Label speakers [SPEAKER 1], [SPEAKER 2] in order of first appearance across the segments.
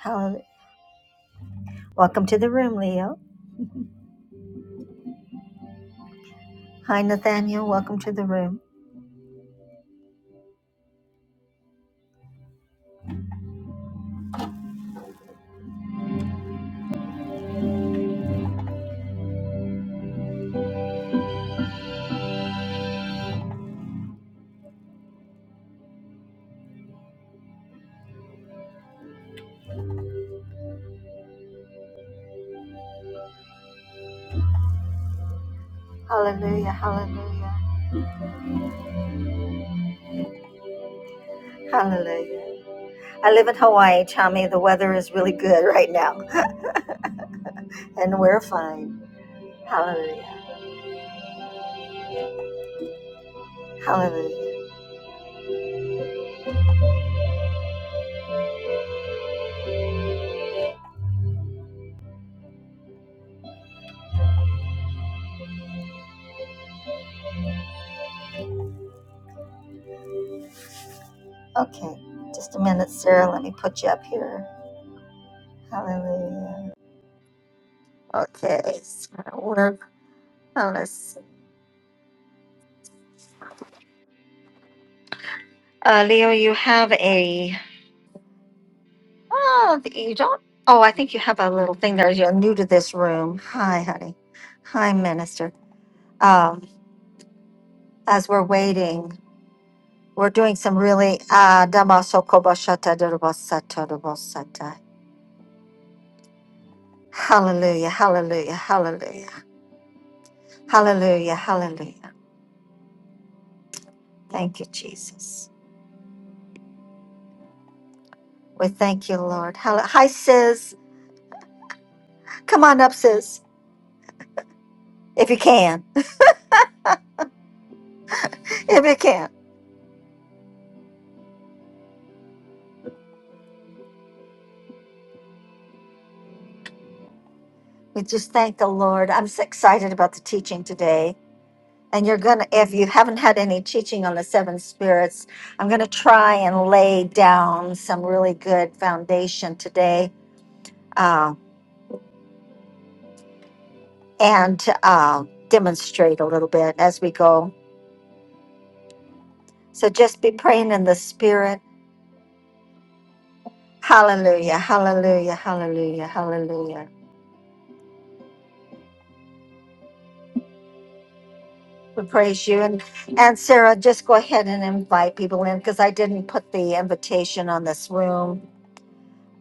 [SPEAKER 1] Hallelujah. Welcome to the room, Leo. Hi, Nathaniel. Welcome to the room. Hallelujah. Hallelujah. Hallelujah. I live in Hawaii, Tommy. The weather is really good right now, and we're fine. Hallelujah. Hallelujah. Okay, just a minute, Sarah. Let me put you up here. Hallelujah. Okay, so we're, oh, let's see. Uh, Leo, you have a, oh, you don't, oh, I think you have a little thing there. You're new to this room. Hi, honey. Hi, Minister. Um, as we're waiting, we're doing some really ah, damasokoboshata dorobosata dorobosata. Hallelujah, hallelujah, hallelujah, hallelujah, hallelujah. Thank you, Jesus. We thank you, Lord. Hall- Hi, sis. Come on up, sis, if you can. If you can. We just thank the Lord. I'm so excited about the teaching today. And you're going to, if you haven't had any teaching on the seven spirits, I'm going to try and lay down some really good foundation today Uh, and uh, demonstrate a little bit as we go. So just be praying in the spirit. Hallelujah, hallelujah, hallelujah, hallelujah. We praise you. And, and Sarah, just go ahead and invite people in because I didn't put the invitation on this room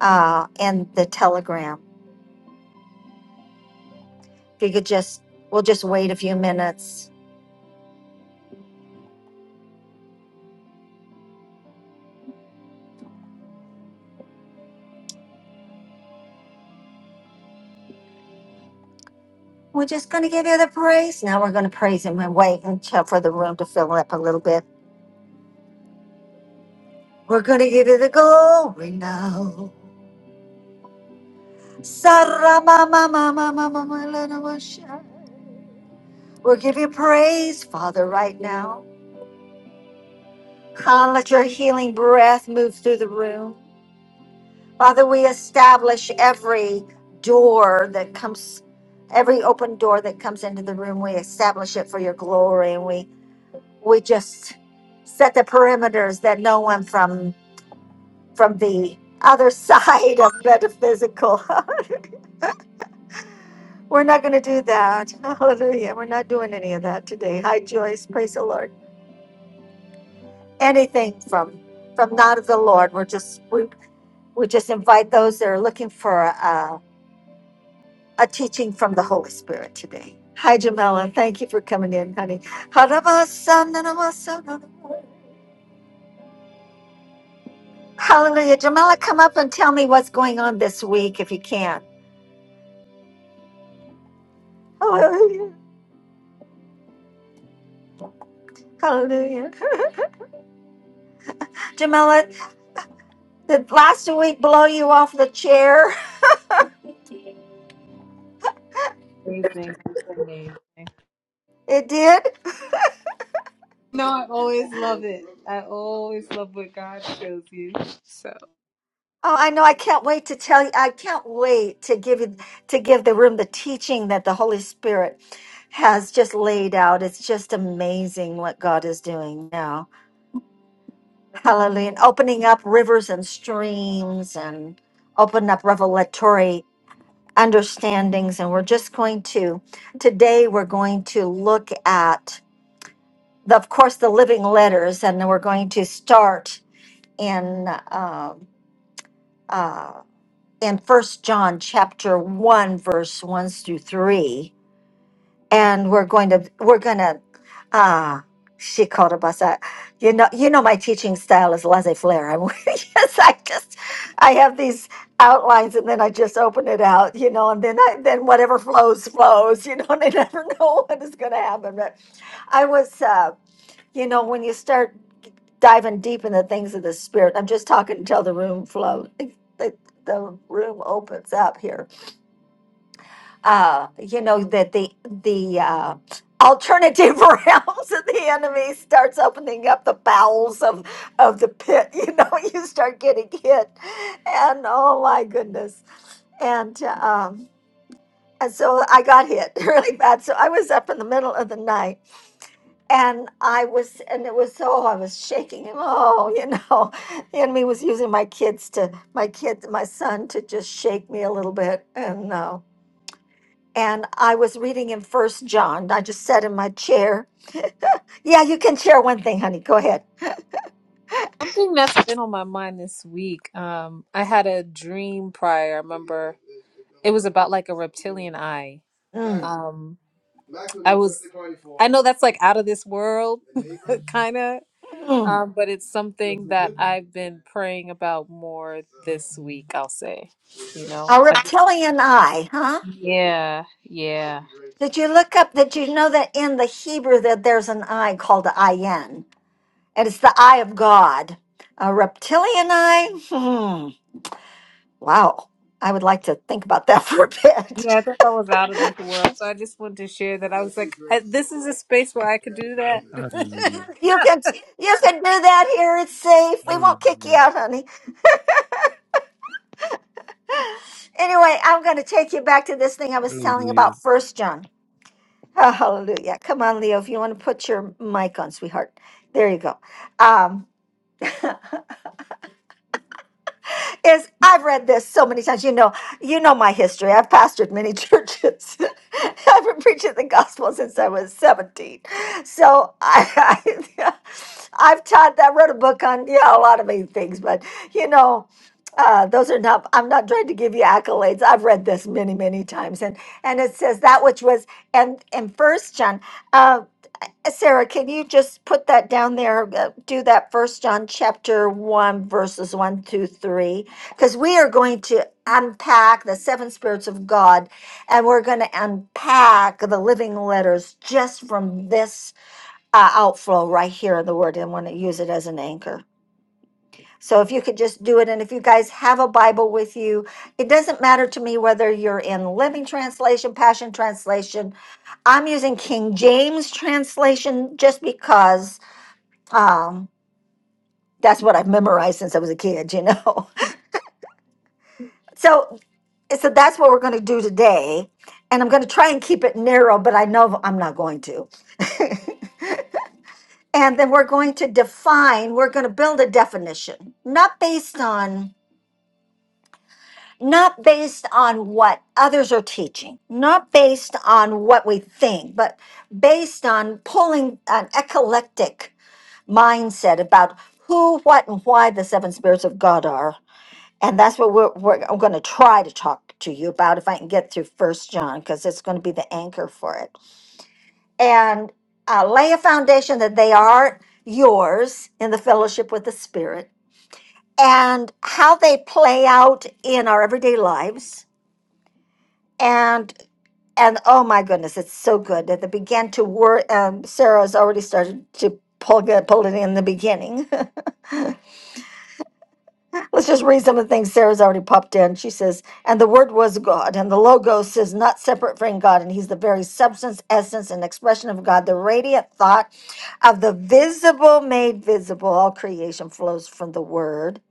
[SPEAKER 1] uh, in the telegram. If you could just, we'll just wait a few minutes. We're just going to give you the praise. Now we're going to praise him and wait until for the room to fill up a little bit. We're going to give you the glory now. Saramma, mamma, mamma, my little one. We'll give you praise, Father, right now. I let Your healing breath move through the room, Father. We establish every door that comes, every open door that comes into the room. We establish it for Your glory, and we we just set the perimeters that no one from from the other side of metaphysical. We're not going to do that. Hallelujah. We're not doing any of that today. Hi, Joyce. Praise the Lord. Anything from from not of the Lord. We're just we we just invite those that are looking for a, a, teaching from the Holy Spirit today. Hi, Jamela. Thank you for coming in, honey. Hallelujah. Jamela, come up and tell me what's going on this week if you can. Hallelujah. Hallelujah. Jamela, did last week blow you off the chair?
[SPEAKER 2] Amazing. It's amazing.
[SPEAKER 1] It did?
[SPEAKER 2] No, I always love it. I always love what God shows you. So
[SPEAKER 1] Oh, I know. I can't wait to tell you. I can't wait to give you to give the room the teaching that the Holy Spirit has just laid out. It's just amazing what God is doing now. Hallelujah. And opening up rivers and streams and opening up revelatory understandings. And we're just going to today we're going to look at the of course the living letters and then we're going to start in um uh, in first john chapter 1 verse 1 through 3 and we're going to we're going to ah she called us out. You know, you know my teaching style is laissez-faire. I'm yes, I just I have these outlines and then I just open it out, you know, and then I then whatever flows flows, you know, and I never know what is going to happen. But I was, uh, you know, when you start diving deep in the things of the spirit. I'm just talking until the room flows, the, the room opens up here. Uh, you know that the the uh, alternative realms of the enemy starts opening up the bowels of of the pit. You know, you start getting hit, and oh my goodness, and um, and so I got hit really bad. So I was up in the middle of the night and I was, and it was so I was shaking him. Oh, you know, the enemy was using my kids to, my kids, my son to just shake me a little bit, and uh, and I was reading in First John. I just sat in my chair. Yeah, you can share one thing, honey. Go ahead.
[SPEAKER 2] something that's been on my mind this week. Um, I had a dream prior. I remember it was about like a reptilian eye.
[SPEAKER 1] Mm.
[SPEAKER 2] Um, I was. I know that's like out of this world, kind of.
[SPEAKER 1] Mm.
[SPEAKER 2] Um, but it's something that I've been praying about more this week. I'll say. You know.
[SPEAKER 1] A
[SPEAKER 2] I,
[SPEAKER 1] reptilian eye, huh?
[SPEAKER 2] yeah. Yeah.
[SPEAKER 1] Did you look up? Did you know that in the Hebrew that there's an eye called the ayin, and it's the eye of God. A reptilian eye? Hmm. Wow. I would like to think about that for a bit.
[SPEAKER 2] Yeah, I thought I was out of this world, so I just wanted to share that. I was like, I, this is a space where I could do that.
[SPEAKER 3] Hallelujah.
[SPEAKER 1] You can you can do that here. It's safe. We won't kick you
[SPEAKER 3] Hallelujah.
[SPEAKER 1] out, honey. Anyway, I'm going to take you back to this thing I was telling
[SPEAKER 3] Hallelujah.
[SPEAKER 1] about First John. Oh, hallelujah! Come on, Leo. If you want to put your mic on, sweetheart, there you go. Um, is I've read this so many times. You know, you know my history. I've pastored many churches. I've been preaching the gospel since I was 17. So I, I I've taught that, wrote a book on, yeah, a lot of many things, but you know, uh, those are not i'm not trying to give you accolades i've read this many many times and and it says that which was and in first john uh, Sarah, can you just put that down there? uh, Do that first John chapter one, verses one through three, because we are going to unpack the seven spirits of God and we're going to unpack the living letters just from this uh, outflow right here in the word and want to use it as an anchor. So if you could just do it, and if you guys have a Bible with you, it doesn't matter to me whether you're in Living Translation, Passion Translation. I'm using King James Translation just because um, that's what I've memorized since I was a kid, you know. So, so that's what we're going to do today, and I'm going to try and keep it narrow, but I know I'm not going to. and then we're going to define. We're going to build a definition, not based on not based on what others are teaching, not based on what we think, but based on pulling an eclectic mindset about who, what, and why the seven spirits of God are. And that's what we're, we're, I'm going to try to talk to you about if I can get through First John, because it's going to be the anchor for it. And uh, lay a foundation that they are yours in the fellowship with the Spirit and how they play out in our everyday lives. And and oh my goodness, it's so good that they began to work. Um, Sarah's already started to pull, get, pull it in the beginning. Let's just read some of the things Sarah's already popped in. She says, And the Word was God, and the Logos is not separate from God, and He's the very substance, essence, and expression of God. The radiant thought of the visible made visible. All creation flows from the Word.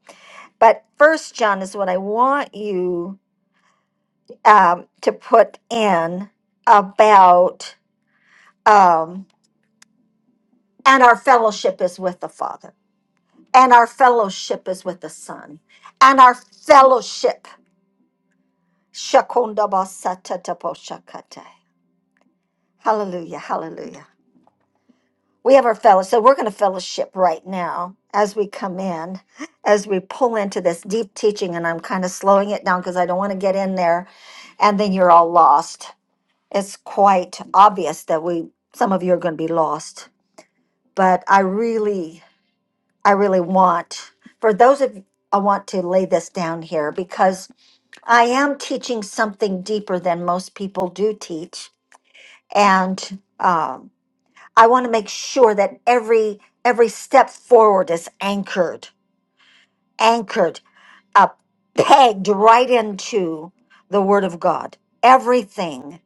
[SPEAKER 1] But first, John, is what I want you um, to put in about. Um, And our fellowship is with the Father. And our fellowship is with the Son. And our fellowship. Shakundabasatataposhakate. Hallelujah. Hallelujah. We have our fellowship. So we're going to fellowship right now as we come in, as we pull into this deep teaching. And I'm kind of slowing it down because I don't want to get in there. And then you're all lost. It's quite obvious that we, some of you are going to be lost. But I really I really want. For those of I want to lay this down here because I am teaching something deeper than most people do teach, and um, I want to make sure that every every step forward is anchored, anchored, up, pegged right into the Word of God. Everything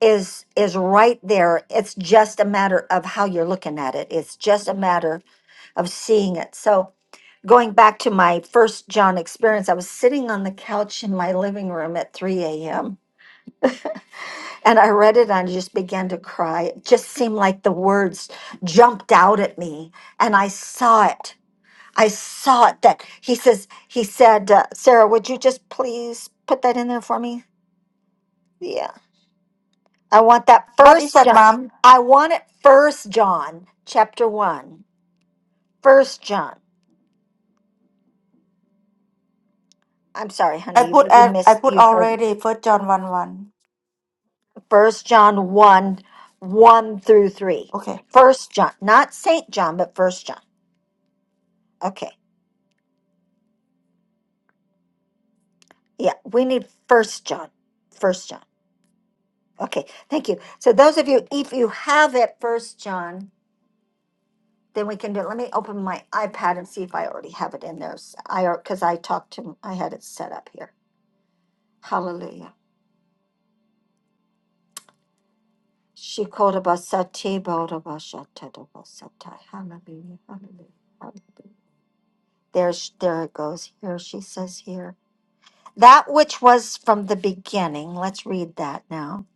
[SPEAKER 1] is is right there. It's just a matter of how you're looking at it. It's just a matter of seeing it. So going back to my first John experience, I was sitting on the couch in my living room at 3 a.m. and I read it and I just began to cry. It just seemed like the words jumped out at me and I saw it. I saw it that he says, he said, uh, Sarah, would you just please put that in there for me? Yeah. I want that
[SPEAKER 4] What is
[SPEAKER 1] first
[SPEAKER 4] that,
[SPEAKER 1] John.
[SPEAKER 4] mom?
[SPEAKER 1] I want it first John, chapter one. First John. I'm sorry,
[SPEAKER 4] I
[SPEAKER 1] honey, you,
[SPEAKER 4] put
[SPEAKER 1] you
[SPEAKER 4] al- I
[SPEAKER 1] missed,
[SPEAKER 4] put
[SPEAKER 1] you heard.
[SPEAKER 4] already first John one one.
[SPEAKER 1] First John 1 1 through 3.
[SPEAKER 4] Okay.
[SPEAKER 1] First John, not Saint John, but First John. Okay. Yeah, we need First John. First John. Okay, thank you. So those of you, if you have it, First John, then we can do it. Let me open my iPad and see if I already have it in there. S- I because I talked to I had it set up here. Hallelujah. She called about Sati Hallelujah. Hallelujah. Hallelujah. There's there it goes. Here she says here. That which was from the beginning. Let's read that now.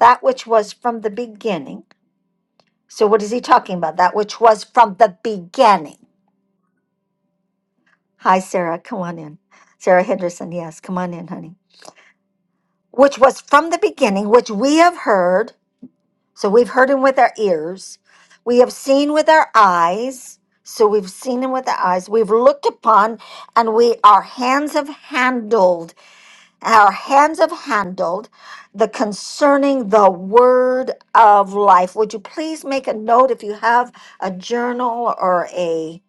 [SPEAKER 1] That which was from the beginning. So, what is he talking about? That which was from the beginning. Hi, Sarah. Come on in. Sarah Henderson. Yes, come on in, honey. Which was from the beginning, which we have heard. So, we've heard him with our ears. We have seen with our eyes. So, we've seen him with our eyes. We've looked upon and we, our hands have handled Our hands have handled the concerning the word of life. Would you please make a note if you have a journal or a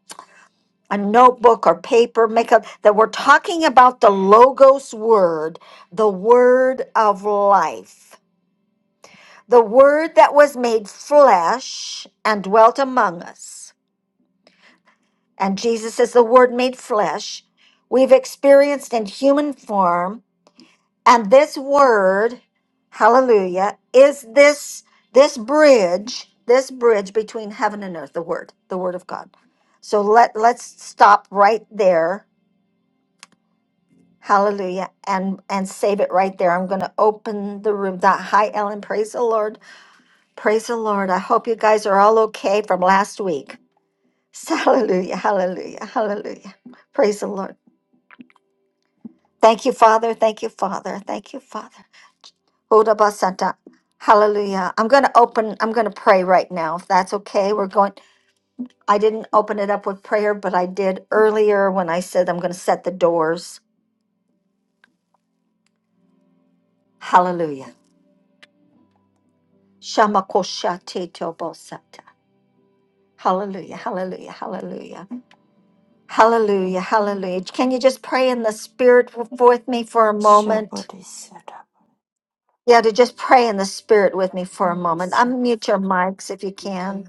[SPEAKER 1] a notebook or paper, make up that we're talking about the logos word, the word of life, the word that was made flesh and dwelt among us. And Jesus is the word made flesh. We've experienced in human form And this word, hallelujah, is this this bridge, this bridge between heaven and earth, the word, the word of God. So let let's stop right there. Hallelujah. And and save it right there. I'm gonna open the room. That hi Ellen. Praise the Lord. Praise the Lord. I hope you guys are all okay from last week. Hallelujah. Hallelujah. Hallelujah. Praise the Lord. Thank you, Father. Thank you, Father. Thank you, Father. Hold up, Hallelujah. I'm going to open, I'm going to pray right now, if that's okay. We're going, I didn't open it up with prayer, but I did earlier when I said I'm going to set the doors. Hallelujah. Shamakoshate tobosata. Hallelujah, hallelujah, hallelujah, hallelujah, hallelujah. Can you just pray in the spirit w- with me for a
[SPEAKER 4] Sure,
[SPEAKER 1] moment?
[SPEAKER 4] body set up.
[SPEAKER 1] Yeah, to just pray in the spirit with me for a
[SPEAKER 4] Body
[SPEAKER 1] moment.
[SPEAKER 4] shut up.
[SPEAKER 1] Unmute your mics if you can.
[SPEAKER 2] Ikayo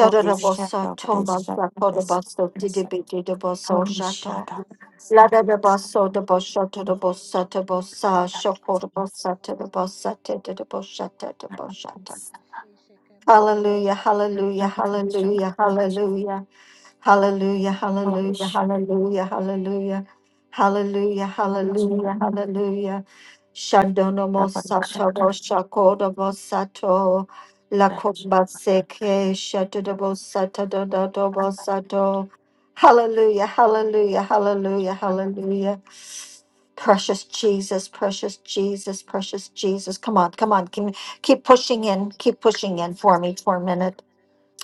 [SPEAKER 4] Body shut up. Body
[SPEAKER 1] Toma
[SPEAKER 4] shut up.
[SPEAKER 1] Sakodabaso Didibidi Deboso
[SPEAKER 4] Holy
[SPEAKER 5] Ijebokura
[SPEAKER 1] Shato.
[SPEAKER 4] shut up. Holy shut up.
[SPEAKER 1] Lada de
[SPEAKER 4] Holy shut
[SPEAKER 5] satanemene
[SPEAKER 4] up.
[SPEAKER 1] Baso de Boshoto de Bosata bosa, Debosho de Tabosa Shokodabosa
[SPEAKER 5] shidiyukuyabakushababato
[SPEAKER 1] Tadabosa
[SPEAKER 5] sato
[SPEAKER 1] Tadaboshata Taboshata.
[SPEAKER 5] shishikemata
[SPEAKER 1] Hallelujah,
[SPEAKER 5] sato.
[SPEAKER 1] hallelujah, hallelujah, hallelujah. Hallelujah,
[SPEAKER 4] Body
[SPEAKER 1] hallelujah,
[SPEAKER 4] shut up.
[SPEAKER 1] hallelujah, hallelujah, hallelujah,
[SPEAKER 5] Thank you, Lord.
[SPEAKER 1] hallelujah,
[SPEAKER 4] Body
[SPEAKER 5] Thank
[SPEAKER 1] hallelujah. Shandono mosato, shakoda mosato, la
[SPEAKER 2] kushaka
[SPEAKER 1] kumbaseke, shatoda mosata, dodo
[SPEAKER 5] you, Lord.
[SPEAKER 1] mosato. Hallelujah, hallelujah, hallelujah, hallelujah. Precious Jesus, precious Jesus, precious Jesus. Come on, come on. Keep, keep pushing
[SPEAKER 5] Thank you, Lord. Thank you,
[SPEAKER 1] in.
[SPEAKER 5] Lord.
[SPEAKER 1] Keep pushing in for
[SPEAKER 5] Thank
[SPEAKER 1] me
[SPEAKER 5] you,
[SPEAKER 1] for a
[SPEAKER 5] Lord.
[SPEAKER 1] minute.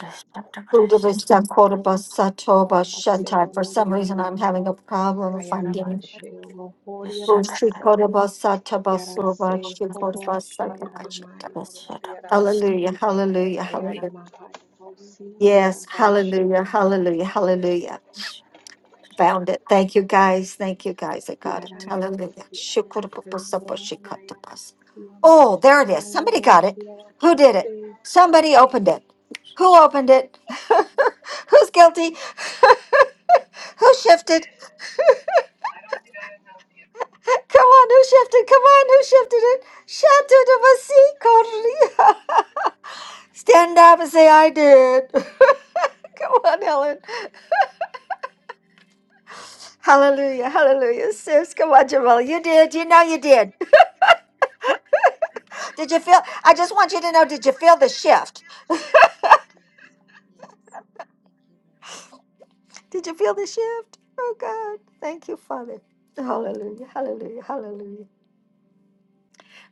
[SPEAKER 4] Shut up.
[SPEAKER 1] Budavista Cordoba Satoba
[SPEAKER 6] Haseo
[SPEAKER 1] Shantai. For some
[SPEAKER 6] Loriana
[SPEAKER 1] reason, I'm having
[SPEAKER 6] Maioro,
[SPEAKER 1] a problem finding.
[SPEAKER 6] Ayarabasheo
[SPEAKER 4] Body
[SPEAKER 6] Lohoriana
[SPEAKER 4] shut
[SPEAKER 1] Bushi
[SPEAKER 4] up.
[SPEAKER 6] Masi,
[SPEAKER 1] Cordoba Sataba Soba
[SPEAKER 6] Yarase
[SPEAKER 1] Shi
[SPEAKER 6] Holo
[SPEAKER 1] Cordoba Sataba
[SPEAKER 6] Sheana
[SPEAKER 1] Shantai.
[SPEAKER 6] Maioro
[SPEAKER 5] Yes, God.
[SPEAKER 6] Yarasi,
[SPEAKER 1] Hallelujah,
[SPEAKER 5] Thank you,
[SPEAKER 1] hallelujah,
[SPEAKER 5] Lord.
[SPEAKER 1] hallelujah.
[SPEAKER 6] Ayaramahayorosi,
[SPEAKER 1] Yes, hallelujah,
[SPEAKER 6] Yarabasheo,
[SPEAKER 1] hallelujah, hallelujah. Found it. Thank you, guys. Thank you, guys. I got it.
[SPEAKER 5] Mm.
[SPEAKER 6] Yaraevo,
[SPEAKER 1] Hallelujah. Shi Cordoba
[SPEAKER 6] Yarase,
[SPEAKER 1] Soba Shi Cordoba.
[SPEAKER 6] Mayarasi,
[SPEAKER 1] Oh, there it is. Somebody got
[SPEAKER 6] Ayoro
[SPEAKER 1] it. Who did it?
[SPEAKER 6] Yarase,
[SPEAKER 1] Somebody opened it. Who opened it? Who's
[SPEAKER 5] Thank you.
[SPEAKER 1] guilty?
[SPEAKER 5] Thank
[SPEAKER 1] Who
[SPEAKER 5] you.
[SPEAKER 1] shifted? Come on, who shifted? Come on, who shifted it? Shadow to a sea corner. Stand up and say I did. come on, Helen.
[SPEAKER 5] Thank you,
[SPEAKER 1] Hallelujah,
[SPEAKER 5] Lord. Thank
[SPEAKER 1] hallelujah,
[SPEAKER 5] you, Lord.
[SPEAKER 1] sis. Come on, Jamila. You did. You know you did. Did you feel?
[SPEAKER 5] Mm,
[SPEAKER 1] I just want you to know. Did you feel the shift?
[SPEAKER 5] yes, yes. Thank you, Lord.
[SPEAKER 1] Did you feel the shift? Oh God, thank you, Father. Hallelujah, hallelujah, hallelujah.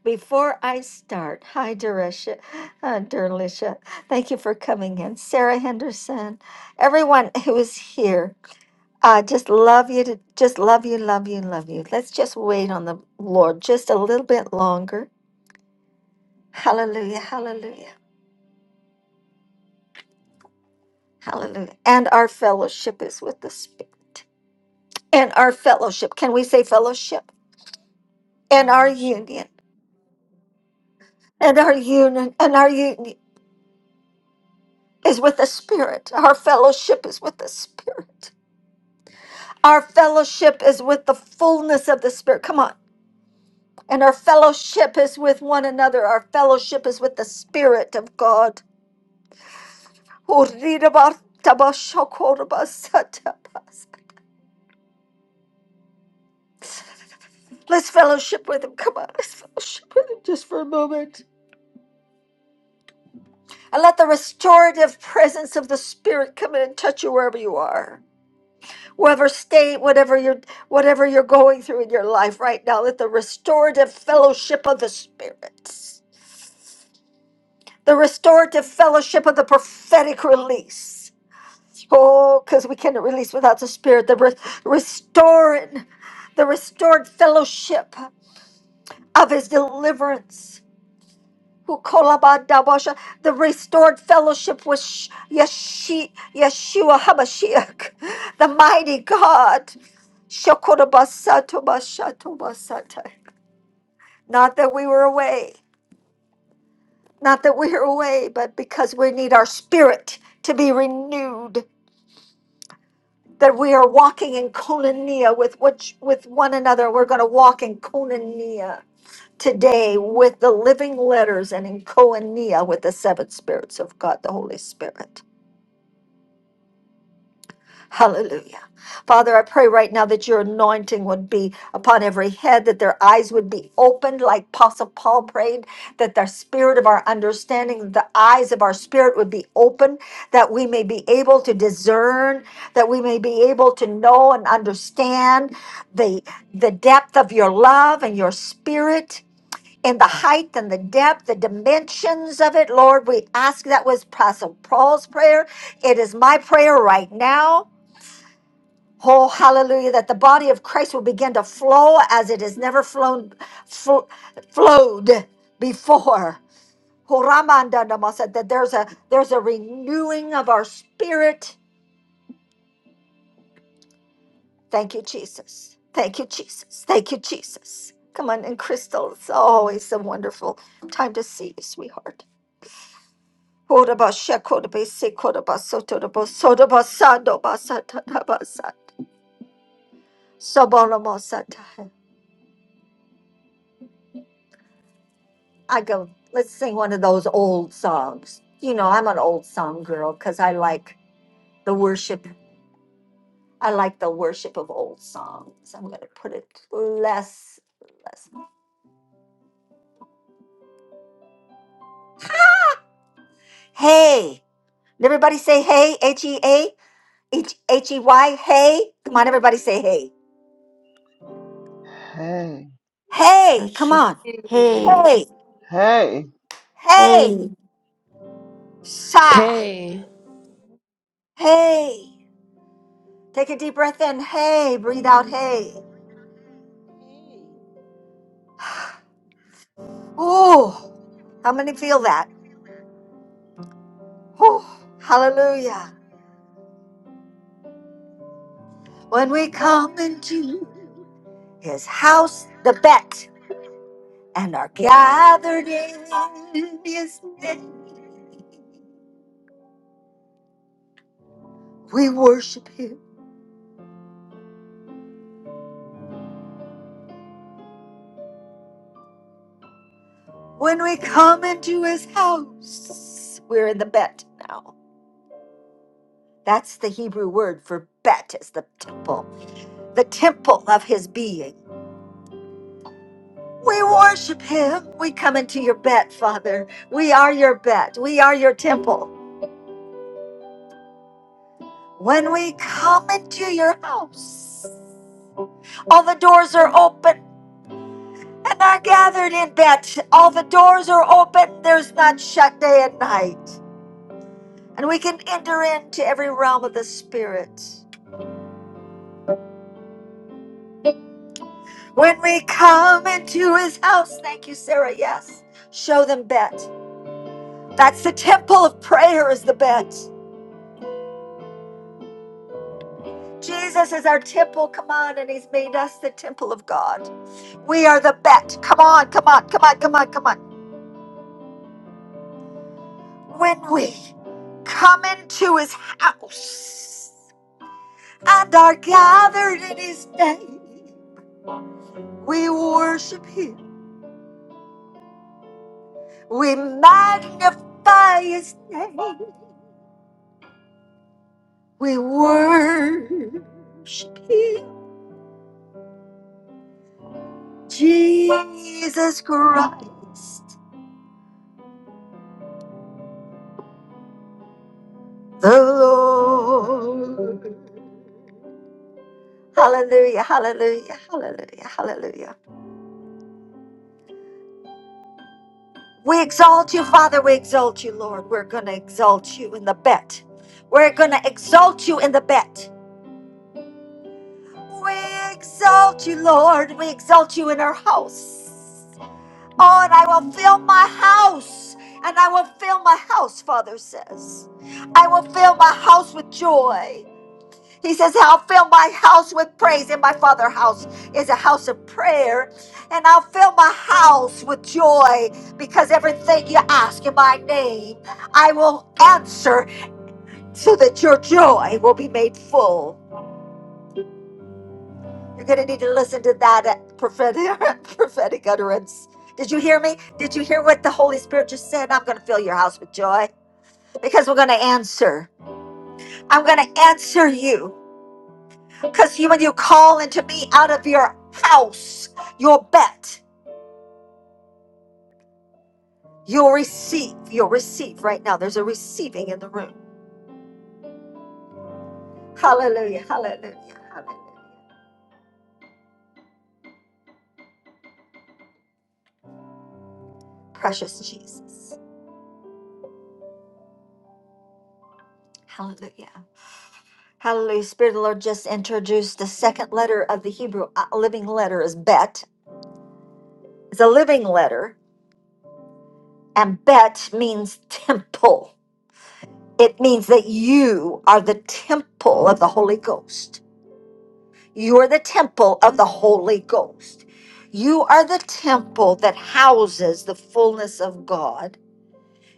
[SPEAKER 1] Before I start, hi, Derisha, uh, Derlisha. Thank you for coming in, Sarah Henderson. Everyone who is here. I just love you to just love you, love you, love you. Let's just wait on the Lord just a little bit longer. Hallelujah, hallelujah, hallelujah. And our fellowship is with the Spirit. And our fellowship, can we say fellowship? And
[SPEAKER 2] no
[SPEAKER 1] our union, and our union, and our union is with the Spirit. Our fellowship is with the Spirit. Our fellowship is with the fullness of the Spirit. Come on. And our fellowship is with one another. Our fellowship is with the Spirit of God. Urirabar tabashakorabasatapas. Let's fellowship with him. Come on, let's fellowship with him just for a moment. And let the restorative presence of the Spirit come in and touch you wherever you are. Whatever state, whatever you're whatever you're going through in your life right now, let the restorative fellowship of the Spirit. The restorative fellowship of the prophetic release. Oh, because we cannot release without the Spirit. The re- restoring the restored fellowship. of his deliverance. Who kolabadabasha, The restored fellowship with Sh- Yeshi- Yeshua HaMashiach, the mighty God. Shokorobasatobashatobasata. Not that we were away, not that we are away, but because we need our spirit to be renewed. That we are walking in koinonia with which, with one another. We're going to walk in koinonia today with the living letters and in koinonia with the seven spirits of God, the Holy Spirit. Hallelujah. Father, I pray right now that your anointing would be upon every head, that their eyes would be opened, like Apostle Paul prayed, that the spirit of our understanding, the eyes of our spirit would be open, that we may be able to discern, that we may be able to know and understand the, the depth of your love and your spirit in the height and the depth, the dimensions of it. Lord, we ask that was Apostle Paul's prayer. It is my prayer right now. Oh, hallelujah, that the body of Christ will begin to flow as it has never flown, fl- flowed before. Oh, Ramandandamasa, That there's a there's a renewing of our spirit. Thank you, Jesus. Thank you, Jesus. Thank you, Jesus. Come on, and Crystal, it's always a wonderful time to see you, sweetheart. Koraba shekorbe se koraba sotorobo soroba sando basata basata soborama sata. I go, let's sing one of those old songs. You know, I'm an old song girl because I like the worship. I like the worship of old songs. I'm gonna put it less, less. Hey, Did everybody say hey, H E A, H H E Y, hey. Come on, everybody say hey.
[SPEAKER 7] Hey,
[SPEAKER 1] Hey, come on.
[SPEAKER 4] Hey,
[SPEAKER 1] Hey,
[SPEAKER 7] hey,
[SPEAKER 4] hey,
[SPEAKER 1] hey, sigh.
[SPEAKER 8] Hey,
[SPEAKER 1] Hey, take a deep breath in. Hey, breathe out. Hey.
[SPEAKER 5] Hey.
[SPEAKER 1] Oh, how many feel that? Oh, hallelujah. When we come into his house, the bet, and are gathered in his name, we worship him. When we come into his house, we're in the bet now. That's the Hebrew word for bet, is the temple, the temple of his being. We worship him. We come into your bet, Father. We are your bet. We are your temple. When we come into your house, all the doors are open and are gathered in bet. All the doors are open. There's none shut day and night. And we can enter into every realm of the Spirit. When we come into his house, thank you, Sarah. Yes, show them bet. That's the temple of prayer, is the bet. Jesus is our temple. Come on, and He's made us the temple of God. We are the bet. Come on, come on, come on, come on, come on. When we come into His house and are gathered in His name, we worship Him. We magnify His name. We worship Him. Jesus Christ, the Lord. Hallelujah, hallelujah, hallelujah, hallelujah. We exalt you, Father. We exalt you, Lord. We're going to exalt you in the bet. We're going to exalt you in the bet. We exalt you, Lord. We exalt you in our house. Oh, and I will fill my house. And I will fill my house, Father says. I will fill my house with joy. He says, I'll fill my house with praise. And my father's house is a house of prayer. And I'll fill my house with joy because everything you ask in my name, I will answer so that your joy will be made full. You're going to need to listen to that uh, prophetic, prophetic utterance. Did you hear me? Did you hear what the Holy Spirit just said? I'm going to fill your house with joy because we're going to answer. I'm going to answer you. Because you, when you call into me out of your house, your bet, you'll receive. You'll receive right now. There's a receiving in the room. Hallelujah. Hallelujah. Hallelujah. Precious Jesus. Hallelujah. Hallelujah. Spirit of the Lord just introduced the second letter of the Hebrew uh, living letter is bet. It's a living letter. And bet means temple. It means that you are the temple of the Holy Ghost. You are the temple of the Holy Ghost. You are the temple that houses the fullness of God.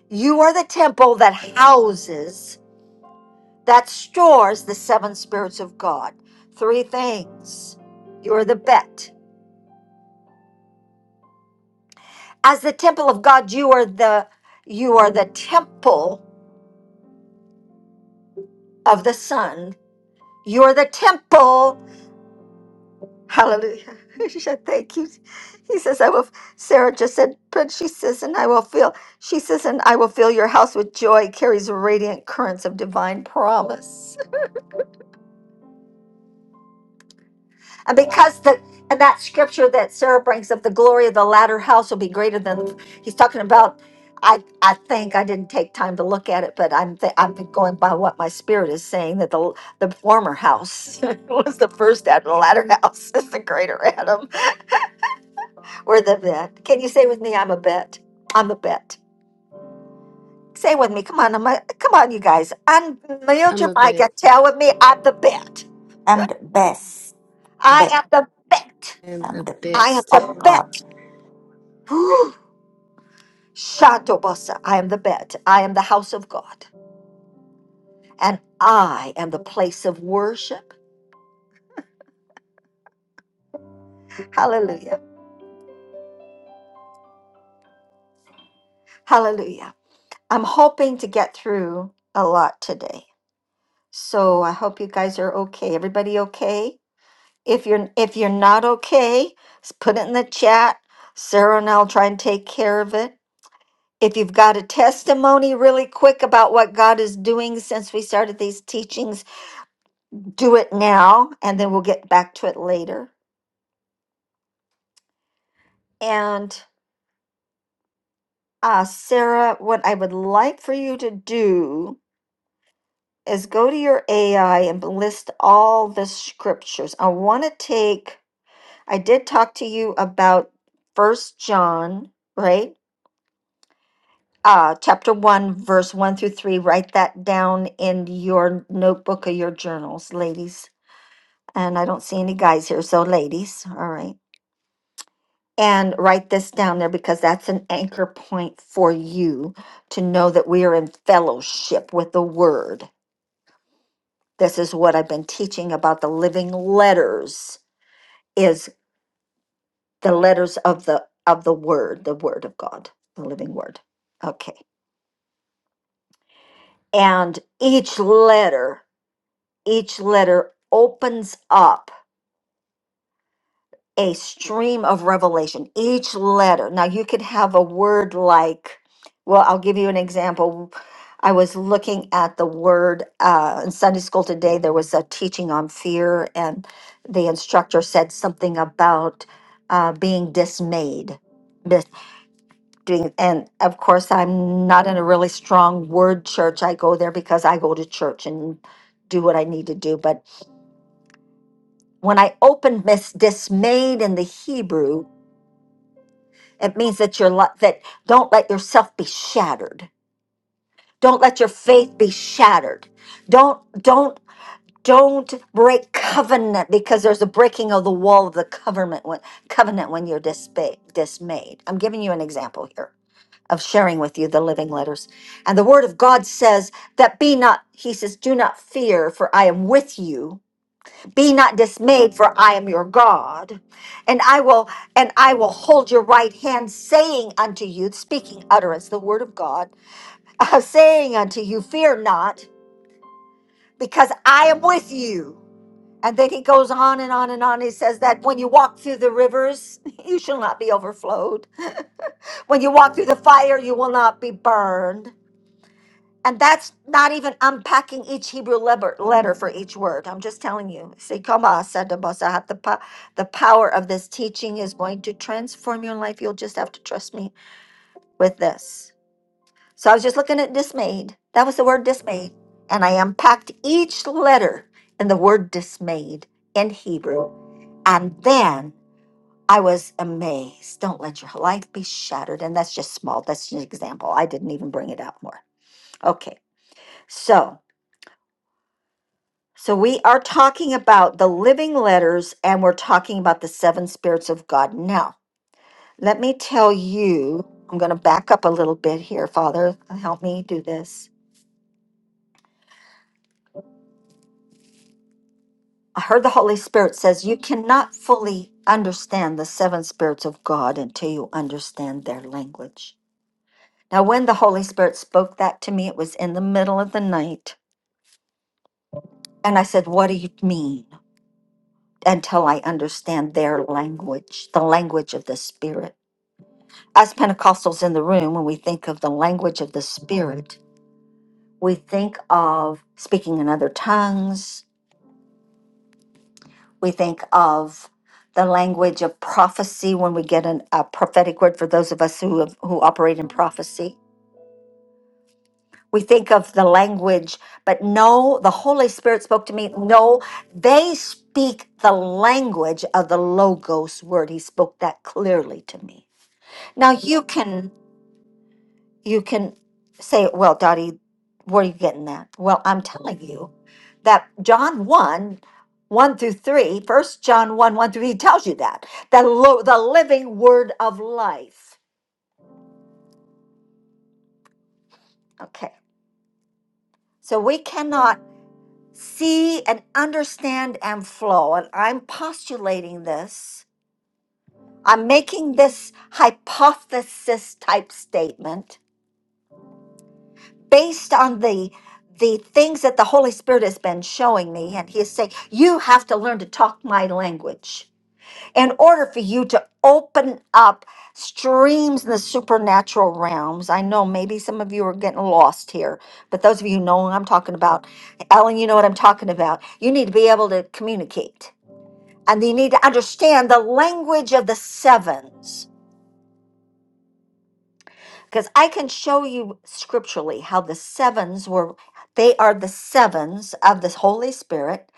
[SPEAKER 1] You are the temple that houses, that stores the seven spirits of God. Three things. You are the bet. As the temple of God, you are the you are the temple of the Son. You are the temple Hallelujah. Thank you. He says, I will, Sarah just said, but she says, and I will fill, she says, and I will fill your house with joy, carries radiant currents of divine promise. And because the, and that scripture that Sarah brings up, the glory of the latter house will be greater than, he's talking about, I, I think I didn't take time to look at it, but I'm, th- I'm going by what my spirit is saying that the, the former house was the first Adam, the latter house is the greater Adam. We're the vet. Can you say with me, I'm a bet? I'm a bet. Say with me. Come on, I'm a, come on, you guys. Unmute
[SPEAKER 8] I'm
[SPEAKER 1] your
[SPEAKER 8] a
[SPEAKER 1] mic and
[SPEAKER 8] bit
[SPEAKER 1] tell with me, I'm the bet.
[SPEAKER 4] I'm the best.
[SPEAKER 1] I
[SPEAKER 4] Be-
[SPEAKER 1] am the bet.
[SPEAKER 8] and the
[SPEAKER 4] I'm the
[SPEAKER 8] bit.
[SPEAKER 1] I am
[SPEAKER 4] best of
[SPEAKER 1] the
[SPEAKER 4] God.
[SPEAKER 1] bet. Whew. Shantobosa, I am the bet. I am the house of God. And I am the place of worship. Hallelujah. Hallelujah. I'm hoping to get through a lot today. So I hope you guys are okay. Everybody okay? If you're if you're not okay, s- put it in the chat. Sarah and I'll try and take care of it. If you've got a testimony really quick about what God is doing since we started these teachings, do it now and then we'll get back to it later. And uh, Sarah, what I would like for you to do is go to your AI and list all the scriptures. I want to take, I did talk to you about First John, right? uh, chapter 1, verse 1 through 3. Write that down in your notebook or your journals, ladies. And I don't see any guys here, so ladies, all right. And write this down there because that's an anchor point for you to know that we are in fellowship with the word. This is what I've been teaching about the living letters is the letters of the of the word, the word of God, the living word. Okay. And each letter each letter opens up a stream of revelation. Each letter. Now, you could have a word like, well, I'll give you an example. I was looking at the word uh, in Sunday school today. There was a teaching on fear, and the instructor said something about uh, being dismayed. Dis- doing- And of course, I'm not in a really strong word church. I go there because I go to church and do what I need to do. But when I opened Miss Dismayed in the Hebrew, it means that you're li- that don't let yourself be shattered. Don't let your faith be shattered. Don't don't don't break covenant because there's a breaking of the wall of the covenant when covenant when you're dispa- dismayed. I'm giving you an example here of sharing with you the living letters. And the word of God says that be not, he says, do not fear, for I am with you be not dismayed for i am your god and i will and i will hold your right hand saying unto you speaking utterance the word of god saying unto you fear not because i am with you and then he goes on and on and on he says that when you walk through the rivers you shall not be overflowed when you walk through the fire you will not be burned And that's not even unpacking each Hebrew leber- letter for each word. I'm just telling you. Sikoma sadabasa. The po- the power of this teaching is going to transform your life. You'll just have to trust me with this. So I was just looking at dismayed. That was the word dismayed. And I unpacked each letter in the word dismayed in Hebrew. And then I was amazed. Don't let your life be shattered. And that's just small. That's just an example. I didn't even bring it out more. Okay. So. So we are talking about the living letters and we're talking about the seven spirits of God. Now, let me tell you, I'm going to back up a little bit here, Father. Help me do this. I heard the Holy Spirit says you cannot fully understand the seven spirits of God until you understand their language. Now, when the Holy Spirit spoke that to me, it was in the middle of the night. And I said, What do you mean? Until I understand their language, the language of the Spirit. us Pentecostals in the room, when we think of the language of the Spirit, we think of speaking in other tongues. We think of the language of prophecy when we get an, a prophetic word for those of us who, have, who operate in prophecy. We think of the language, but no, the Holy Spirit spoke to me. No, they speak the language of the Logos word. He spoke that clearly to me. Now you can you can say, well, Dottie, where are you getting that? Well, I'm telling you that John 1, 1 through 3, First John 1, 1 through 3 tells you that. The, lo- the living word of life. Okay. So we cannot see and understand and flow. And I'm postulating this. I'm making this hypothesis type statement based on the the things that the Holy Spirit has been showing me, and He is saying, You have to learn to talk my language in order for you to open up streams in the supernatural realms. I know maybe some of you are getting lost here, but those of you who know what I'm talking about, Ellen, you know what I'm talking about. You need to be able to communicate, and you need to understand the language of the sevens. because I can show you scripturally how the sevens were they are the sevens of the Holy Spirit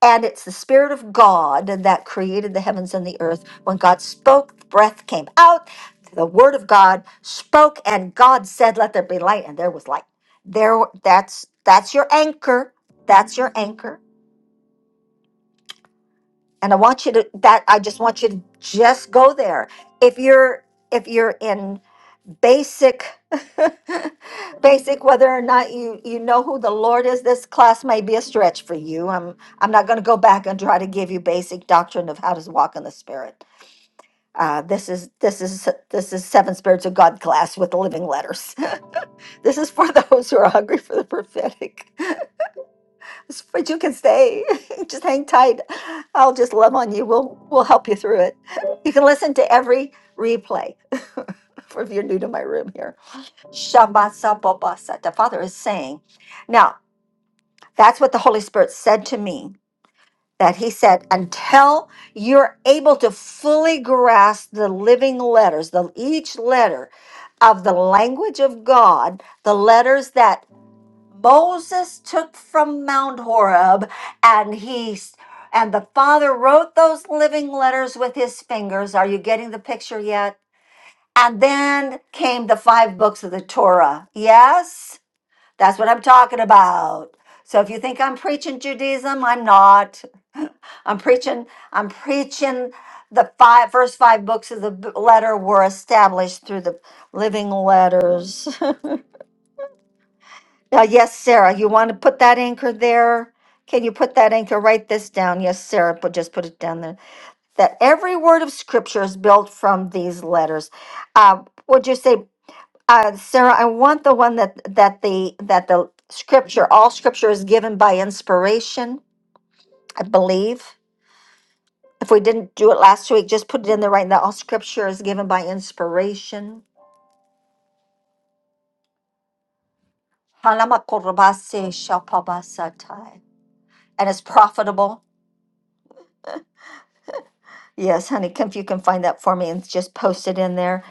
[SPEAKER 1] and it's the spirit of God that created the heavens and the earth when God spoke breath came out the word of God spoke and God said let there be light and there was light there that's that's your anchor that's your anchor and I want you to that I just want you to just go there if you're if you're in basic basic whether or not you you know who the lord is this class may be a stretch for you i'm i'm not going to go back and try to give you basic doctrine of how to walk in the spirit uh, this is this is this is seven spirits of god class with the living letters this is for those who are hungry for the prophetic but you can stay just hang tight i'll just love on you we'll we'll help you through it you can listen to every replay for if you're new to my room here Shabbat The Father is saying. Now, that's what the Holy Spirit said to me. That he said, until you're able to fully grasp the living letters, the each letter of the language of God, the letters that Moses took from Mount Horeb, and he s- and the Father wrote those living letters with his fingers. Are you getting the picture yet? And then came the five books of the Torah. Yes? That's what I'm talking about. So if you think I'm preaching Judaism, I'm not. I'm preaching. I'm preaching. The five first five books of the b- letter were established through the living letters. Now, yes, Sarah, you want to put that anchor there? Can you put that anchor? Write this down. Yes, Sarah, but just put it down there. That every word of Scripture is built from these letters. Uh, would you say? Uh, Sarah, I want the one that that the that the scripture, all scripture is given by inspiration, I believe. If we didn't do it last week, just put it in there right now. All scripture is given by inspiration. Halamakorobase shapabasatai. And it's profitable. Yes, honey, come if you can find that for me and just post it in there.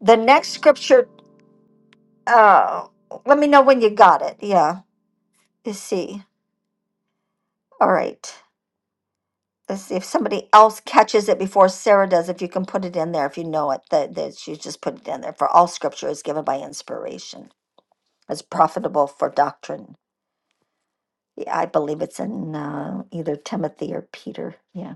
[SPEAKER 1] The next scripture, uh, let me know when you got it. Yeah, you see. All right. Let's see if somebody else catches it before Sarah does. If you can put it in there, if you know it, that, that she just put it in there. For all scripture is given by inspiration, is profitable for doctrine. Yeah, I believe it's in uh, either Timothy or Peter. Yeah.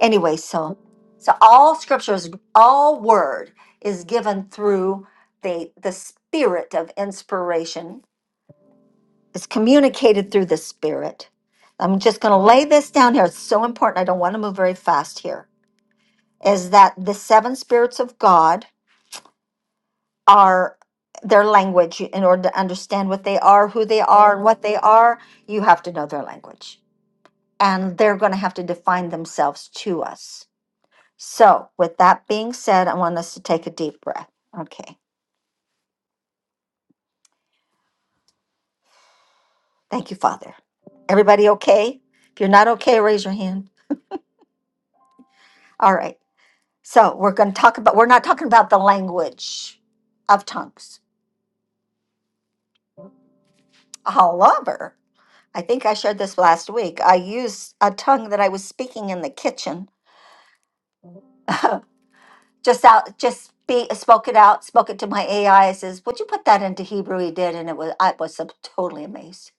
[SPEAKER 1] Anyway, so so all scripture is all word is given through the the spirit of inspiration. It's communicated through the spirit. I'm just going to lay this down here. It's so important. I don't want to move very fast here is that the seven spirits of God are their language. In order to understand what they are, who they are, and what they are, you have to know their language. And they're going to have to define themselves to us. So, with that being said, I want us to take a deep breath. Okay. Thank you, Father. Everybody okay? If you're not okay, raise your hand. All right. So, we're going to talk about, we're not talking about the language of tongues. However, I think I shared this last week. I used a tongue that I was speaking in the kitchen. just out, just be spoke it out, spoke it to my AI. says, "Would you put that into Hebrew?" He did, and it was I was ab- totally amazed.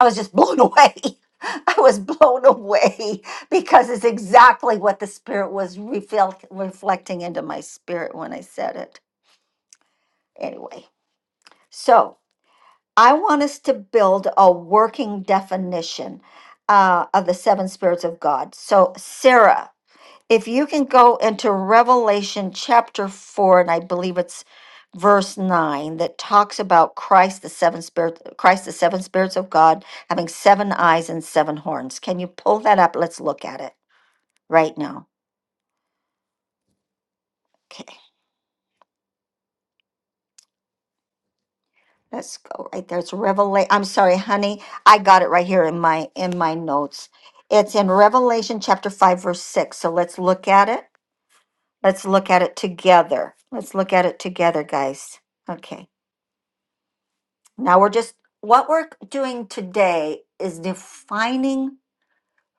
[SPEAKER 1] I was just blown away. I was blown away because it's exactly what the spirit was reflect, reflecting into my spirit when I said it. Anyway, so I want us to build a working definition uh, of the seven spirits of God. So, Sarah. if you can go into Revelation chapter 4 and I believe it's verse 9 that talks about Christ the seven spirit Christ the seven spirits of God having seven eyes and seven horns. Can you pull that up? Let's look at it right now. Okay. Let's go right there. It's Revelation. I'm sorry, honey. I got it right here in my in my notes. It's in Revelation chapter 5 verse 6. So let's look at it. Let's look at it together. Let's look at it together, guys. Okay. Now we're just what we're doing today is defining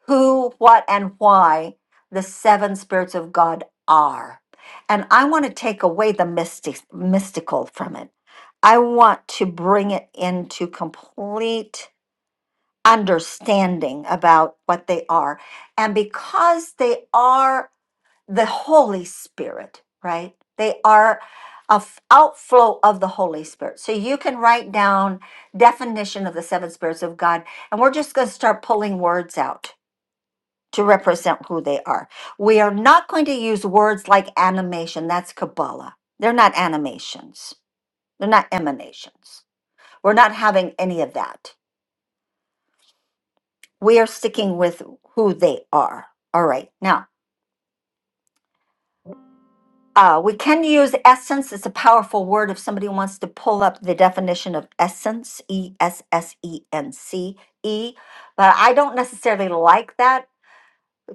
[SPEAKER 1] who, what, and why the seven spirits of God are. And I want to take away the mystic, mystical from it. I want to bring it into complete understanding about what they are. And because they are the Holy Spirit, right? They are a f- outflow of the Holy Spirit. So you can write down definition of the seven spirits of God, and we're just going to start pulling words out to represent who they are. We are not going to use words like animation. That's Kabbalah. They're not animations. They're not emanations. We're not having any of that. We are sticking with who they are. All right. Now, Uh, we can use essence. It's a powerful word if somebody wants to pull up the definition of essence, E S S E N C E. But I don't necessarily like that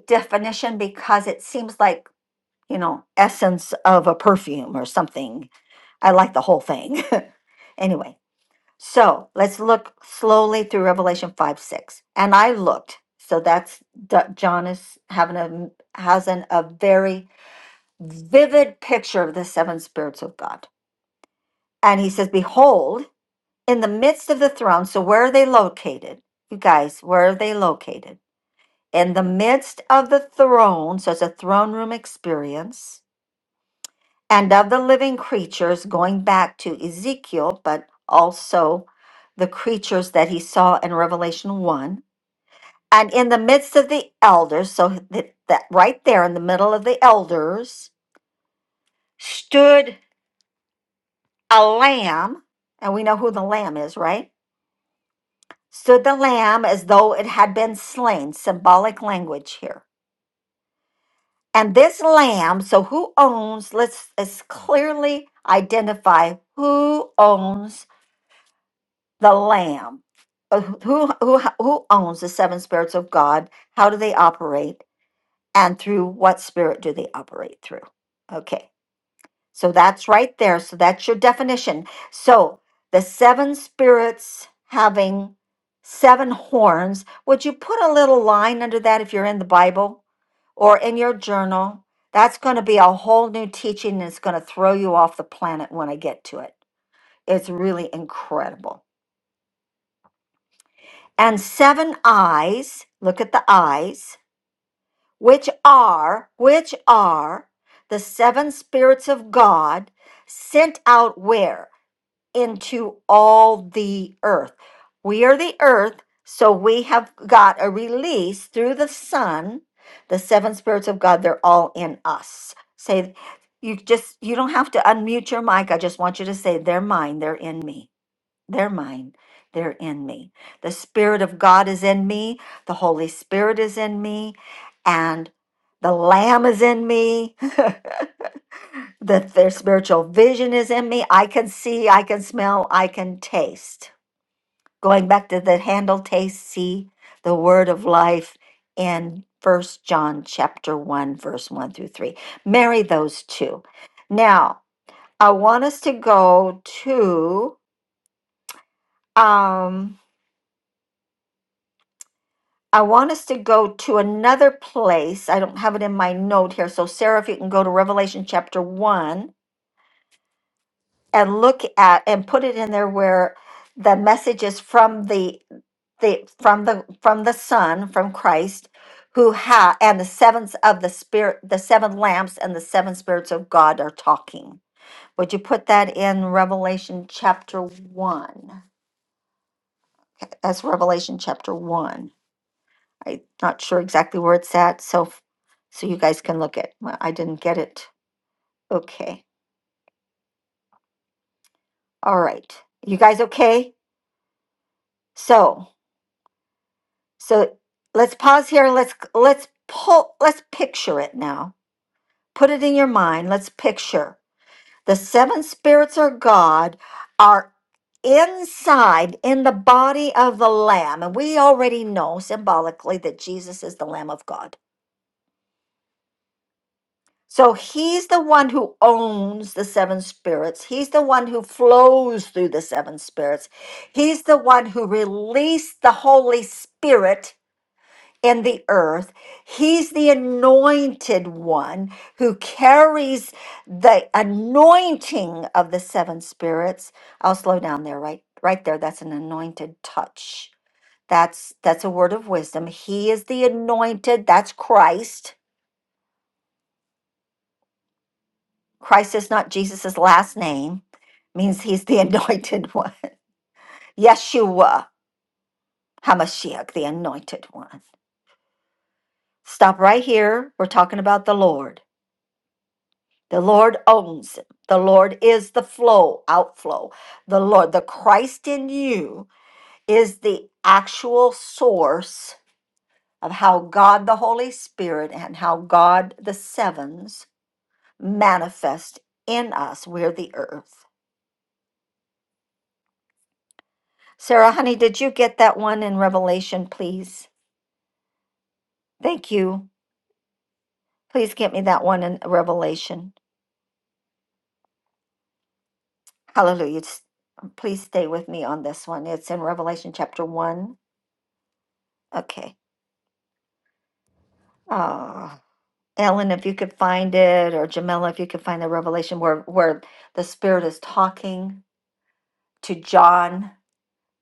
[SPEAKER 1] definition because it seems like, you know, essence of a perfume or something. I like the whole thing. anyway, so let's look slowly through Revelation 5 6. And I looked. So that's D- John is having a has an, a very vivid picture of the seven spirits of God And he says, Behold, in the midst of the throne. So where are they located? You guys, where are they located? In the midst of the throne. So it's a throne room experience. And of the living creatures, going back to Ezekiel, but also the creatures that he saw in Revelation 1. And in the midst of the elders, so that, that right there in the middle of the elders stood a lamb. And we know who the lamb is, right? stood the lamb as though it had been slain, symbolic language here. And this lamb, so who owns, let's, let's clearly identify who owns the lamb. Uh, Who, who, who owns the seven spirits of God? How do they operate? And through what spirit do they operate through? Okay. So that's right there. So that's your definition. So the seven spirits having seven horns, would you put a little line under that if you're in the Bible or in your journal? That's going to be a whole new teaching and it's going to throw you off the planet when I get to it. It's really incredible. And seven eyes, look at the eyes, which are, which are the seven spirits of God sent out where? into all the earth. We are the earth, so we have got a release through the Son, the seven spirits of God, they're all in us. Say, you just, you don't have to unmute your mic. I just want you to say, they're mine, they're in me, they're mine. They're in me. The Spirit of God is in me. The Holy Spirit is in me. And the Lamb is in me. that their spiritual vision is in me. I can see, I can smell, I can taste. Going back to the handle taste, see the word of life in First John chapter 1, verse 1 through 3. Marry those two. Now, I want us to go to um I want us to go to another place. I don't have it in my note here. So Sarah, if you can go to Revelation chapter 1 and look at and put it in there where the message is from the the from the from the son from christ who ha and the sevens of the spirit the seven lamps and the seven spirits of god are talking would you put that in revelation chapter 1 that's revelation chapter 1 i'm not sure exactly where it's at so so you guys can look at well, i didn't get it okay all right you guys okay so So let's pause here and let's let's pull let's picture it now. Put it in your mind. Let's picture the seven spirits of God are inside in the body of the lamb and we already know symbolically that Jesus is the lamb of God. So he's the one who owns the seven spirits. He's the one who flows through the seven spirits. He's the one who released the Holy Spirit and the earth. He's the anointed one who carries the anointing of the seven spirits. I'll slow down there right right there. That's an anointed touch. That's that's a word of wisdom. He is the anointed. That's Christ. Christ is not Jesus's last name. Means he's the anointed one. Yeshua HaMashiach, the anointed one. Stop right here. We're talking about the Lord. The Lord owns it. The Lord is the flow, outflow. The Lord, the Christ in you is the actual source of how God the Holy Spirit and how God the sevens manifest in us. We're the earth. Sarah, honey, did you get that one in Revelation, please? Thank you. Please get me that one in Revelation. Hallelujah. Just- Please stay with me on this one. It's in Revelation chapter 1. Okay. Ah. Ellen, if you could find it, or Jamila, if you could find the revelation where where the Spirit is talking to John,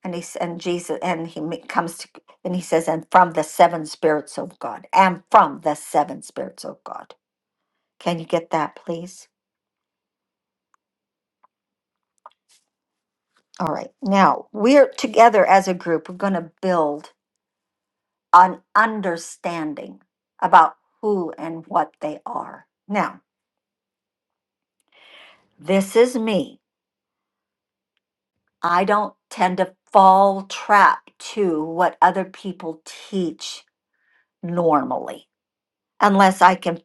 [SPEAKER 1] and he s- and Jesus, and he ma- comes to, and he says, "And from the seven spirits of God, and from the seven spirits of God." Can you get that, please? All right. Now we're together as a group. We're going to build an understanding about who and what they are. Now, this is me. I don't tend to fall trap to what other people teach normally, unless I can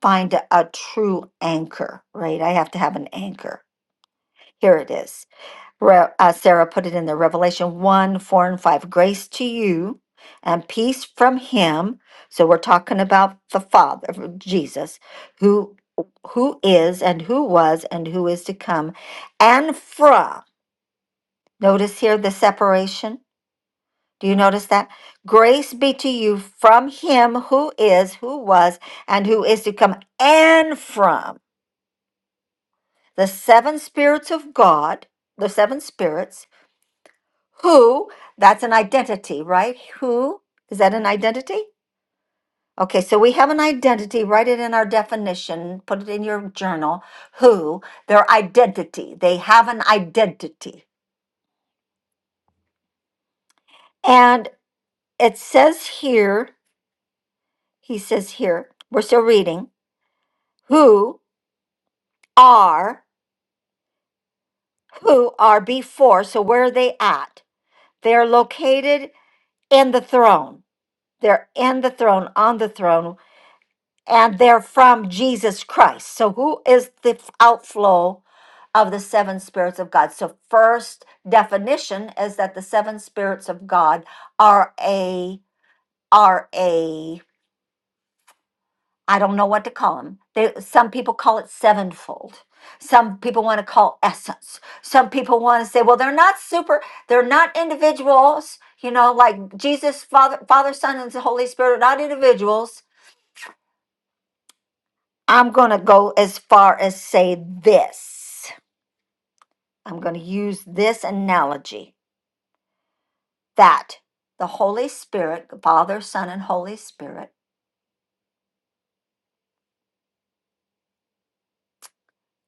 [SPEAKER 1] find a, a true anchor, right? I have to have an anchor. Here it is. Re- uh, Sarah put it in the Revelation 1 4 and 5. Grace to you and peace from him. So we're talking about the Father, uh, Jesus, who who is and who was and who is to come and from notice here the separation Do you notice that? Grace be to you from him who is, who was, and who is to come, and from the seven spirits of God, the seven spirits, who, that's an identity, right? Who, is that an identity? Okay, so we have an identity. Write it in our definition, put it in your journal. Who, their identity. They have an identity. And it says here, he says here, we're still reading, who are who are before. So where are they at? They are located in the throne. They're in the throne, on the throne, and they're from Jesus Christ. So who is the outflow of the seven spirits of God? So first definition is that the seven spirits of God are a are a I don't know what to call them. They, some people call it sevenfold. Some people want to call essence. Some people want to say, well, they're not super, they're not individuals, you know, like Jesus, Father, Father, Son, and the Holy Spirit are not individuals. I'm going to go as far as say this. I'm going to use this analogy that the Holy Spirit, Father, Son, and Holy Spirit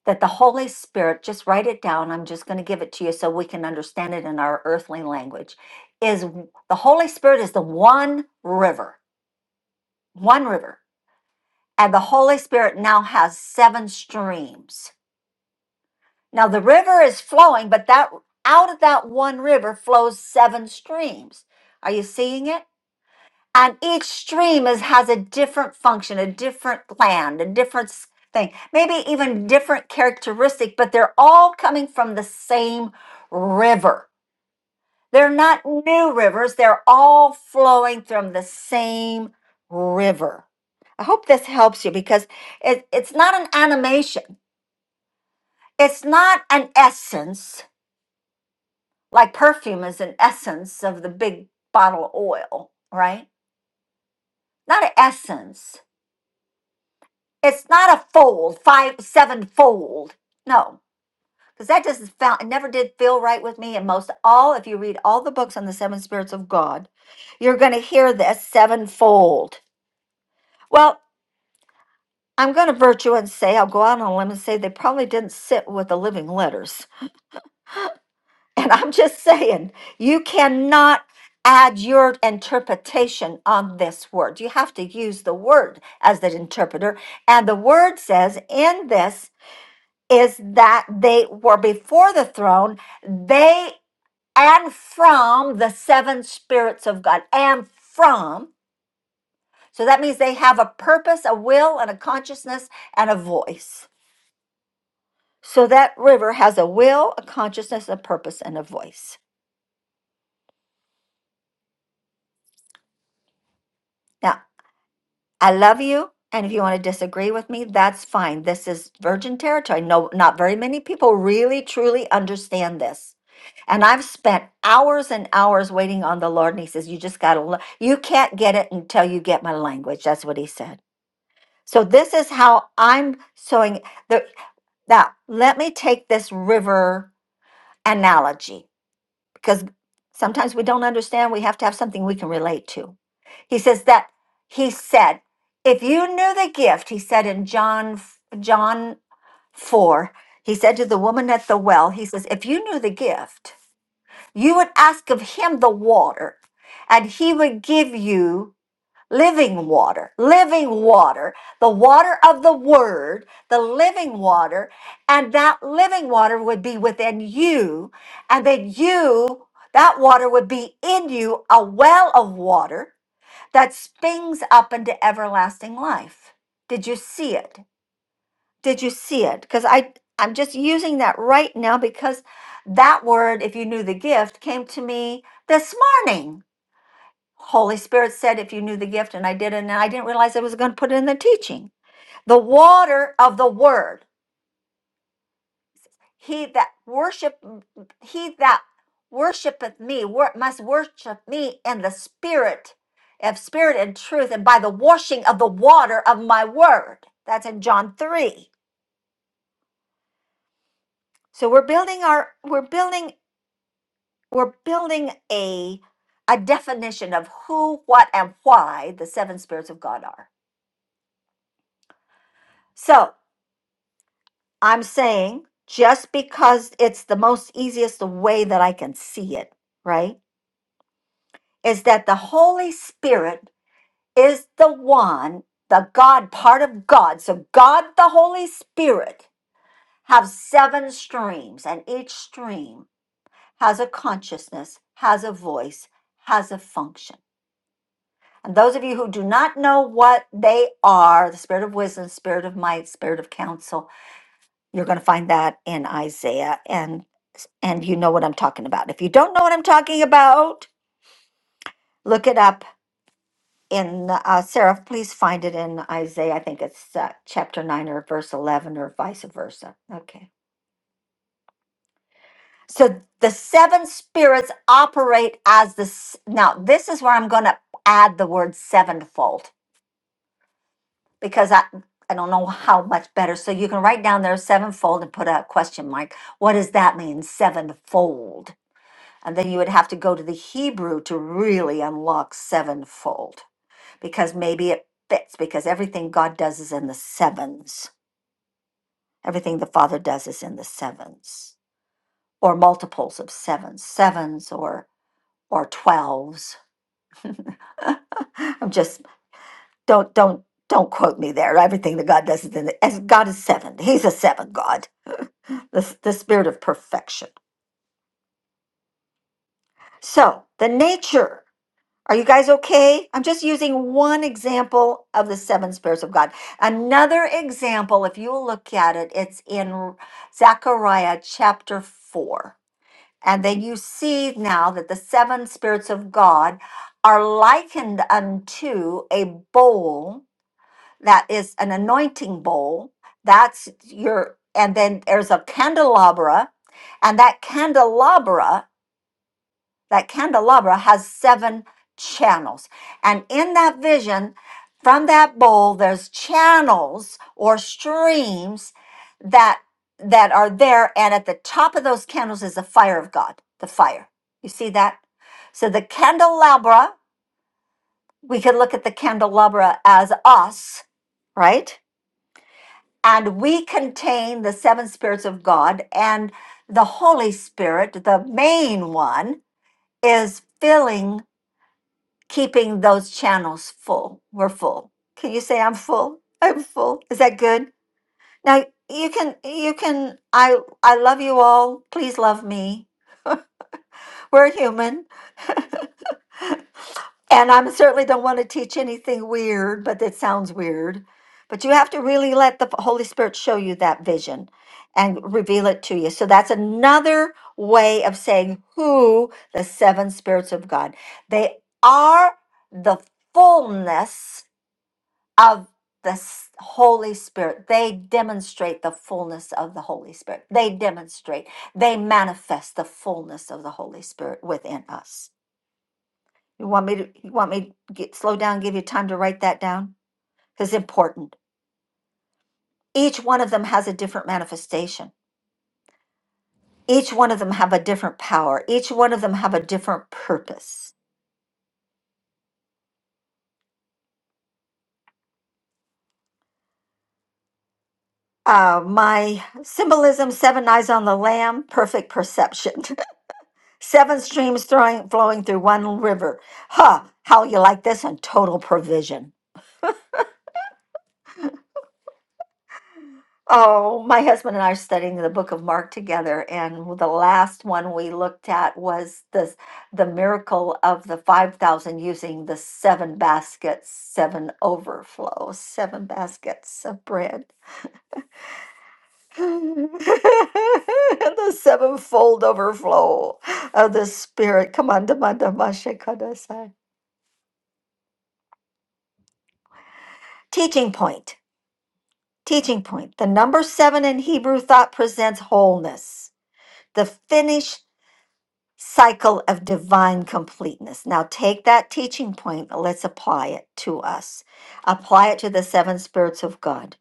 [SPEAKER 1] that the Holy Spirit, just write it down. I'm just going to give it to you so we can understand it in our earthly language. Is the Holy Spirit is the one river, one river. And the Holy Spirit now has seven streams. Now the river is flowing, but that out of that one river flows seven streams. Are you seeing it? and each stream is has a different function a different land a different s- thing maybe even different characteristic but they're all coming from the same river they're not new rivers they're all flowing from the same river i hope this helps you because it, it's not an animation it's not an essence like perfume is an essence of the big bottle of oil right not an essence It's not a fold, five, seven fold. No, because that just not it never did feel right with me. And most all, if you read all the books on the seven spirits of God, you're going to hear this sevenfold. Well, I'm going to virtue and say, I'll go out on a limb and say they probably didn't sit with the living letters. And I'm just saying, you cannot add your interpretation on this word. You have to use the word as the interpreter. And the word says in this is that they were before the throne, they and from the seven spirits of God, and from. So that means they have a purpose, a will, and a consciousness, and a voice. So that river has a will, a consciousness, a purpose, and a voice. Now. I love you. And if you want to disagree with me, that's fine. This is virgin territory. No, not very many people really truly understand this. And I've spent hours and hours waiting on the Lord. And he says, You just got to, you can't get it until you get my language. That's what he said. So this is how I'm sowing. The, now, let me take this river analogy because sometimes we don't understand. We have to have something we can relate to. He says that he said, if you knew the gift, he said in John John 4, he said to the woman at the well, he says, if you knew the gift, you would ask of him the water, and he would give you living water, living water, the water of the word, the living water, and that living water would be within you, and then you, that water would be in you, a well of water that springs up into everlasting life. Did you see it? Did you see it? Because I I'm just using that right now because that word, if you knew the gift, came to me this morning Holy Spirit said if you knew the gift, and I did, and I didn't realize I was going to put it in the teaching. The water of the word. He that worship he that worshipeth me wor- must worship me in the spirit of spirit and truth, and by the washing of the water of my word. That's in John 3. So we're building our we're building we're building a a definition of who, what, and why the seven spirits of God are. So I'm saying just because it's the most easiest way that I can see it, right? Is that the Holy Spirit is the one, the God part of God. So God, the Holy Spirit, have seven streams, and each stream has a consciousness, has a voice, has a function. And those of you who do not know what they are, the spirit of wisdom, spirit of might, spirit of counsel, You're going to find that in Isaiah and and you know what I'm talking about. If you don't know what I'm talking about, look it up in uh, Sarah. Please find it in Isaiah. I think it's uh, chapter nine or verse eleven or vice versa. Okay. So the seven spirits operate as the s- now. This is where I'm going to add the word sevenfold because I I don't know how much better. So you can write down there sevenfold and put a question mark. What does that mean? Sevenfold And then you would have to go to the Hebrew to really unlock sevenfold because maybe it fits because everything God does is in the sevens. Everything the Father does is in the sevens or multiples of sevens, sevens or or twelves. I'm just don't don't don't quote me there. Everything that God does is in the, as God is seven. He's a seven God, the, the spirit of perfection. So the nature Are you guys okay? I'm just using one example of the seven spirits of God. Another example, if you will look at it, it's in Zechariah chapter 4. And then you see now that the seven spirits of God are likened unto a bowl that is an anointing bowl. That's your, and then there's a candelabra, and that candelabra that candelabra has seven channels. And in that vision, from that bowl, there's channels or streams that that are there. And at the top of those candles is the fire of God, the fire. You see that? So the candelabra, we could look at the candelabra as us, right? And we contain the seven spirits of God and the Holy Spirit, the main one, is filling keeping those channels full. We're full. Can you say I'm full? I'm full. Is that good? Now you can you can I I love you all. Please love me. We're human. And I certainly don't want to teach anything weird, but that sounds weird. But you have to really let the Holy Spirit show you that vision and reveal it to you. So that's another way of saying who the seven spirits of God. They are the fullness of the s- Holy Spirit. They demonstrate the fullness of the Holy Spirit. They demonstrate, they manifest the fullness of the Holy Spirit within us. You want me to you want me to get slow down, give you time to write that down? Because it's important. Each one of them has a different manifestation. Each one of them have a different power. Each one of them have a different purpose. Uh, my symbolism, seven eyes on the lamb, perfect perception. Seven streams throwing, flowing through one river. Huh, how you like this on total provision. Oh, my husband and I are studying the book of Mark together, and the last one we looked at was this the miracle of the 5,000 using the seven baskets, seven overflow, seven baskets of bread. the sevenfold overflow of the Spirit. Come on, Dama Dama Shekadasai. Teaching point. Teaching point The number seven in Hebrew thought presents wholeness, the finished cycle of divine completeness. Now take that teaching point, let's apply it to us. Apply it to the seven spirits of God,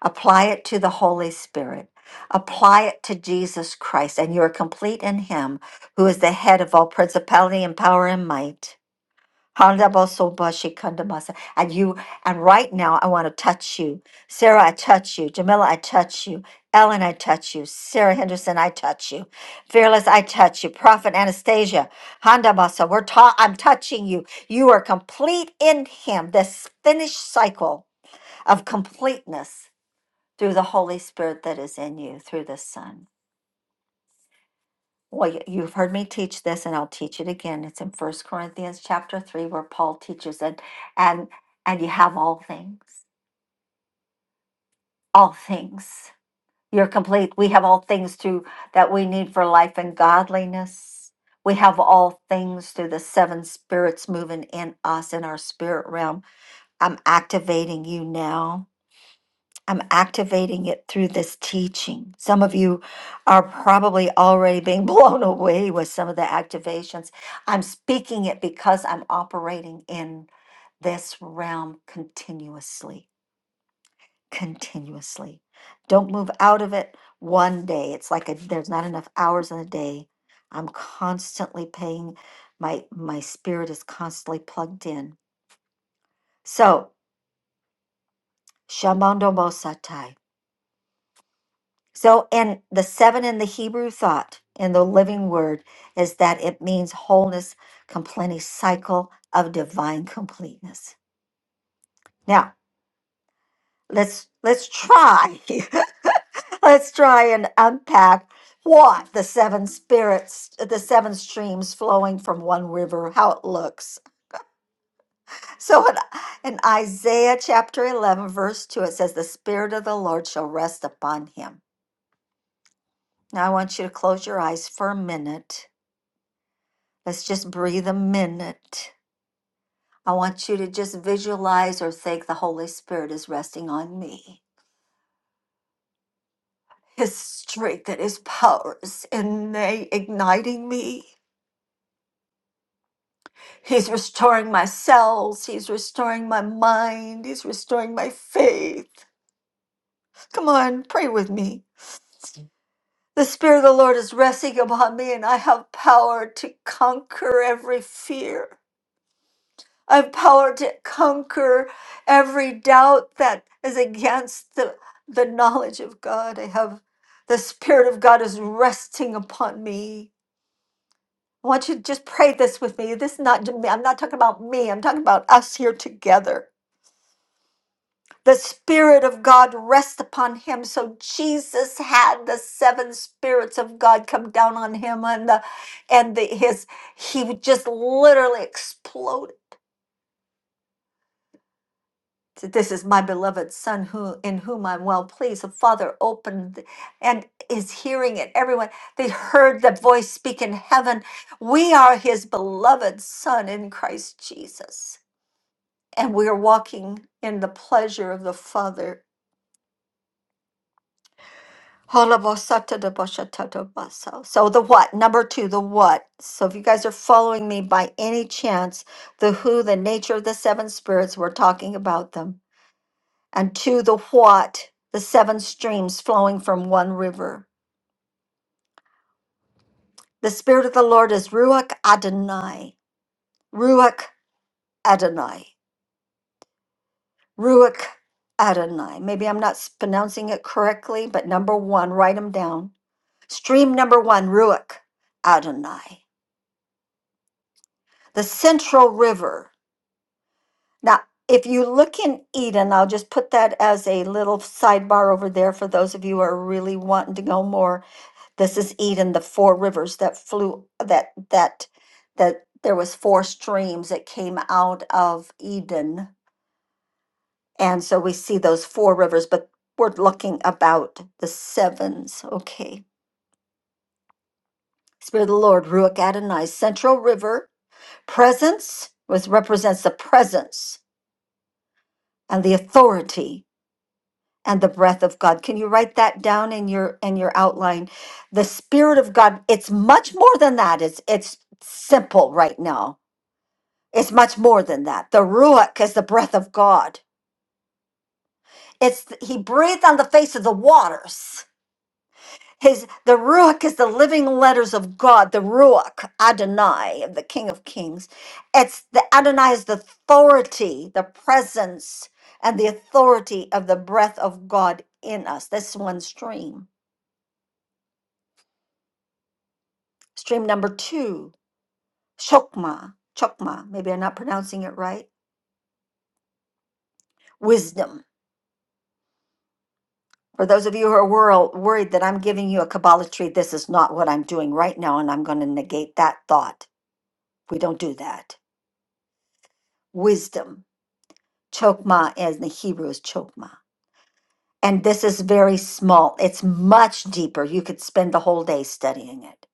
[SPEAKER 1] apply it to the Holy Spirit. Apply it to Jesus Christ, and you are complete in Him, who is the head of all principality and power and might. Handabosobashikandamasa. And you, and right now, I want to touch you. Sarah, I touch you. Jamila, I touch you. Ellen, I touch you. Sarah Henderson, I touch you. Fearless, I touch you. Prophet Anastasia, Handabasa, we're ta- I'm touching you. You are complete in Him, this finished cycle of completeness through the Holy Spirit that is in you, through the Son. Well, y- you've heard me teach this and I'll teach it again. It's in First Corinthians chapter 3 where Paul teaches it and and you have all things. All things. You're complete. We have all things through that we need for life and godliness. We have all things through the seven spirits moving in us in our spirit realm. I'm activating you now I'm activating it through this teaching. Some of you are probably already being blown away with some of the activations. I'm speaking it because I'm operating in this realm continuously, continuously. Don't move out of it one day. It's like a, there's not enough hours in a day. I'm constantly paying my my spirit is constantly plugged in. So, Shamandomosatai. So, and the seven in the Hebrew thought in the living word is that it means wholeness, complete cycle of divine completeness. Now, let's let's try. let's try and unpack what the seven spirits, the seven streams flowing from one river, how it looks. So in, in Isaiah chapter 11, verse 2, it says, The Spirit of the Lord shall rest upon him. Now, I want you to close your eyes for a minute Let's just breathe a minute. I want you to just visualize or think the Holy Spirit is resting on me. His strength and his power is innate, igniting me. He's restoring my cells. He's restoring my mind. He's restoring my faith. Come on, pray with me. The Spirit of the Lord is resting upon me, and I have power to conquer every fear. of power to conquer every doubt that is against the, the knowledge of God. I have the Spirit of God is resting upon me. I want you to just pray this with me. This is not to me. I'm not talking about me. I'm talking about us here together. The Spirit of God rest upon him. So Jesus had the seven spirits of God come down on him and the and the his he would just literally exploded So This is my beloved son who in whom I'm well pleased. The father opened th- and is hearing it. Everyone they heard the voice speak in heaven. We are his beloved son in Christ Jesus. And we are walking in the pleasure of the Father. Holabasatadabashatadabasa. So the what? Number two, the what. So if you guys are following me by any chance, the who, the nature of the seven spirits, we're talking about them. and to the what, the seven streams flowing from one river. The Spirit of the Lord is Ruach Adonai, Ruach Adonai, Ruach Adonai. Maybe I'm not s- pronouncing it correctly, but number one, write them down. Stream number one, Ruach Adonai, the central river. Now, if you look in Eden, I'll just put that as a little sidebar over there for those of you who are really wanting to go more This is Eden, the four rivers that flew that that that there was four streams that came out of Eden. And so we see those four rivers, but we're looking about the sevens. Okay. Spirit of the Lord, Ruach Adonai, Central River, presence was represents the presence and the authority and the breath of God. Can you write that down in your in your outline? The Spirit of God, it's much more than that. It's it's simple right now It's much more than that. The ruach is the breath of God. It's he breathed on the face of the waters. His the ruach is the living letters of God. The ruach Adonai of the King of Kings. It's the Adonai is the authority, the presence, and the authority of the breath of God in us. That's one stream. Stream number two, chokma, chokma. Maybe I'm not pronouncing it right. Wisdom For those of you who are world, worried that I'm giving you a Kabbalah tree, this is not what I'm doing right now, and I'm going to negate that thought. We don't do that. Wisdom, chokmah, as in the Hebrew is chokmah. And this is very small, it's much deeper. You could spend the whole day studying it.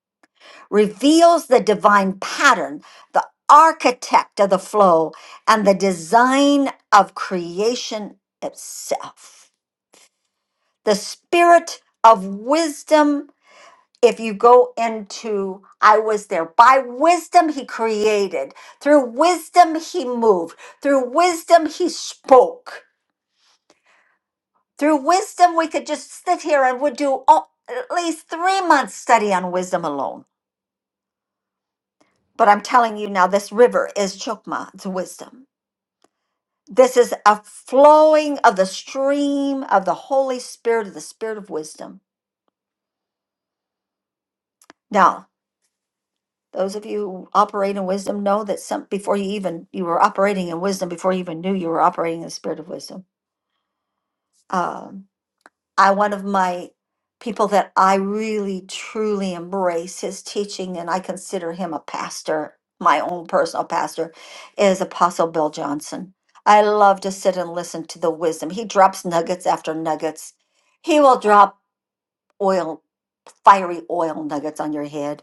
[SPEAKER 1] Reveals the divine pattern, the architect of the flow, and the design of creation itself. The spirit of wisdom if you go into I was there, by wisdom he created, through wisdom he moved, through wisdom he spoke, through wisdom we could just sit here and would do all, at least three months study on wisdom alone. But I'm telling you now, this river is Chokmah, it's wisdom. This is a flowing of the stream of the Holy Spirit, of the Spirit of wisdom. Now. Those of you who operate in wisdom know that some before you even you were operating in wisdom before you even knew you were operating in the spirit of wisdom. Um, I one of my people that I really truly embrace his teaching, and I consider him a pastor, my own personal pastor, is Apostle Bill Johnson. I love to sit and listen to the wisdom. He drops nuggets after nuggets. He will drop oil, fiery oil nuggets on your head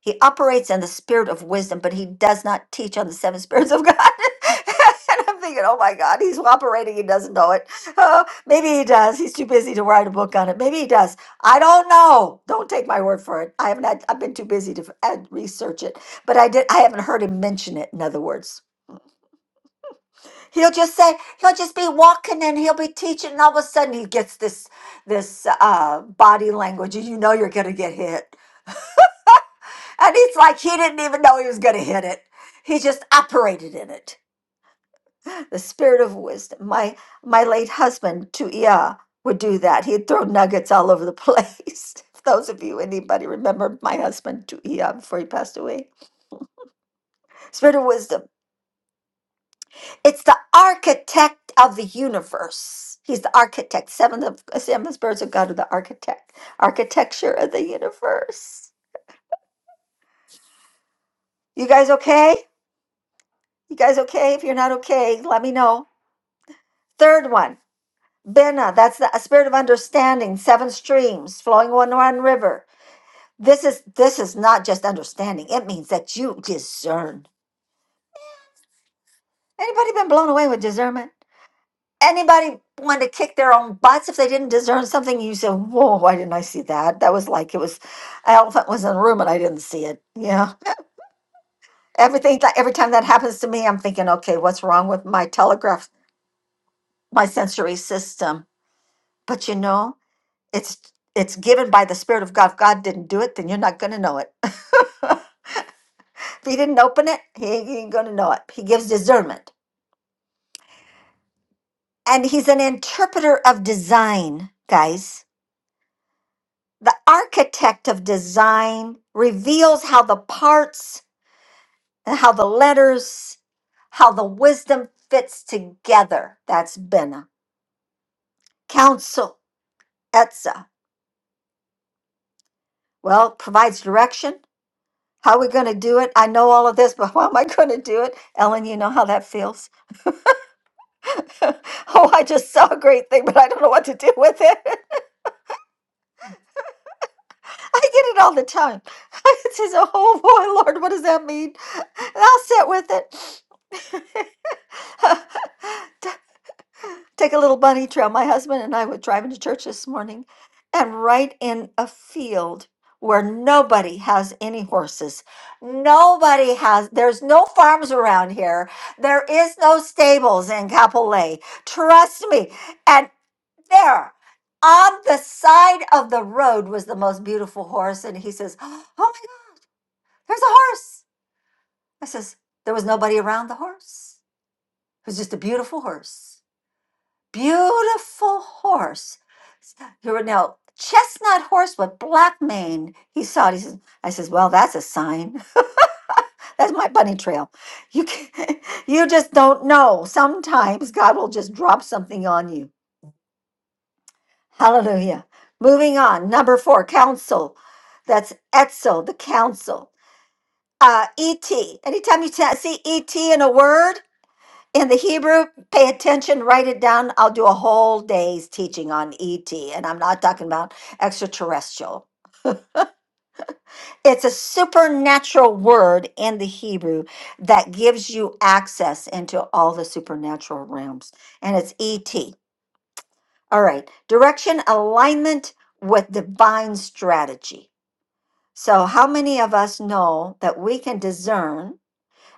[SPEAKER 1] He operates in the spirit of wisdom, but he does not teach on the seven spirits of God. and I'm thinking, oh my God, he's operating. He doesn't know it. Oh, maybe he does. He's too busy to write a book on it. Maybe he does. I don't know. Don't take my word for it. I haven't. Had, I've been too busy to f- uh, research it. But I did. I haven't heard him mention it. In other words, he'll just say he'll just be walking and he'll be teaching, and all of a sudden he gets this this uh, body language, and you know you're going to get hit And it's like he didn't even know he was going to hit it. He just operated in it. The spirit of wisdom. My my late husband, Tuia, would do that. He'd throw nuggets all over the place. If Those of you, anybody remember my husband, Tuia, before he passed away? Spirit of wisdom. It's the architect of the universe. He's the architect. Seven of seven spirits of God are the architect. Architecture of the universe. You guys okay? You guys okay? If you're not okay, let me know. Third one. Bena, that's the a spirit of understanding, seven streams flowing one one river. This is this is not just understanding. It means that you discern. Anybody been blown away with discernment? Anybody want to kick their own butts if they didn't discern something? You say, "Whoa, why didn't I see that?" That was like it was an elephant was in the room and I didn't see it. Yeah, everything. that Every time that happens to me, I'm thinking, "Okay, what's wrong with my telegraph, my sensory system?" But you know. It's it's given by the Spirit of God. If God didn't do it, then you're not gonna know it. if he didn't open it, he ain't gonna know it. He gives discernment. And he's an interpreter of design, guys. The architect of design reveals how the parts and how the letters, how the wisdom fits together. That's Bena. Counsel, Etza. Well, provides direction. How are we going to do it? I know all of this, but how am I going to do it? Ellen, you know how that feels. oh, I just saw a great thing, but I don't know what to do with it. I get it all the time. It says, oh boy, Lord, what does that mean? And I'll sit with it. T- Take a little bunny trail. My husband and I were driving to church this morning, and right in a field where nobody has any horses. Nobody has, there's no farms around here. There is no stables in Capolay. Trust me. and. there on the side of the road was the most beautiful horse. And he says, Oh my God, there's a horse. I says, There was nobody around the horse. It was just a beautiful horse. Beautiful horse. Here were now chestnut horse with black mane. He saw it. He says, I says, Well, that's a sign. That's my bunny trail. You can, you just don't know. Sometimes God will just drop something on you. Hallelujah. Moving on, number four, council. That's Etzel, the council. Uh, ET. Anytime you ta- see ET in a word in the Hebrew, pay attention, write it down. I'll do a whole day's teaching on ET, and I'm not talking about extraterrestrial. It's a supernatural word in the Hebrew that gives you access into all the supernatural realms, and it's ET. All right, direction, alignment with divine strategy. So, how many of us know that we can discern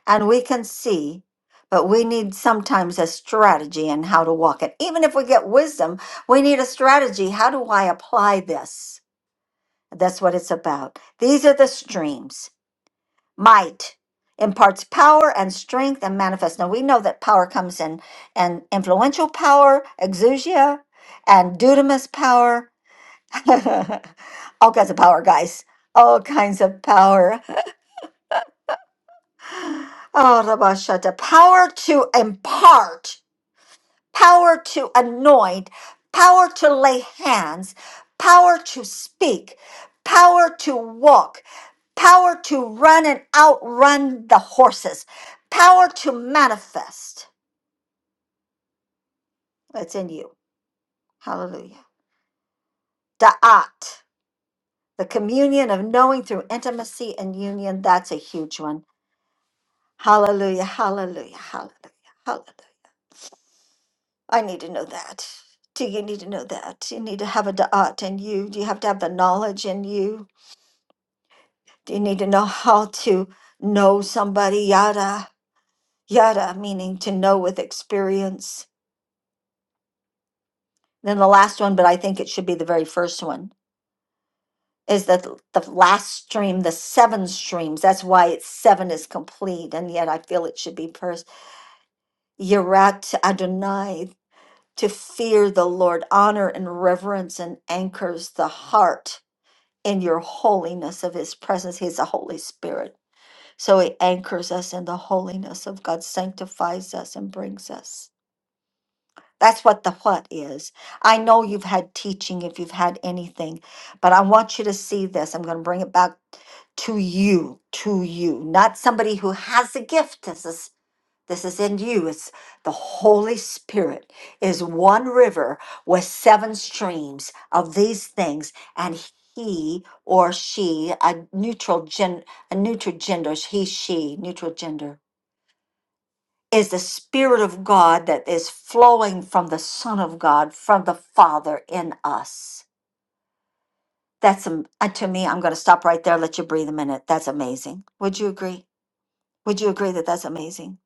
[SPEAKER 1] and we can see, but we need sometimes a strategy in how to walk it? Even if we get wisdom, we need a strategy. How do I apply this? That's what it's about. These are the streams. Might imparts power and strength and manifest. Now, we know that power comes in and influential power, exousia, and dudamus power. All kinds of power, guys. All kinds of power. Oh, Rabashata, power to impart, power to anoint, power to lay hands, power to speak, power to walk, power to run and outrun the horses, power to manifest. It's in you. Hallelujah. Da'at, the communion of knowing through intimacy and union. That's a huge one. Hallelujah, hallelujah, hallelujah, hallelujah. I need to know that. Do you need to know that? You need to have a da'at in you. Do you have to have the knowledge in you? Do you need to know how to know somebody? Yada, yada, meaning to know with experience. Then the last one, but I think it should be the very first one, is that th- the last stream, the seven streams. That's why it's seven is complete, and yet I feel it should be first. Yirat Adonai, to fear the Lord, honor and reverence, and anchors the heart in your holiness of his presence. He's the Holy Spirit. So he anchors us in the holiness of God, sanctifies us and brings us. That's what the what is. I know you've had teaching if you've had anything, but I want you to see this. I'm going to bring it back to you, to you, not somebody who has a gift. as a. This is in you. It's the Holy Spirit is one river with seven streams of these things, and he or she, a neutral gen, a neutral gender, he, she, neutral gender, is the Spirit of God that is flowing from the Son of God, from the Father in us. That's am- uh, to me. I'm going to stop right there. Let you breathe a minute. That's amazing. Would you agree? Would you agree that that's amazing?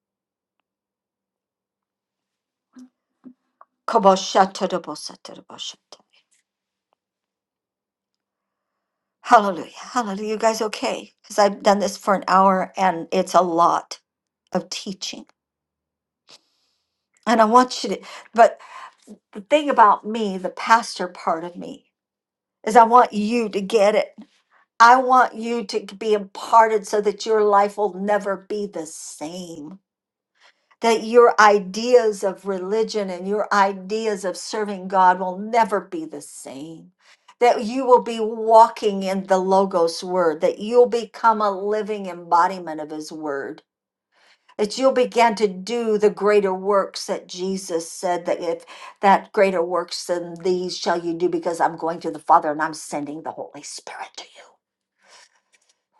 [SPEAKER 1] Kobosha Hallelujah. Hallelujah. You guys okay? Because I've done this for an hour and it's a lot of teaching. And I want you to, but the thing about me, the pastor part of me, is I want you to get it. I want you to be imparted so that your life will never be the same. that your ideas of religion and your ideas of serving God will never be the same. That you will be walking in the Logos word, that you'll become a living embodiment of His word, that you'll begin to do the greater works that Jesus said that if that greater works than these shall you do, because I'm going to the Father and I'm sending the Holy Spirit to you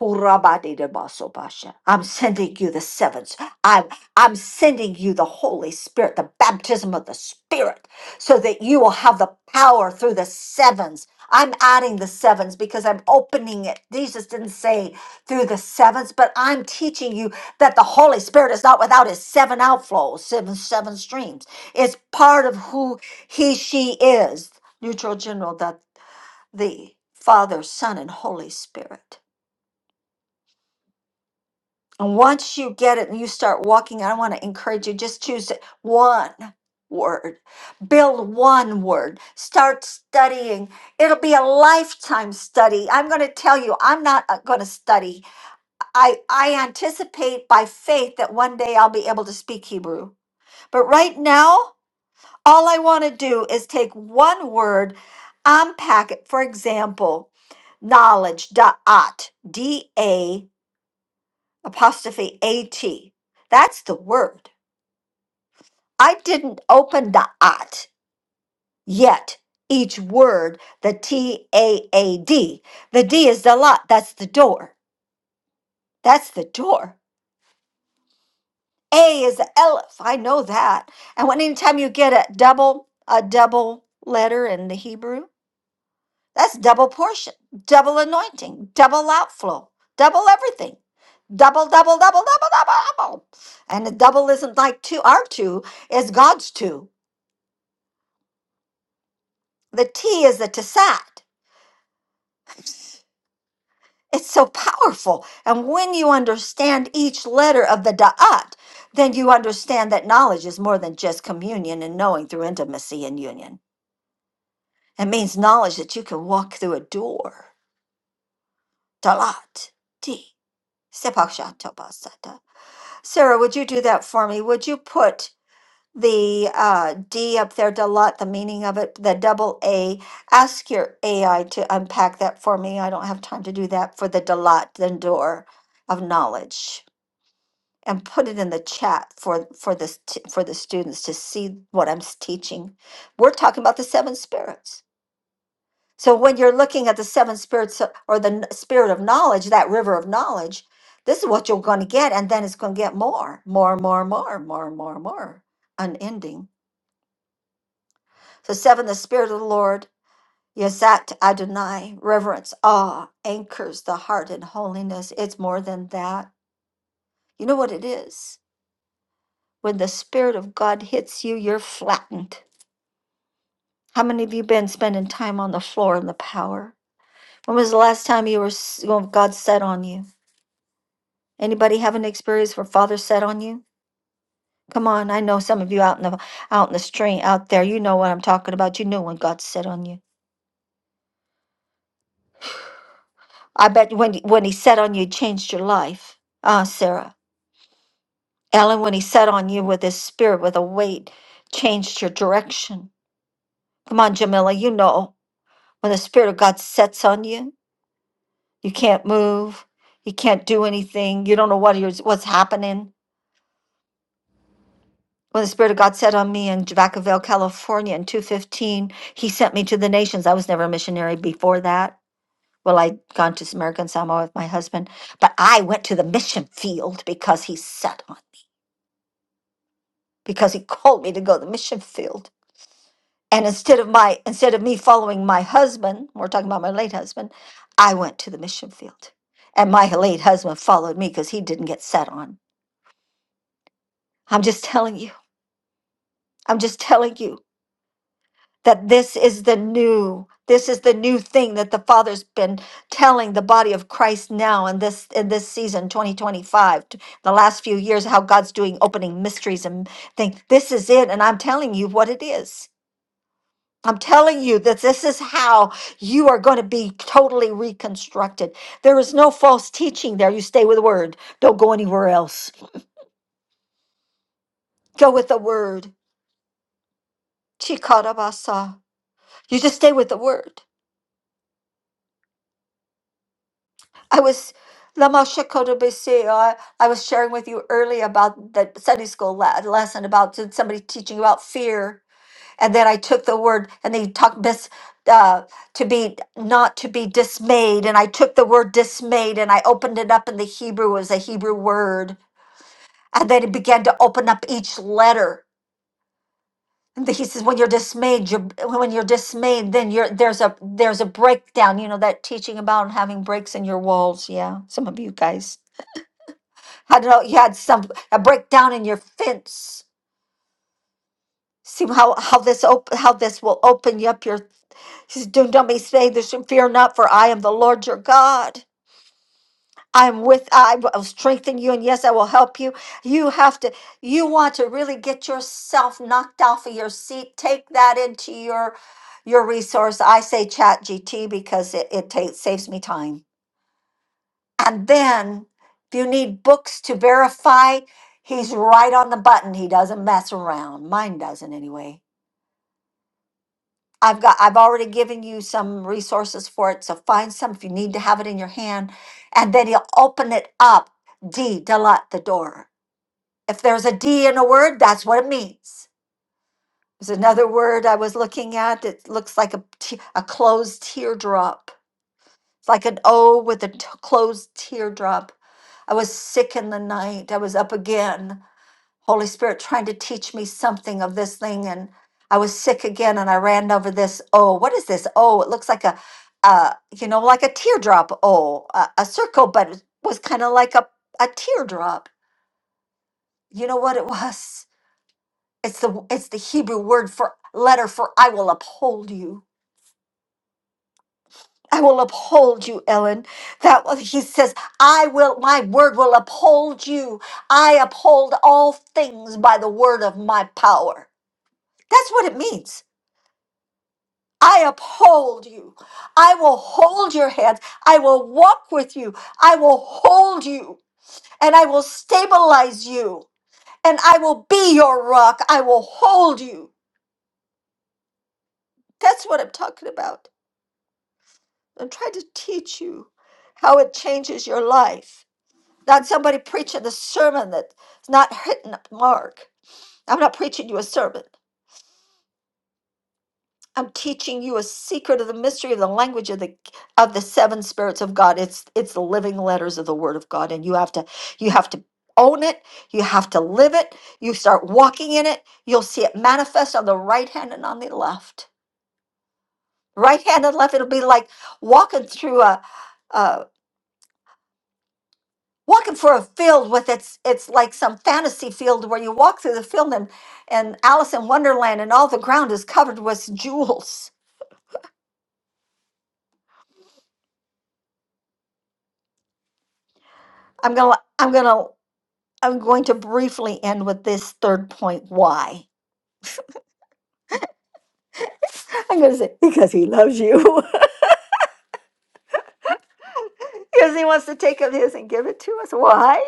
[SPEAKER 1] Hurabadidabasobasha. I'm sending you the sevens. I'm I'm sending you the Holy Spirit, the baptism of the Spirit, so that you will have the power through the sevens. I'm adding the sevens because I'm opening it. Jesus didn't say through the sevens, but I'm teaching you that the Holy Spirit is not without his seven outflows, seven seven streams. It's part of who he she is. Neutral general that the Father, Son, and Holy Spirit. And once you get it and you start walking, I want to encourage you just choose one word, build one word, start studying. It'll be a lifetime study. I'm going to tell you, I'm not going to study. I, I anticipate by faith that one day I'll be able to speak Hebrew. But right now, all I want to do is take one word, unpack it. For example, knowledge, da'at, D A apostrophe at. That's the word. I didn't open the at yet. Each word, the T A A D. The D is the lot. That's the door. That's the door. A is the Aleph. I know that. And when anytime you get a double, a double letter in the Hebrew, That's double portion, double anointing, double outflow, double everything. Double, double, double, double, double, double. And the double isn't like two. Our two is God's two. The T is the Tessat. It's so powerful. And when you understand each letter of the Da'at, then you understand that knowledge is more than just communion and knowing through intimacy and union. It means knowledge that you can walk through a door. Dalat. T. Sepakshatoba Sarah, would you do that for me? Would you put the uh, D up there, Dalat, the meaning of it, the double A? Ask your AI to unpack that for me. I don't have time to do that for the Dalat, the door of knowledge. And put it in the chat for for this for the students to see what I'm s- teaching. We're talking about the seven spirits. So when you're looking at the seven spirits of- or the kn- spirit of knowledge, that river of knowledge, this is what you're going to get, and then it's going to get more, more, more, more, more, more, more, unending. So seven, the spirit of the Lord, Yes, that I deny. reverence, awe, anchors the heart in holiness. It's more than that. You know what it is? When the spirit of God hits you, you're flattened. How many of you been spending time on the floor in the power? When was the last time you were s- when God sat on you? Anybody have an experience where father set on you? Come on, I know some of you out in the out in the stream out there. You know what I'm talking about. You know when God set on you. I bet when when He set on you, it changed your life. Ah, Sarah, Ellen, when He set on you with His Spirit, with a weight, changed your direction. Come on, Jamila, you know when the Spirit of God sets on you, you can't move, you can't do anything, you don't know what you're what's happening. When the Spirit of God set on me in Vacaville, California in 215, He sent me to the nations. I was never a missionary before that. Well, I'd gone to American Samoa with my husband, but I went to the mission field because He set on me, because He called me to go to the mission field. And instead of my instead of me following my husband, we're talking about my late husband, I went to the mission field. And my late husband followed me because he didn't get set on. I'm just telling you. I'm just telling you. that this is the new this is the new thing that the father's been telling the body of christ now in this in this season 2025 t- the last few years how god's doing opening mysteries and things this is it and i'm telling you what it is i'm telling you that this is how you are going to be totally reconstructed there is no false teaching there you stay with the word don't go anywhere else go with the word Chikarabasa. you just stay with the word I was Lama Shekodobese. I, I was sharing with you earlier about the Sunday school la- lesson about t- somebody teaching about fear, and then I took the word and they talked this uh, to be not to be dismayed, and I took the word dismayed and I opened it up in the Hebrew it was a Hebrew word, and then it began to open up each letter. And he says, when you're dismayed, you're, when you're dismayed, then you're there's a there's a breakdown. You know that teaching about having breaks in your walls. Yeah, some of you guys. I don't know. You had some a breakdown in your fence. See how how this op- how this will open you up. Your he says, do not be afraid. There's fear not, for I am the Lord your God. I am with. I will strengthen you, and yes, I will help you. You have to. You want to really get yourself knocked off of your seat. Take that into your your resource. I say Chat GT because it it takes saves me time And then if you need books to verify, he's right on the button. He doesn't mess around. Mine doesn't anyway. I've got I've already given you some resources for it, so find some if you need to have it in your hand. And then he'll open it up. D delut the door. If there's a D in a word, that's what it means. There's another word I was looking at. It looks like a, te- a closed teardrop. It's like an O with a t- closed teardrop. I was sick in the night. I was up again. Holy Spirit trying to teach me something of this thing. And I was sick again and I ran over this. Oh, what is this? Oh, it looks like a, uh, you know, like a teardrop. Oh, a, a circle, but it was kind of like a, a teardrop. You know what it was? It's the it's the Hebrew word for letter for I will uphold you. I will uphold you, Ellen. That was he says, I will my word will uphold you. I uphold all things by the word of my power. That's what it means. I uphold you. I will hold your hands. I will walk with you. I will hold you and I will stabilize you and I will be your rock. I will hold you. That's what I'm talking about. I'm trying to teach you how it changes your life. Not somebody preaching a sermon that's not hitting the mark. I'm not preaching you a sermon. I'm teaching you a secret of the mystery of the language of the of the seven spirits of God. It's it's the living letters of the word of God and you have to you have to own it. You have to live it. You start walking in it. You'll see it manifest on the right hand and on the left. Right hand and left it'll be like walking through a uh walking for a field with its it's like some fantasy field where you walk through the field and and Alice in Wonderland and all the ground is covered with jewels. I'm going to I'm going to I'm going to briefly end with this third point why. I'm going to say, because he loves you. because he wants to take of his and give it to us. Why?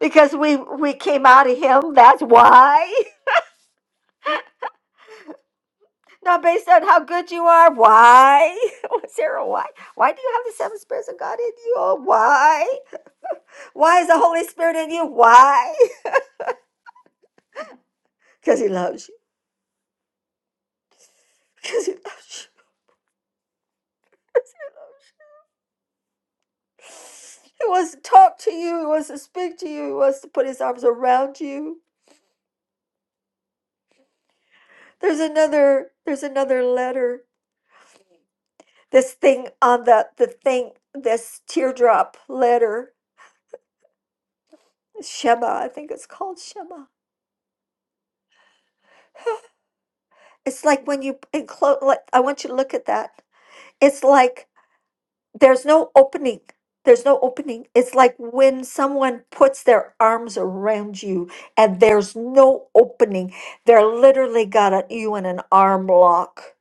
[SPEAKER 1] Because we, we came out of him. That's why. Not based on how good you are. Why? Sarah, why? Why do you have the seven spirits of God in you? Oh, why? Why is the Holy Spirit in you? Why? Because he loves you. Because he loves you. 'Cause he loves you. He wants to talk to you. He wants to speak to you. He wants to put his arms around you. There's another there's another letter. This thing on the the thing this teardrop letter Shema, I think it's called Shema. It's like when you enclose like I want you to look at that. It's like there's no opening. There's no opening. It's like when someone puts their arms around you and there's no opening. They're literally got a, you in an arm lock.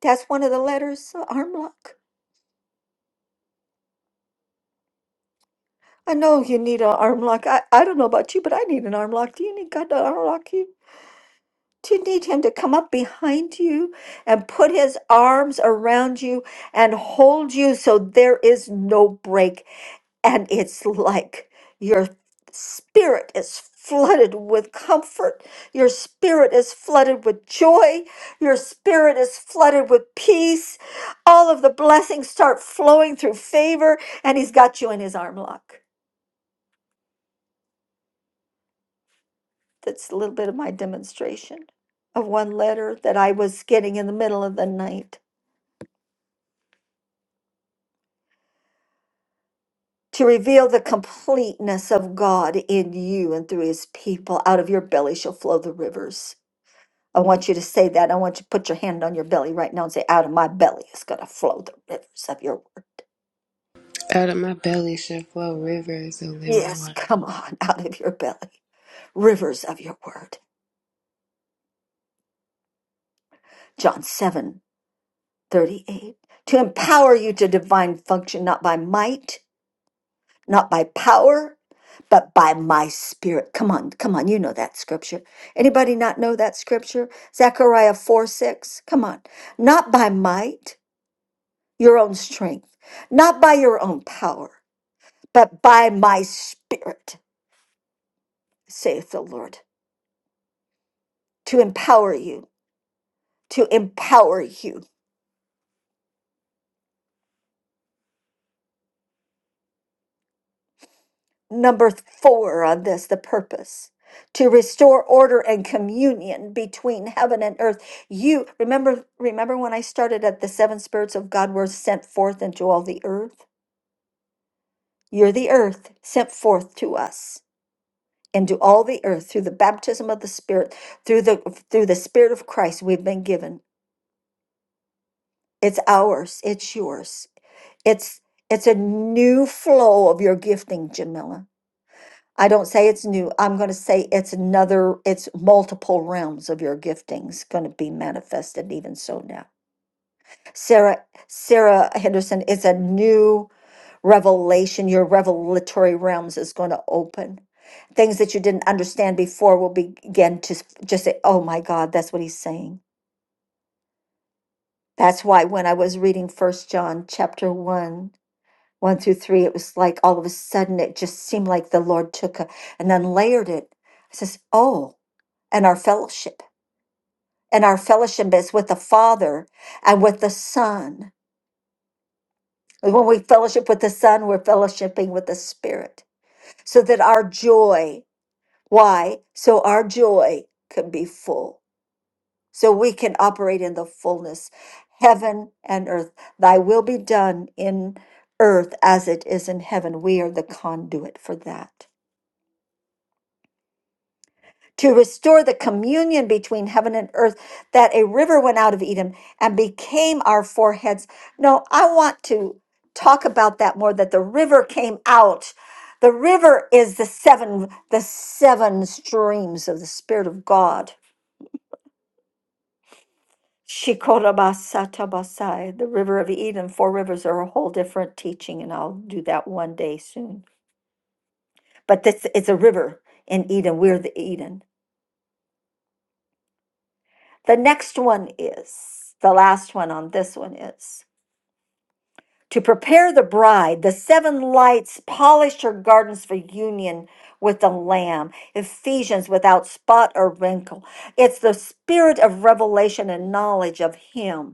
[SPEAKER 1] That's one of the letters, arm lock. I know you need an arm lock. I, I don't know about you, but I need an arm lock. Do you need God to arm lock you? Do you need him to come up behind you and put his arms around you and hold you so there is no break? And it's like your spirit is flooded with comfort. Your spirit is flooded with joy. Your spirit is flooded with peace. All of the blessings start flowing through favor, and he's got you in his arm lock. that's a little bit of my demonstration of one letter that I was getting in the middle of the night to reveal the completeness of God in you and through his people. Out of your belly shall flow the rivers. I want you to say that. I want you to put your hand on your belly right now and say, Out of my belly is going to flow the rivers of your word.
[SPEAKER 8] Out of my belly should flow rivers of living
[SPEAKER 1] Yes,
[SPEAKER 8] water.
[SPEAKER 1] come on, out of your belly, rivers of your word. John 7 38 To empower you to divine function, not by might not by power, but by my spirit. Come on, come on, you know that scripture. Anybody not know that scripture? Zechariah 4 6. Come on. Not by might, your own strength, not by your own power, but by my spirit, saith the Lord, to empower you, to empower you. number four on this the purpose to restore order and communion between heaven and earth you remember remember when i started at the seven spirits of god were sent forth into all the earth you're the earth sent forth to us into all the earth through the baptism of the spirit through the through the spirit of christ we've been given it's ours it's yours it's it's a new flow of your gifting jamila I don't say it's new. I'm going to say it's another, it's multiple realms of your giftings going to be manifested even so now. Sarah, Sarah Henderson, it's a new revelation. Your revelatory realms is going to open. Things that you didn't understand before will begin to s- just say, oh my God, that's what he's saying. That's why when I was reading First John chapter 1, 1 through 3, it was like all of a sudden it just seemed like the Lord took a, and unlayered it. I says, oh, and our fellowship. And our fellowship is with the Father and with the Son. And When we fellowship with the Son, we're fellowshipping with the Spirit so that our joy, why? So our joy can be full, so we can operate in the fullness. Heaven and earth, thy will be done in earth as it is in heaven. We are the conduit for that. to restore the communion between heaven and earth, that a river went out of Edom and became our foreheads. No, I want to talk about that more that the river came out. The river is the seven, the seven streams of the Spirit of God. Shikorabasatabasai, the river of Eden, four rivers are a whole different teaching, and I'll do that one day soon. But this it's a river in Eden. We're the Eden. The next one is the last one on this one is to prepare the bride. The seven lights polish her gardens for union with the Lamb. Ephesians without spot or wrinkle. It's the spirit of revelation and knowledge of Him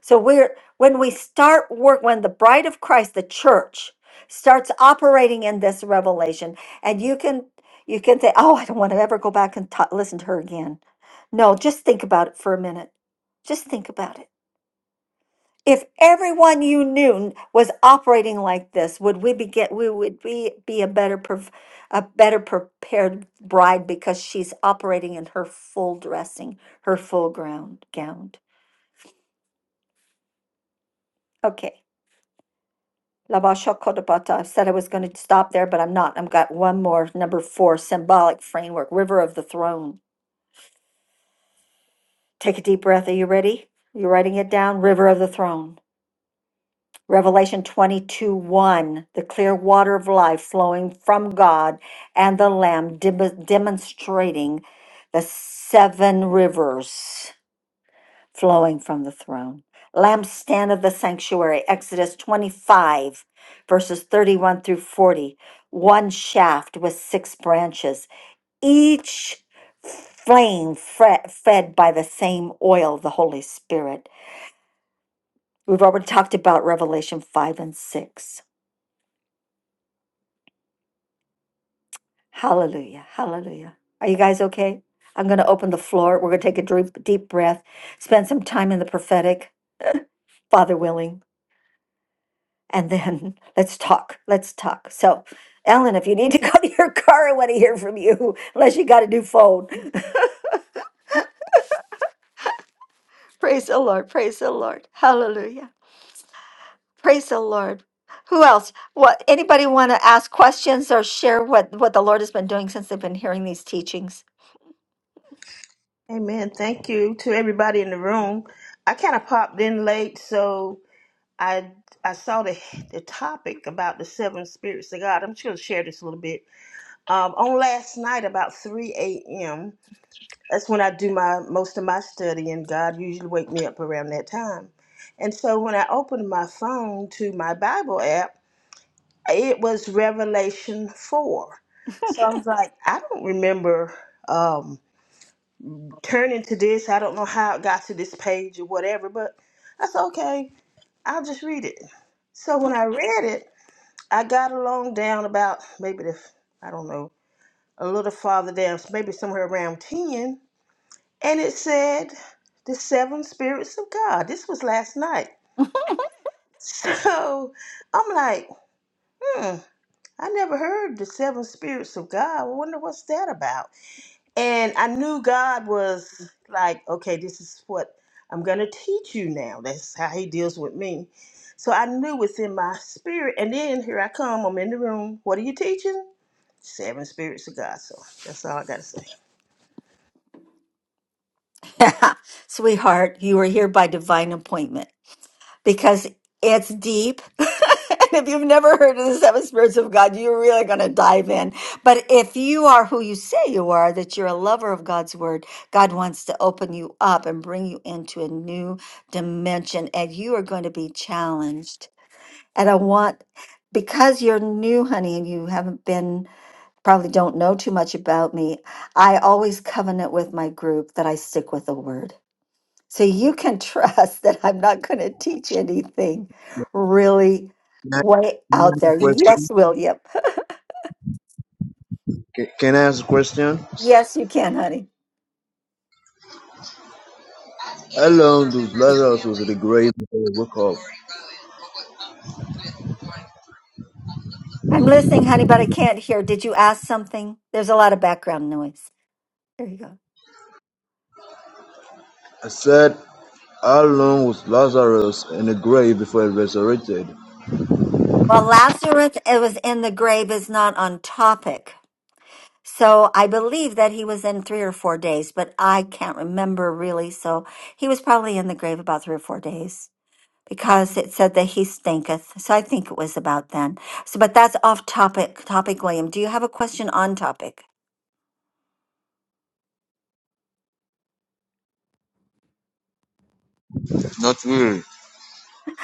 [SPEAKER 1] so we're when we start work when the bride of Christ, the church, starts operating in this revelation, and you can you can say, "Oh, I don't want to ever go back and ta listen to her again." No, just think about it for a minute. Just think about it. If everyone you knew was operating like this, would we be get we would be be a better pref- a better prepared bride because she's operating in her full dressing, her full ground gown. Okay. Labasha Kodapata. I said I was going to stop there, but I'm not. I've got one more. Number four, symbolic framework, River of the Throne. Take a deep breath. Are you ready? You're writing it down? River of the Throne. Revelation 22 1, the clear water of life flowing from God and the Lamb, dem- demonstrating the seven rivers. flowing from the throne. Lampstand of the sanctuary, Exodus 25, verses 31 through 40. One shaft with six branches, each flame fre- fed by the same oil, the Holy Spirit. We've already talked about Revelation 5 and 6. Hallelujah. Hallelujah. Are you guys okay? I'm going to open the floor. We're going to take a deep, deep breath, spend some time in the prophetic, Father willing. and then let's talk. Let's talk. So, Ellen, if you need to go to your car, I want to hear from you, unless you got a new phone. Praise the Lord. Praise the Lord. Hallelujah. Praise the Lord. Who else? What anybody want to ask questions or share what what the Lord has been doing since they've been hearing these teachings?
[SPEAKER 9] Amen. Thank you to everybody in the room. I kind of popped in late, so I I saw the the topic about the seven spirits of God. I'm just going to share this a little bit. Um, on last night, about 3 a.m., that's when I do my most of my study, and God usually wake me up around that time. And so when I opened my phone to my Bible app, it was Revelation 4. So I was like, I don't remember. Um, turn into this. I don't know how it got to this page or whatever, but I said, okay, I'll just read it. So when I read it, I got along down about maybe the, I don't know, a little farther down, maybe somewhere around 10. And it said, the seven spirits of God. This was last night. So I'm like, hmm, I never heard the seven spirits of God. I wonder what's that about. And I knew God was like, okay, this is what I'm going to teach you now. That's how he deals with me. So I knew within my spirit. And then here I come. I'm in the room. What are you teaching? Seven spirits of God. So that's all I got to say.
[SPEAKER 1] Sweetheart, you are here by divine appointment. because it's deep. and if you've never heard of the seven spirits of God, you're really going to dive in. But if you are who you say you are, that you're a lover of God's word, God wants to open you up and bring you into a new dimension, and you are going to be challenged. And I want, because you're new, honey, and you haven't been, probably don't know too much about me, I always covenant with my group that I stick with the word. So you can trust that I'm not going to teach anything
[SPEAKER 10] Can
[SPEAKER 1] really
[SPEAKER 10] I
[SPEAKER 1] way
[SPEAKER 10] can I
[SPEAKER 1] out
[SPEAKER 10] ask
[SPEAKER 1] there.
[SPEAKER 10] a question?
[SPEAKER 1] Yes, William.
[SPEAKER 10] Can, can I ask a question?
[SPEAKER 1] Yes, you can, honey.
[SPEAKER 10] How long was Lazarus was in the grave before he woke up?
[SPEAKER 1] I'm listening, honey, but I can't hear. Did you ask something? There's a lot of background noise. There you go.
[SPEAKER 10] I said, how long was Lazarus in the grave before he resurrected?
[SPEAKER 1] Well, Lazarus, it was in the grave, is not on topic. So I believe that he was in three or four days, but I can't remember really. So he was probably in the grave about three or four days. because it said that he stinketh. So I think it was about then. So, but that's off topic. Topic, William. Do you have a question on topic?
[SPEAKER 10] Not really.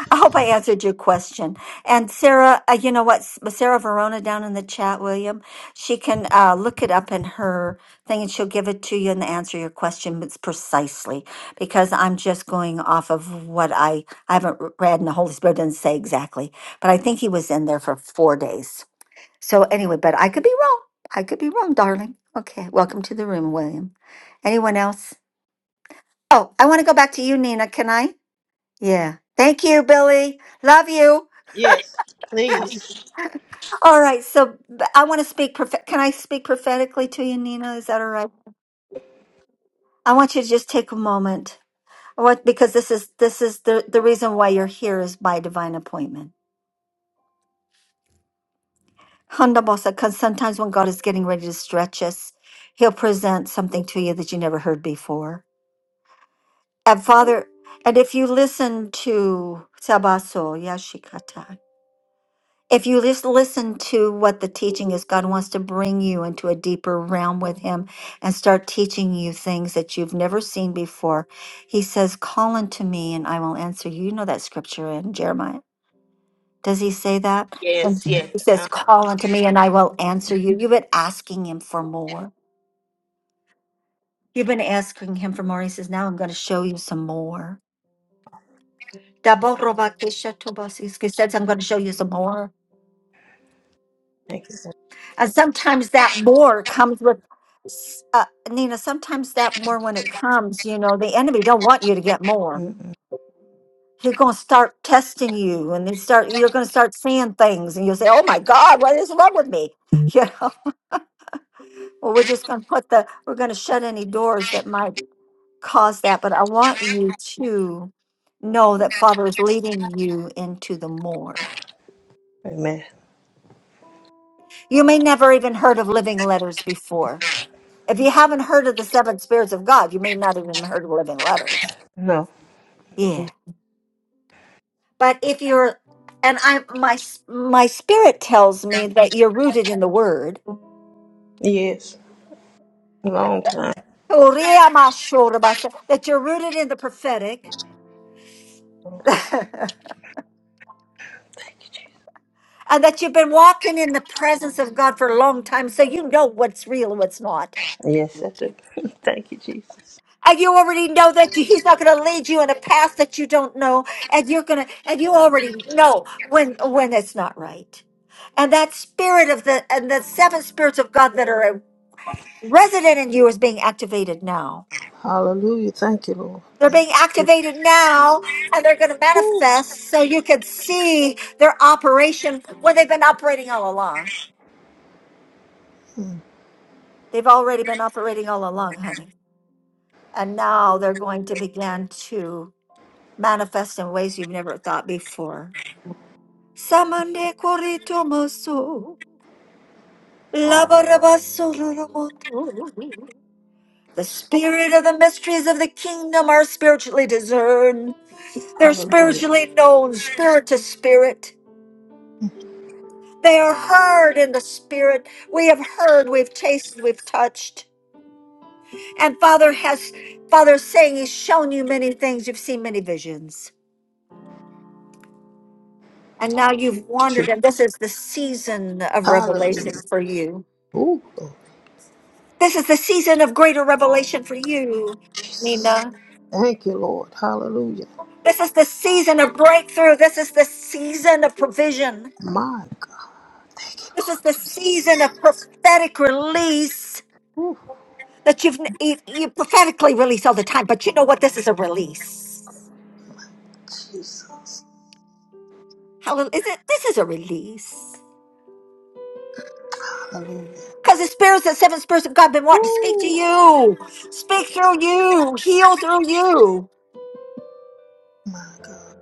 [SPEAKER 1] I hope I answered your question. And Sarah, uh, you know what? S- Sarah Verona down in the chat, William, she can uh, look it up in her thing and she'll give it to you and answer your question. It's precisely because I'm just going off of what I, I haven't r- read and the Holy Spirit didn't say exactly, but I think he was in there for four days. So anyway, but I could be wrong. I could be wrong, darling. Okay, welcome to the room, William. Anyone else? Oh, I want to go back to you, Nina. Can I? Yeah. Thank you, Billy. Love you.
[SPEAKER 9] Yes, please.
[SPEAKER 1] All right. So b- I want to speak. Prof- can I speak prophetically to you, Nina? Is that all right? I want you to just take a moment. What? Because this is this is the the reason why you're here is by divine appointment. Handabosa. Because sometimes when God is getting ready to stretch us, He'll present something to you that you never heard before And Father, and if you listen to Sabaso Yashikata, if you just listen to what the teaching is, God wants to bring you into a deeper realm with Him and start teaching you things that you've never seen before. He says, Call unto me and I will answer you. You know that scripture in Jeremiah. Does he say that? And
[SPEAKER 9] Yes, yes.
[SPEAKER 1] He says,
[SPEAKER 9] Uh,
[SPEAKER 1] Call unto me and I will answer you. You've been asking Him for more. You've been asking Him for more. He says, Now I'm going to show you some more. Daborobakeshatobosis says, I'm going to show you some more.
[SPEAKER 9] thank you. sir.
[SPEAKER 1] And sometimes that more comes with, s- uh, Nina, sometimes that more when it comes, you know, the enemy don't want you to get more.
[SPEAKER 9] Mm-mm.
[SPEAKER 1] He's going to start testing you and they start, you're going to start seeing things and you'll say, oh my God, what is wrong with me? You know, well, we're just going to put the, we're going to shut any doors that might cause that. But I want you to know that Father is leading you into the more.
[SPEAKER 9] Amen.
[SPEAKER 1] You may never even heard of living letters before. If you haven't heard of the seven spirits of God, you may not even heard of living letters.
[SPEAKER 9] No.
[SPEAKER 1] Yeah. But if you're and I my my spirit tells me that you're rooted in the word.
[SPEAKER 9] Yes. Long time.
[SPEAKER 1] That you're rooted in the prophetic. and
[SPEAKER 9] Thank you, Jesus.
[SPEAKER 1] that you've been walking in the presence of God for a long time so you know what's real and what's not.
[SPEAKER 9] Yes, I do. thank you, Jesus.
[SPEAKER 1] And you already know that he's not going to lead you in a path that you don't know. And you're going to, and you already know when, when it's not right. And that spirit of the, and the seven spirits of God that are resident in you is being activated now.
[SPEAKER 9] Hallelujah. Thank you, Lord.
[SPEAKER 1] They're
[SPEAKER 9] Thank
[SPEAKER 1] being activated now and they're going to
[SPEAKER 9] you.
[SPEAKER 1] manifest so you can see their operation when they've been operating all along. They've already been operating all along, honey. And now they're going to begin to manifest in ways you've never thought before. Samande koritomoso, labarabasororomoto. The spirit of the mysteries of the kingdom are spiritually discerned. They're
[SPEAKER 9] Hallelujah.
[SPEAKER 1] spiritually known, spirit to spirit. They are heard in the spirit. We have heard, we've tasted, we've touched. And Father has, Father's saying He's shown you many things. You've seen many visions. And now you've wandered, and this is the season of revelation
[SPEAKER 9] Hallelujah.
[SPEAKER 1] for you.
[SPEAKER 9] Ooh, Lord.
[SPEAKER 1] This is the season of greater revelation for you, Nina.
[SPEAKER 9] Thank you, Lord. Hallelujah.
[SPEAKER 1] This is the season of breakthrough. This is the season of provision.
[SPEAKER 9] My God. Thank you,
[SPEAKER 1] This is
[SPEAKER 9] Lord.
[SPEAKER 1] the season of prophetic release
[SPEAKER 9] Ooh,
[SPEAKER 1] that you've you you prophetically release all the time. But you know what? This is a release.
[SPEAKER 9] Jesus.
[SPEAKER 1] Hallelujah! Is it? This is a release.
[SPEAKER 9] Hallelujah.
[SPEAKER 1] Because the spirits, the seven spirits of God, been wanting to speak to
[SPEAKER 9] Ooh,
[SPEAKER 1] you, speak through you, heal through you.
[SPEAKER 9] my God.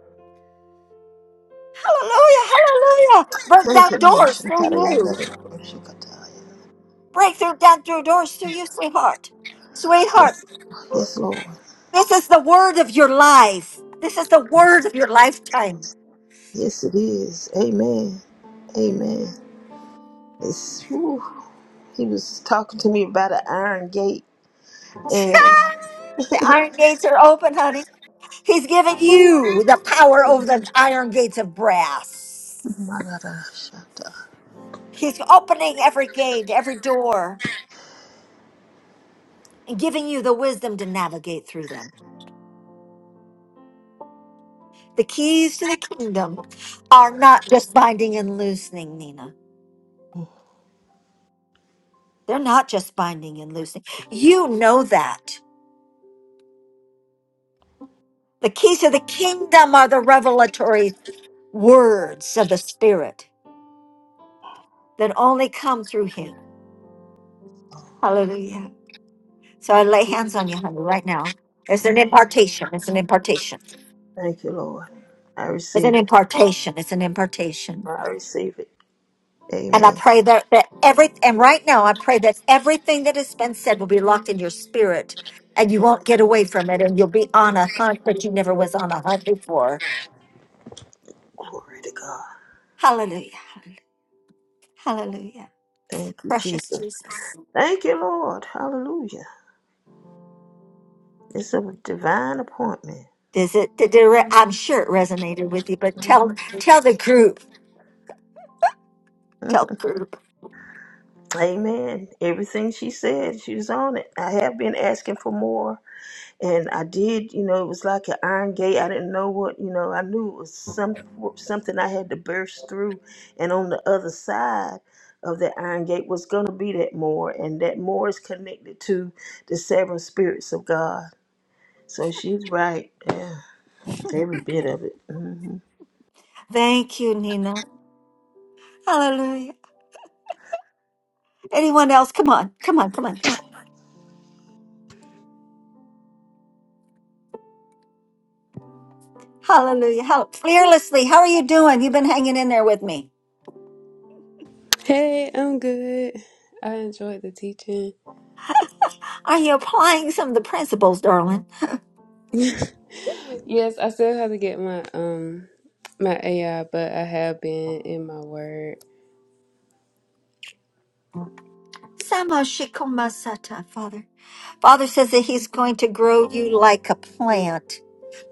[SPEAKER 1] Hallelujah! Hallelujah! Burn down
[SPEAKER 9] Thank you, Lord.
[SPEAKER 1] doors through you.
[SPEAKER 9] Shikarayandarabo, shikataya.
[SPEAKER 1] Breakthrough down through doors to you, sweetheart. Sweetheart,
[SPEAKER 9] Yes, yes, Lord.
[SPEAKER 1] this is the word of your life. This is the word of your lifetime.
[SPEAKER 9] Yes, it is. Amen. Amen. It's, ooh, he was talking to me about an iron gate and
[SPEAKER 1] the iron gates are open, honey. He's giving
[SPEAKER 9] ooh,
[SPEAKER 1] you the power
[SPEAKER 9] it
[SPEAKER 1] over
[SPEAKER 9] was-
[SPEAKER 1] the iron gates of brass.
[SPEAKER 9] my God, I shut up.
[SPEAKER 1] He's opening every gate, every door, and giving you the wisdom to navigate through them. The keys to the kingdom are not just binding and loosening, Nina. They're not just binding and loosening. You know that. The keys of the kingdom are the revelatory words of the Spirit that only come through Him. Hallelujah. So I lay hands on you, honey, right now. It's an
[SPEAKER 9] Amen.
[SPEAKER 1] impartation. It's an impartation.
[SPEAKER 9] Thank you, Lord. I
[SPEAKER 1] It's an
[SPEAKER 9] receive.
[SPEAKER 1] impartation. It's an impartation.
[SPEAKER 9] I receive it.
[SPEAKER 1] And I
[SPEAKER 9] Amen.
[SPEAKER 1] pray that, that every and right now I pray that everything that has been said will be locked in your spirit and you won't get away from it and you'll be on a hunt that you never was on a hunt before.
[SPEAKER 9] Glory to God.
[SPEAKER 1] Hallelujah. Hallelujah.
[SPEAKER 9] Thank you,
[SPEAKER 1] Precious
[SPEAKER 9] Jesus.
[SPEAKER 1] Jesus.
[SPEAKER 9] Thank you, Lord. Hallelujah. It's a divine appointment.
[SPEAKER 1] Does it? Did it re- I'm sure it resonated with you, but tell
[SPEAKER 9] Mhm.
[SPEAKER 1] tell the group. Tell
[SPEAKER 9] Mhm.
[SPEAKER 1] the group.
[SPEAKER 9] Amen. Everything she said, she was on it. I have been asking for more, and I did. You know, it was like an iron gate. I didn't know what. You know, I knew it was some something I had to burst through, and on the other side of that iron gate was going to be that more, and that more is connected to the seven spirits of God. So she's right. Yeah. Every bit of it. Mhm.
[SPEAKER 1] Thank you, Nina. Hallelujah. Anyone else? Come on. Come on. Come on. Come on. Hallelujah. Hall- Fearlessly. How are you doing? You've been hanging in there with me.
[SPEAKER 8] Hey, I'm good. I enjoyed the teaching.
[SPEAKER 1] Are you applying some of the principles, darling?
[SPEAKER 8] yes, I still have to get my um my AI, but I have been in my word.
[SPEAKER 1] Sama Shikoma Sata, Father. Father says that He's going to grow you like a plant,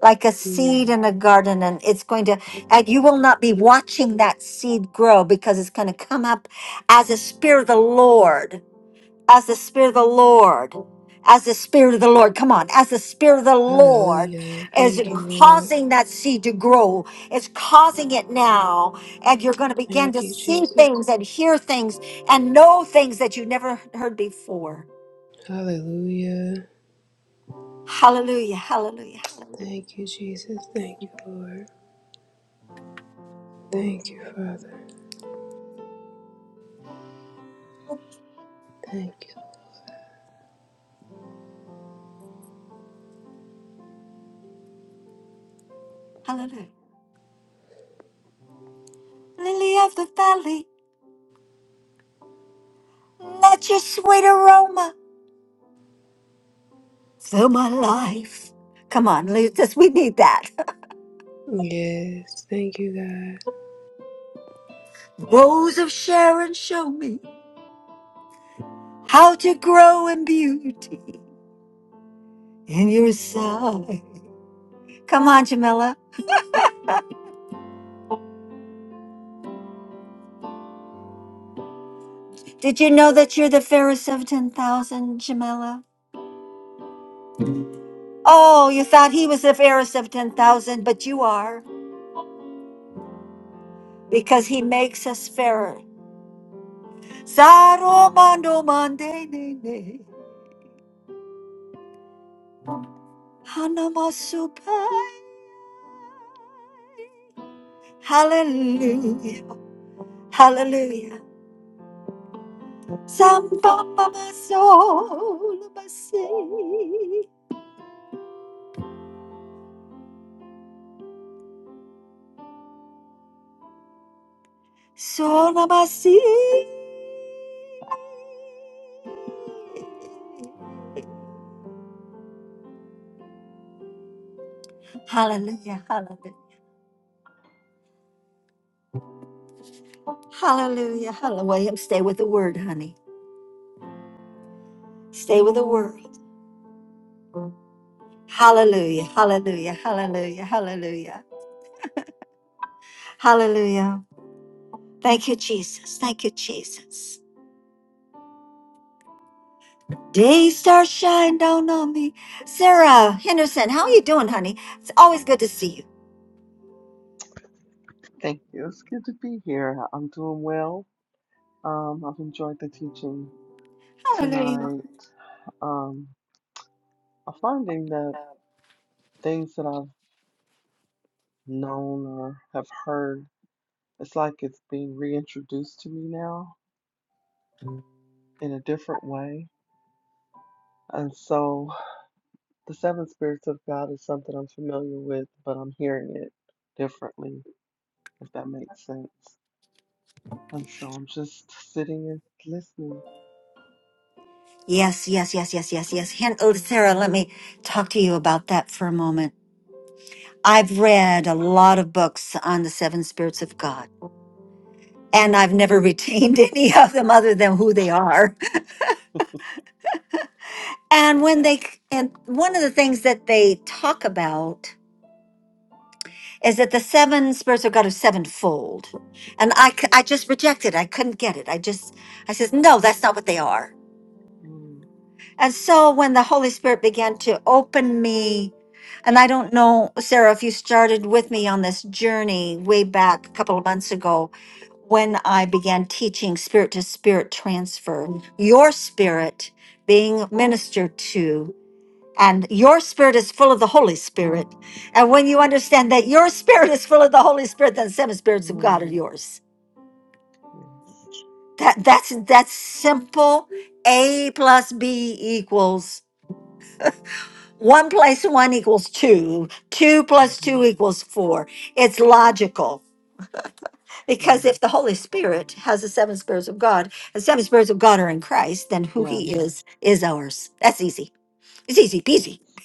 [SPEAKER 1] like a seed
[SPEAKER 8] Mm,
[SPEAKER 1] in a garden, and it's going to, and you will not be watching that seed grow because it's going to come up as the Spirit of the Lord, as the Spirit of the Lord. As the Spirit of the Lord, come on, as the Spirit of the Lord
[SPEAKER 8] hallelujah.
[SPEAKER 1] is
[SPEAKER 8] Thank you, Lord.
[SPEAKER 1] causing that seed to grow, it's causing it now, and you're going to begin to
[SPEAKER 8] Thank you,
[SPEAKER 1] see
[SPEAKER 8] Jesus.
[SPEAKER 1] things and hear things and know things that you never heard before.
[SPEAKER 8] Hallelujah.
[SPEAKER 1] Hallelujah, hallelujah, hallelujah,
[SPEAKER 8] Thank you, Jesus. Thank you, Lord. Thank you, Father. Thank
[SPEAKER 1] hallelujah. Lily of the valley, let your sweet aroma fill my life. Come on, Jesus, we need that.
[SPEAKER 8] you. Yes. Thank you, God.
[SPEAKER 1] Rose of Sharon, show me how to grow in beauty in your sight. Come on, Jamila. Did you know that you're the fairest of 10,000, Jamila? Oh, you thought he was the fairest of 10,000, but you are because he makes us fairer. Saro mande ne ne. Hanamasupai. Hallelujah. Hallelujah. Sambamba soul basi. Sola basi. Hallelujah. Hallelujah. Hallelujah. Hallelujah. William, Stay with the word, honey. Stay with the word. Hallelujah. Hallelujah. Hallelujah. Hallelujah. Hallelujah. Thank you, Jesus. Thank you, Jesus. Day star shine down on me. Sarah Henderson, how are you doing, honey? It's always good to see you.
[SPEAKER 7] thank you. It's good to be here. I'm doing well. Um, I've enjoyed the teaching
[SPEAKER 1] Hallelujah.
[SPEAKER 7] tonight. Um, I'm finding that things that I've known or have heard, it's like it's being reintroduced to me now in a different way. And so the seven spirits of God is something I'm familiar with, but I'm hearing it differently, if that makes sense. And so I'm just sitting and listening.
[SPEAKER 1] Yes, yes, yes, yes, yes, yes. Hen- oh, Sarah, let me talk to you about that for a moment. I've read a lot of books on the seven spirits of God, and I've never retained any of them other than who they are. And
[SPEAKER 7] Yeah.
[SPEAKER 1] when they, and one of the things that they talk about is that the seven spirits of God are sevenfold. And I, c- I just rejected. I couldn't get it. I just, I says, no, that's not what they are.
[SPEAKER 7] Mm,
[SPEAKER 1] And so when the Holy Spirit began to open me, and I don't know, Sarah, if you started with me on this journey way back a couple of months ago when I began teaching spirit to spirit transfer, your spirit being ministered to and your spirit is full of the Holy Spirit. And when you understand that your spirit is full of the Holy Spirit, then the seven spirits of God are
[SPEAKER 7] mm.
[SPEAKER 1] yours.
[SPEAKER 7] Yes.
[SPEAKER 1] That that's that's simple. A plus B equals one plus one equals two. Two plus
[SPEAKER 7] Mm-hmm.
[SPEAKER 1] two equals four. It's logical. Because
[SPEAKER 7] Mm.
[SPEAKER 1] if the Holy Spirit has the seven spirits of God, the seven spirits of God are in Christ, then who he
[SPEAKER 7] Yes.
[SPEAKER 1] is is ours. That's easy. It's easy peasy.
[SPEAKER 7] Yes.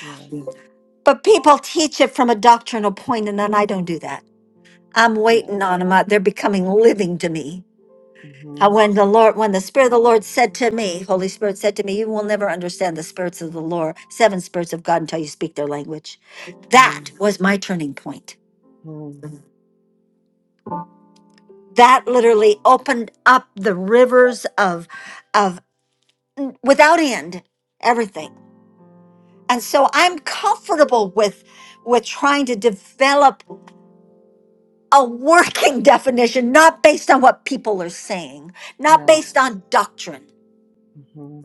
[SPEAKER 7] Yes.
[SPEAKER 1] But people teach it from a doctrinal point, and then I don't do that. I'm
[SPEAKER 7] Yes.
[SPEAKER 1] waiting on them. I- They're becoming living to me.
[SPEAKER 7] Mm-hmm.
[SPEAKER 1] Uh, When the Lord, when the Spirit of the Lord said to me, Holy Spirit said to me, you will never understand the spirits of the Lord, seven spirits of God until you speak their language. That
[SPEAKER 7] Mm-hmm.
[SPEAKER 1] was my turning point.
[SPEAKER 7] Mm.
[SPEAKER 1] That literally opened up the rivers of, of without end, everything. And so I'm comfortable with, with trying to develop a working definition, not based on what people are saying, not based
[SPEAKER 7] Yes.
[SPEAKER 1] on doctrine
[SPEAKER 7] Mm-hmm.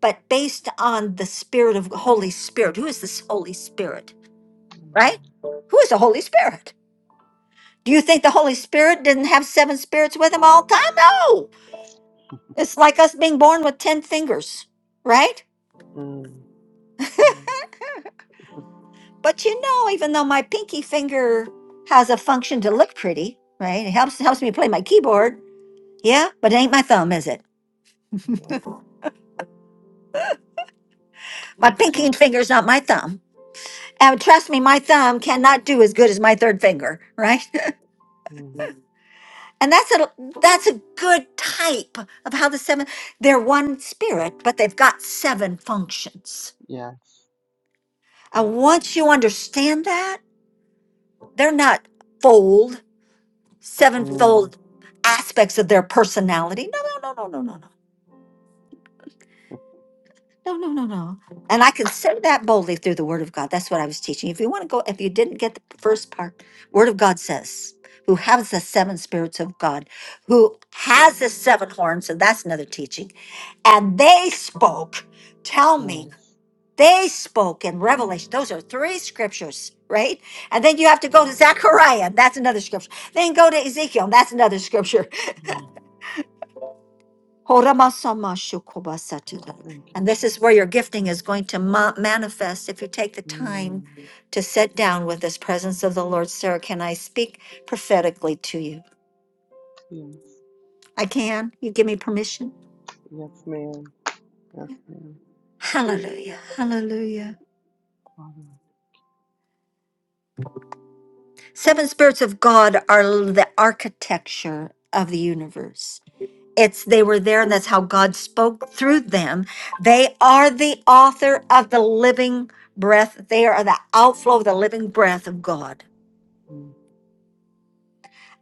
[SPEAKER 1] but based on the spirit of Holy Spirit. Who is this Holy Spirit? Right?
[SPEAKER 7] Mm.
[SPEAKER 1] Who is the Holy Spirit? Do you think the Holy Spirit didn't have seven spirits with him all the time? No. It's like us being born with 10 fingers, right?
[SPEAKER 7] Mm. Yeah.
[SPEAKER 1] But you know, even though my pinky finger has a function to look pretty, right? It helps helps me play my keyboard. Yeah, but it ain't my thumb, is it?
[SPEAKER 7] No.
[SPEAKER 1] My
[SPEAKER 7] Makes
[SPEAKER 1] pinky
[SPEAKER 7] sense.
[SPEAKER 1] finger's not my thumb. And trust me, my thumb cannot do as good as my third finger, right?
[SPEAKER 7] Mm.
[SPEAKER 1] And that's a that's a good type of how the seven they're one spirit, but they've got seven functions.
[SPEAKER 7] Yes. Yes.
[SPEAKER 1] And once you understand that, they're not fold,
[SPEAKER 7] Mm.
[SPEAKER 1] sevenfold aspects of their personality. No, no, no, no, no, no, no. No, no, no, no. And I can say that boldly through the word of God. That's what I was teaching. If you want to go, if you didn't get the first part, word of God says, who has the seven spirits of God, who has the seven horns, and that's another teaching. And they spoke, tell me,
[SPEAKER 7] Yes.
[SPEAKER 1] they spoke in Revelation. Those are three scriptures, right? And then you have to go to Zechariah, that's another scripture. Then go to Ezekiel, that's another scripture.
[SPEAKER 7] Mm. Thank you.
[SPEAKER 1] And this is where your gifting is going to ma- manifest if you take the time
[SPEAKER 7] Mm.
[SPEAKER 1] to sit down with this presence of the Lord. Sarah, can I speak prophetically to you?
[SPEAKER 7] Yes.
[SPEAKER 1] I can. You give me permission?
[SPEAKER 7] Yes, ma'am. Yes, ma'am.
[SPEAKER 1] Hallelujah. Hallelujah.
[SPEAKER 7] Father.
[SPEAKER 1] Seven spirits of God are l- the architecture of the universe. It's they were there, and that's how God spoke through them. They are the author of the living breath. They are the outflow of the living breath of God.
[SPEAKER 7] Mm.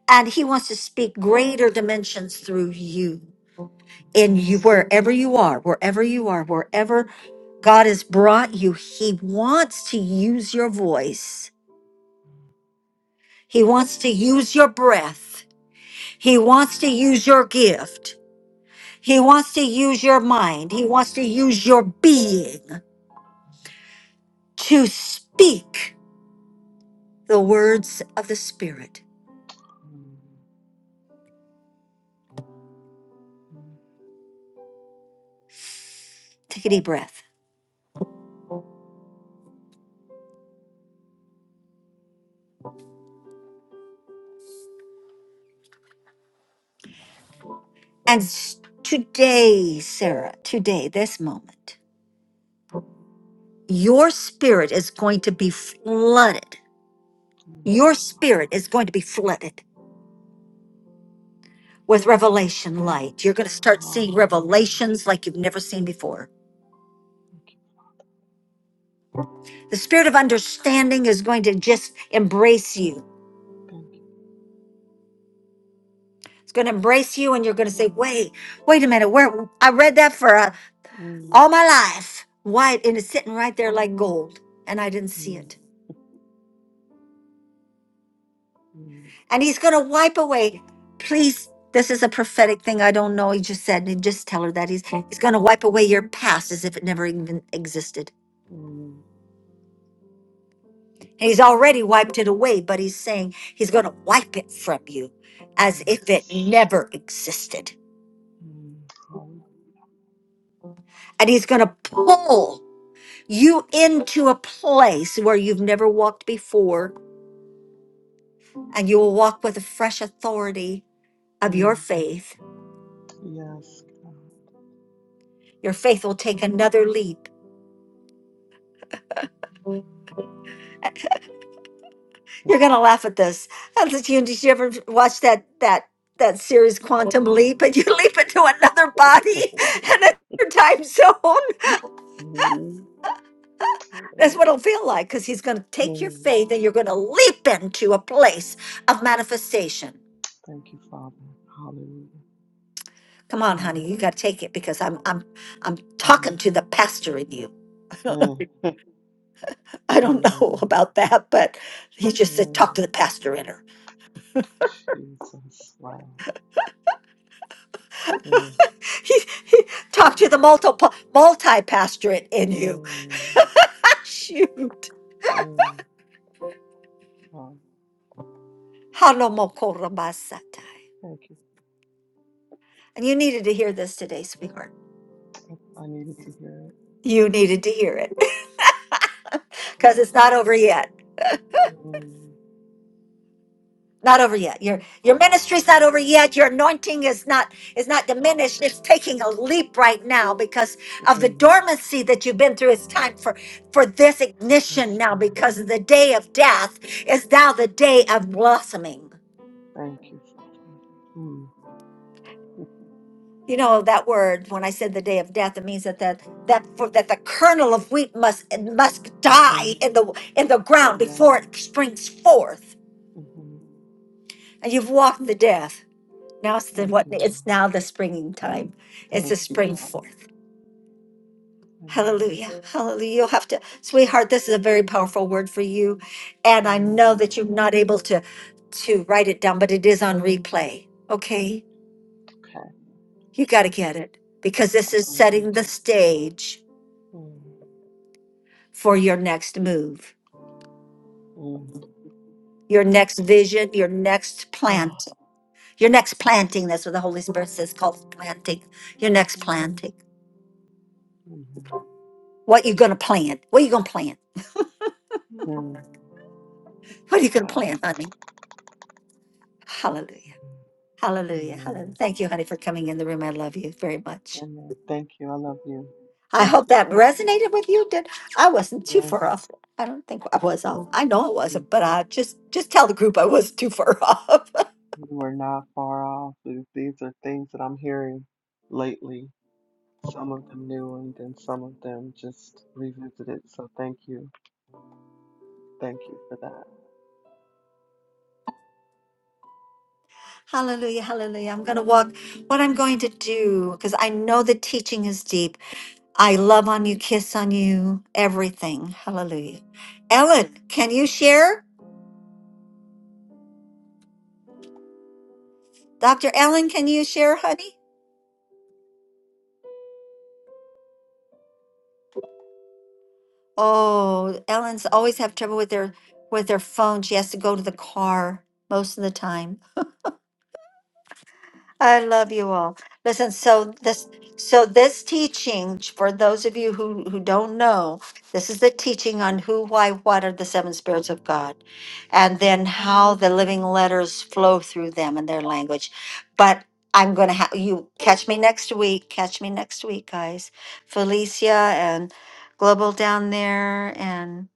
[SPEAKER 1] and he wants to speak greater dimensions through you and
[SPEAKER 7] Yes.
[SPEAKER 1] you wherever you are wherever you are wherever god has brought you he wants to use your voice he wants to use your breath he wants to use your gift he wants to use your mind he wants to use your being to speak the words of the spirit
[SPEAKER 7] Mm. Mm.
[SPEAKER 1] take a deep breath and s- today sarah today this moment
[SPEAKER 7] Mm.
[SPEAKER 1] Your spirit is going to be flooded.
[SPEAKER 7] Thank
[SPEAKER 1] Your
[SPEAKER 7] you.
[SPEAKER 1] spirit is going to be flooded with revelation light. You're going to start seeing
[SPEAKER 7] Hallelujah.
[SPEAKER 1] revelations like you've never seen before.
[SPEAKER 7] Thank you.
[SPEAKER 1] The spirit of understanding is going to just embrace you.
[SPEAKER 7] Thank
[SPEAKER 1] It's going to embrace you, and you're going to say,
[SPEAKER 7] you.
[SPEAKER 1] "Wait, wait a minute. Where I read that for uh,
[SPEAKER 7] Mm.
[SPEAKER 1] all my life. Why? And it's sitting right there like gold, and I didn't see
[SPEAKER 7] Mm.
[SPEAKER 1] it."
[SPEAKER 7] Mm,
[SPEAKER 1] and he's going to wipe away. Please, this is a prophetic thing. I don't know. He just said, and just tell her that he's he's going to wipe away your past as if it never even existed.
[SPEAKER 7] mm,
[SPEAKER 1] And he's already wiped it away, but he's saying he's going to wipe it from you as if it
[SPEAKER 7] yes.
[SPEAKER 1] never existed.
[SPEAKER 7] Mm, hallelujah.
[SPEAKER 1] And he's going to pull you into a place where you've never walked before, and you will walk with a fresh authority of your
[SPEAKER 7] Mm,
[SPEAKER 1] faith.
[SPEAKER 7] yes, God.
[SPEAKER 1] Your faith will take another leap You're gonna laugh at this. I said, "You- Did you ever watch that that that series Quantum Leap? And you leap into another body and another time zone.
[SPEAKER 7] Mm,
[SPEAKER 1] That's
[SPEAKER 7] mm,
[SPEAKER 1] what it'll feel like, because he's gonna take your
[SPEAKER 7] mm.
[SPEAKER 1] faith and you're gonna leap into a place of manifestation.
[SPEAKER 7] Thank you, Father. Hallelujah.
[SPEAKER 1] Come on,
[SPEAKER 7] Mm,
[SPEAKER 1] honey, you gotta take it because I'm I'm I'm
[SPEAKER 7] mm,
[SPEAKER 1] talking to the pastor in you.
[SPEAKER 7] mm.
[SPEAKER 1] I don't
[SPEAKER 7] Mm,
[SPEAKER 1] know about that, but he just said
[SPEAKER 7] mm.
[SPEAKER 1] talk to the pastor in her.
[SPEAKER 7] Jesus. Wow. Mm,
[SPEAKER 1] He, he talk to the multiple multi pastorate in you.
[SPEAKER 7] mm,
[SPEAKER 1] Shoot.
[SPEAKER 7] mm. Wow.
[SPEAKER 1] Hanomokorabasatai.
[SPEAKER 7] Thank you.
[SPEAKER 1] And you needed to hear this today, sweetheart.
[SPEAKER 7] I needed to hear
[SPEAKER 1] You needed to hear it because it's not over yet.
[SPEAKER 7] it. Mm,
[SPEAKER 1] Not over yet. Your your ministry's not over yet. Your anointing is not is not diminished. It's taking a leap right now because of the
[SPEAKER 7] mm.
[SPEAKER 1] dormancy that you've been through. It's time for for this ignition
[SPEAKER 7] Yes,
[SPEAKER 1] now
[SPEAKER 7] God.
[SPEAKER 1] because the day of death is now the day of blossoming.
[SPEAKER 7] Thank you, Father. Mm,
[SPEAKER 1] you know that word when i said the day of death it means that that that for that the kernel of wheat must it must
[SPEAKER 7] mm-hmm.
[SPEAKER 1] die in the in the ground
[SPEAKER 7] Yes.
[SPEAKER 1] before it springs forth
[SPEAKER 7] Mm-hmm.
[SPEAKER 1] and you've walked the death now it's the
[SPEAKER 7] Thank
[SPEAKER 1] what
[SPEAKER 7] you,
[SPEAKER 1] it's
[SPEAKER 7] Lord.
[SPEAKER 1] now the springing time it's the
[SPEAKER 7] Thank you,
[SPEAKER 1] spring
[SPEAKER 7] Lord.
[SPEAKER 1] forth
[SPEAKER 7] Amen.
[SPEAKER 1] hallelujah hallelujah you'll have to sweetheart this is a very powerful word for you and i
[SPEAKER 7] Amen.
[SPEAKER 1] know that you're not able to to write it down but it is on replay okay
[SPEAKER 7] Okay,
[SPEAKER 1] you got to get it because this
[SPEAKER 7] I'm
[SPEAKER 1] is
[SPEAKER 7] gonna get
[SPEAKER 1] setting the
[SPEAKER 7] it.
[SPEAKER 1] stage
[SPEAKER 7] Mm,
[SPEAKER 1] for your next move,
[SPEAKER 7] mm.
[SPEAKER 1] your next vision, your next
[SPEAKER 7] Oh,
[SPEAKER 1] plant, your next planting. That's what the Holy Spirit says called planting. Your next
[SPEAKER 7] mm,
[SPEAKER 1] planting.
[SPEAKER 7] amen.
[SPEAKER 1] What you gonna plant? What you gonna plant?
[SPEAKER 7] Mm,
[SPEAKER 1] What are you gonna
[SPEAKER 7] wow.
[SPEAKER 1] plant, honey? Hallelujah.
[SPEAKER 7] Mm,
[SPEAKER 1] Hallelujah.
[SPEAKER 7] amen.
[SPEAKER 1] Hallelujah. Thank you, honey, for coming in the room. I love you very much.
[SPEAKER 7] Amen. Thank you. I love you.
[SPEAKER 1] I
[SPEAKER 7] Thank
[SPEAKER 1] hope
[SPEAKER 7] you.
[SPEAKER 1] that resonated with you. Did I wasn't too far
[SPEAKER 7] Yes,
[SPEAKER 1] off. I don't think I was off. I know I
[SPEAKER 7] we
[SPEAKER 1] wasn't, but I just just tell the group I was too far off.
[SPEAKER 7] we were not far off. These these are things that I'm hearing lately. Some of them new, and then some of them just revisited. So thank you. Thank you for that.
[SPEAKER 1] Hallelujah, hallelujah. I'm going to walk. What I'm going to do, because I know the teaching is deep. I love on you, kiss on you, everything. Hallelujah. Ellen, can you share? Dr. Ellen, can you share, honey? Oh, Ellen's always have trouble with their with their phone. She has to go to the car most of the time. I love you all. Listen, so this so this teaching for those of you who who don't know, this is the teaching on who, why, what are the seven spirits of God, and then how the living letters flow through them and their language. But I'm gonna have you catch me next week. Catch me next week, guys. Felicia and Global down there, and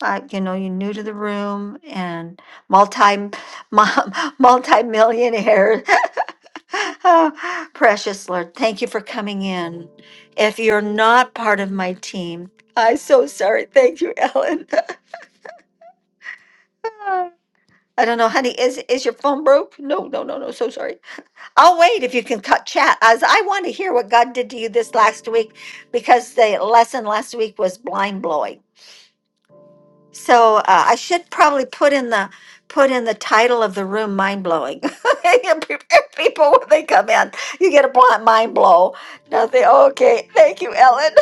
[SPEAKER 1] uh, you know you're new to the room, and multi multi millionaire Oh, precious Lord, thank you for coming in. If you're not part of my team, I'm so sorry. Thank you, Ellen. I don't know, honey. Is is your phone broke? No, no, no, no. So sorry. I'll wait if you can cut chat. As I want to hear what God did to you this last week, because the lesson last week was blind blowing. So uh, I should probably put in the put in the title of the room "Mind Blowing." People when they come in, you get a blunt mind blow. Nothing. Okay, thank you, Ellen.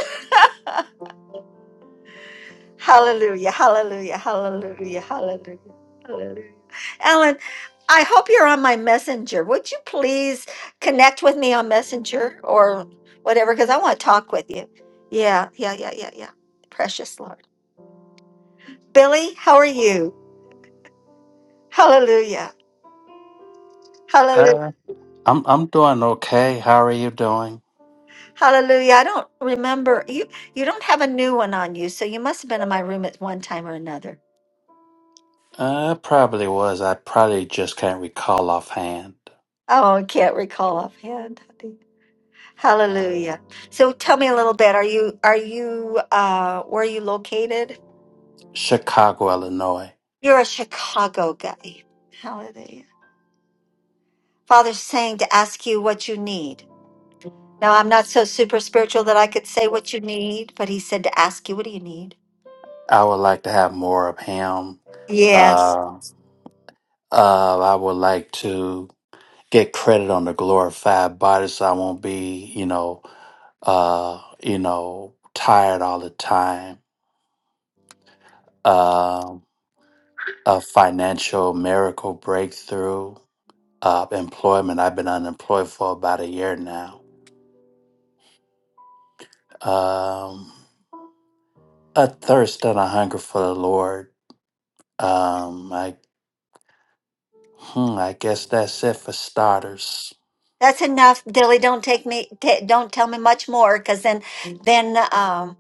[SPEAKER 1] hallelujah! Hallelujah! Hallelujah! Hallelujah! Hallelujah! Ellen, I hope you're on my messenger. Would you please connect with me on Messenger or whatever? Because I want to talk with you. Yeah, yeah, yeah, yeah, yeah. Precious Lord, Billy, how are you? Hallelujah. Hallelujah.
[SPEAKER 11] Uh, I'm I'm doing okay. How are you doing?
[SPEAKER 1] Hallelujah. I don't remember you you don't have a new one on you, so you must have been in my room at one time or another.
[SPEAKER 11] Uh, it probably was. I probably just can't recall offhand.
[SPEAKER 1] Oh, I can't recall offhand. honey. Hallelujah. So tell me a little bit. Are you are you uh where are you located?
[SPEAKER 11] Chicago, Illinois.
[SPEAKER 1] You're a Chicago guy. Hallelujah. Father's saying to ask you what you need. Now I'm not so super spiritual that I could say what you need, but he said to ask you what do you need?
[SPEAKER 11] I would like to have more of him.
[SPEAKER 1] Yes.
[SPEAKER 11] Uh, uh, I would like to get credit on the glorified body, so I won't be, you know, uh, you know, tired all the time. Um, a financial miracle breakthrough. Uh, employment. I've been unemployed for about a year now um, a thirst and a hunger for the Lord. Um, I, hmm, I guess that's it for starters.
[SPEAKER 1] That's enough, Dilly. Don't take me. ta don't tell me much more, because then, then, um,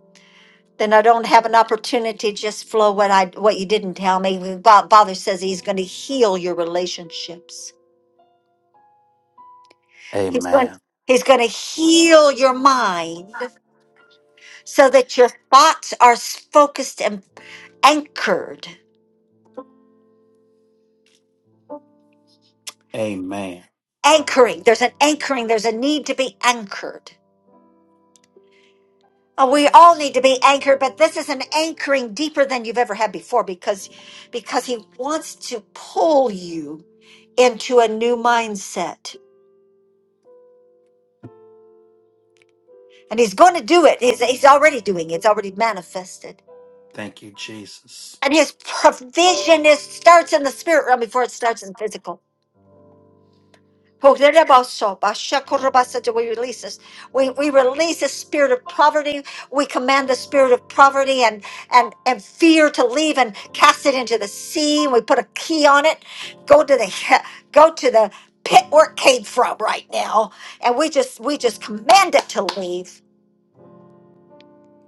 [SPEAKER 1] then I don't have an opportunity to just flow what I what you didn't tell me. Bo- Father says he's going to heal your relationships. He's going.
[SPEAKER 11] Amen.
[SPEAKER 1] He's going to heal your mind so that your thoughts are s- focused and anchored.
[SPEAKER 11] Amen.
[SPEAKER 1] Anchoring. There's an anchoring. There's a need to be anchored Oh, we all need to be anchored, but this is an anchoring deeper than you've ever had before because because he wants to pull you into a new mindset. And he's going to do it. He's, he's already doing it. It's already manifested.
[SPEAKER 11] Thank you, Jesus.
[SPEAKER 1] And his provision is starts in the spirit realm before it starts in physical. Horerebaso, bashakorobasa, We release this. We, we release the spirit of poverty. We command the spirit of poverty and, and, and fear to leave and cast it into the sea. We put a key on it. Go to the go to the pit where it came from right now. And we just we just command it to leave.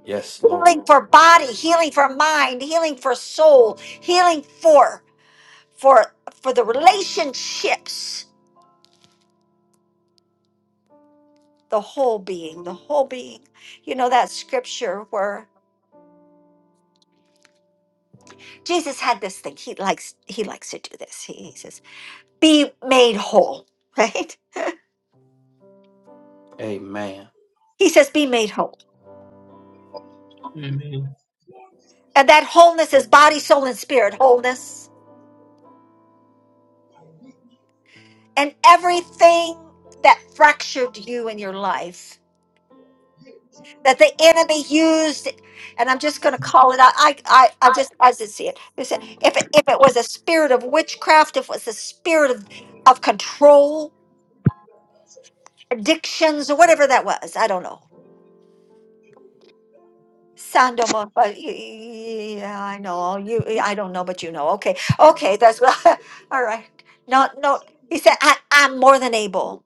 [SPEAKER 11] Yes,
[SPEAKER 1] Healing
[SPEAKER 11] Lord.
[SPEAKER 1] for body, healing for mind, healing for soul, healing for for for the relationships the whole being, the whole being. You know that scripture where Jesus had this thing. He likes he likes to do this. He, he says, "Be made whole," right?
[SPEAKER 11] Amen.
[SPEAKER 1] He says, "Be made whole,"
[SPEAKER 12] Amen.
[SPEAKER 1] and that wholeness is body, soul, and spirit wholeness, and everything that fractured you in your life that the enemy used. And I'm just going to call it out. I, I, I just as I just see it. They said, if it, if it was a spirit of witchcraft, if it was a spirit of of control, addictions or whatever that was. I don't know. Sandomo, but yeah, I know you. I don't know, but you know. Okay, okay, that's what. all right. No, no. He said, I, "I'm more than able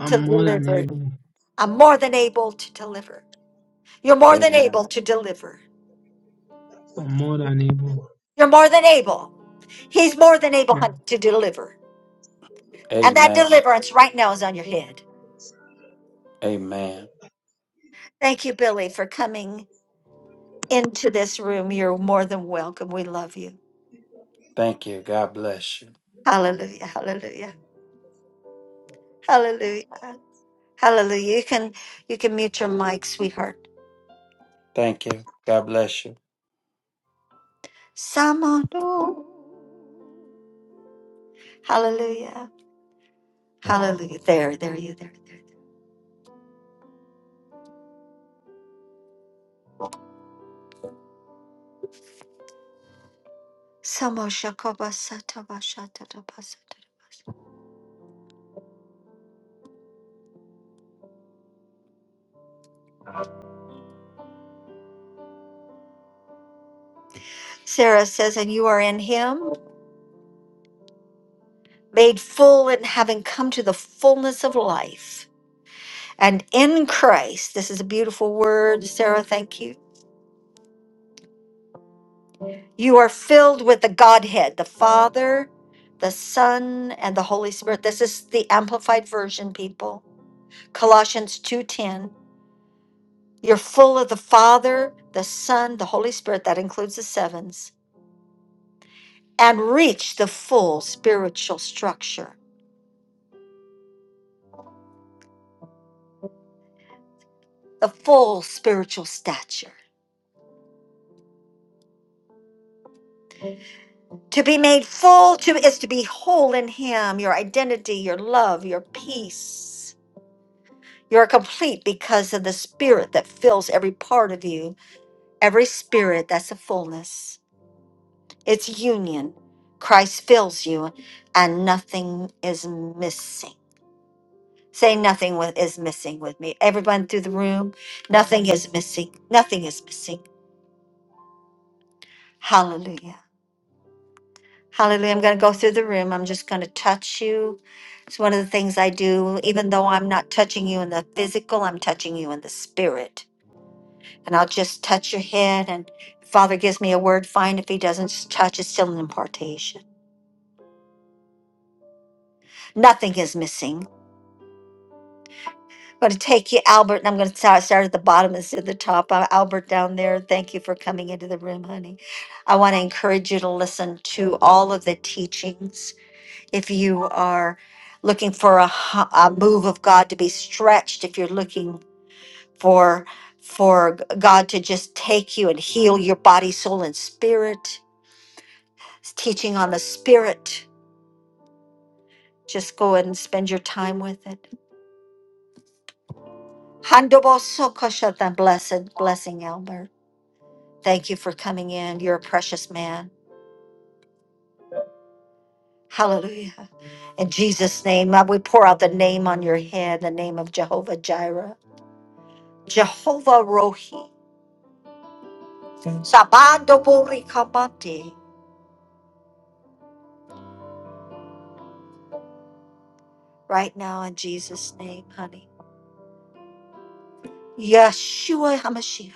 [SPEAKER 12] I'm
[SPEAKER 1] to
[SPEAKER 12] more than
[SPEAKER 1] deliver.
[SPEAKER 12] able.
[SPEAKER 1] I'm more than able to deliver. You're more than
[SPEAKER 11] Amen.
[SPEAKER 1] able to deliver.
[SPEAKER 12] I'm more than able.
[SPEAKER 1] You're more than able. He's more than able
[SPEAKER 12] Yeah.
[SPEAKER 1] hun- to deliver, and that
[SPEAKER 11] Amen.
[SPEAKER 1] deliverance right now is on your head.
[SPEAKER 11] Amen.
[SPEAKER 1] Thank you, Billy, for coming into this room. You're more than welcome. We love you.
[SPEAKER 11] Thank you. God bless you.
[SPEAKER 1] Hallelujah. Hallelujah. Hallelujah. Hallelujah. You can you can mute your mic, sweetheart.
[SPEAKER 11] Thank you. God bless you.
[SPEAKER 1] Samano. Hallelujah. Hallelujah. There, there you there, there. Samo shakoba sataba shatata basata. Sarah says, and you are in him, made full and having come to the fullness of life. And in Christ, this is a beautiful word, Sarah, thank you. You are filled with the Godhead, the Father, the Son, and the Holy Spirit. This is the amplified version, people Colossians 2:10, you're full of the Father, the Son, the Holy Spirit that includes the sevens and reach the full spiritual structure, the full spiritual stature. To be made full to is to be whole in him, your identity, your love, your peace. You're complete because of the spirit that fills every part of you. Every spirit, that's a fullness. It's union. Christ fills you and nothing is missing. Say nothing with, is missing with me. Everyone through the room, nothing is missing. Nothing is missing. Hallelujah. Hallelujah. I'm going to go through the room. I'm just going to touch you. It's one of the things I do. Even though I'm not touching you in the physical, I'm touching you in the spirit. And I'll just touch your head. And Father gives me a word, fine. If he doesn't just touch, it's still an impartation. Nothing is missing. going to take you, Albert, and I'm going to start, start at the bottom instead of the top. Uh, Albert down there, thank you for coming into the room, honey. I want to encourage you to listen to all of the teachings. If you are looking for a, hu- a move of God to be stretched, if you're looking for for God to just take you and heal your body, soul, and spirit, teaching on the spirit, just go ahead and spend your time with it. Handobo Blessed blessing, Albert. Thank you for coming in. You're a precious man. Hallelujah. In Jesus' name, Lord, we pour out the name on your head, the name of Jehovah Jireh, Jehovah Rohi, Sabando Bori Kabati. Right now, in Jesus' name, honey. Yeshua HaMashiach.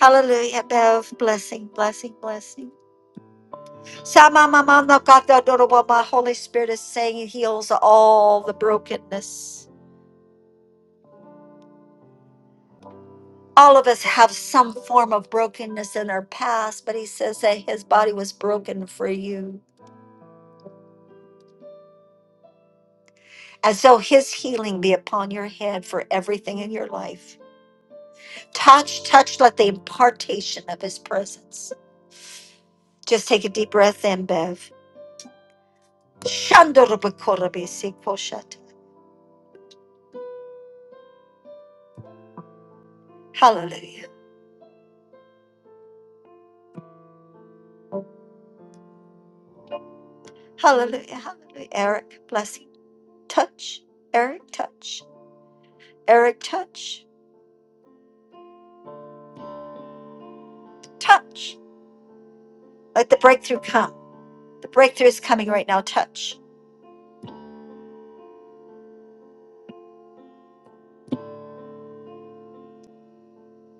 [SPEAKER 1] Hallelujah, Bev. Blessing, blessing, blessing. Sama mama no kata doroba. Holy Spirit is saying He heals all the brokenness. all of us have some form of brokenness in our past, but he says that his body was broken for you. And so his healing be upon your head for everything in your life. Touch, touch, let the impartation of his presence. Just take a deep breath in, Bev. Shandorobakorabisikoshata. Hallelujah. Hallelujah. Hallelujah. Eric, blessing. Touch. Eric, touch. Eric, touch. Touch. Let the breakthrough come. The breakthrough is coming right now. Touch.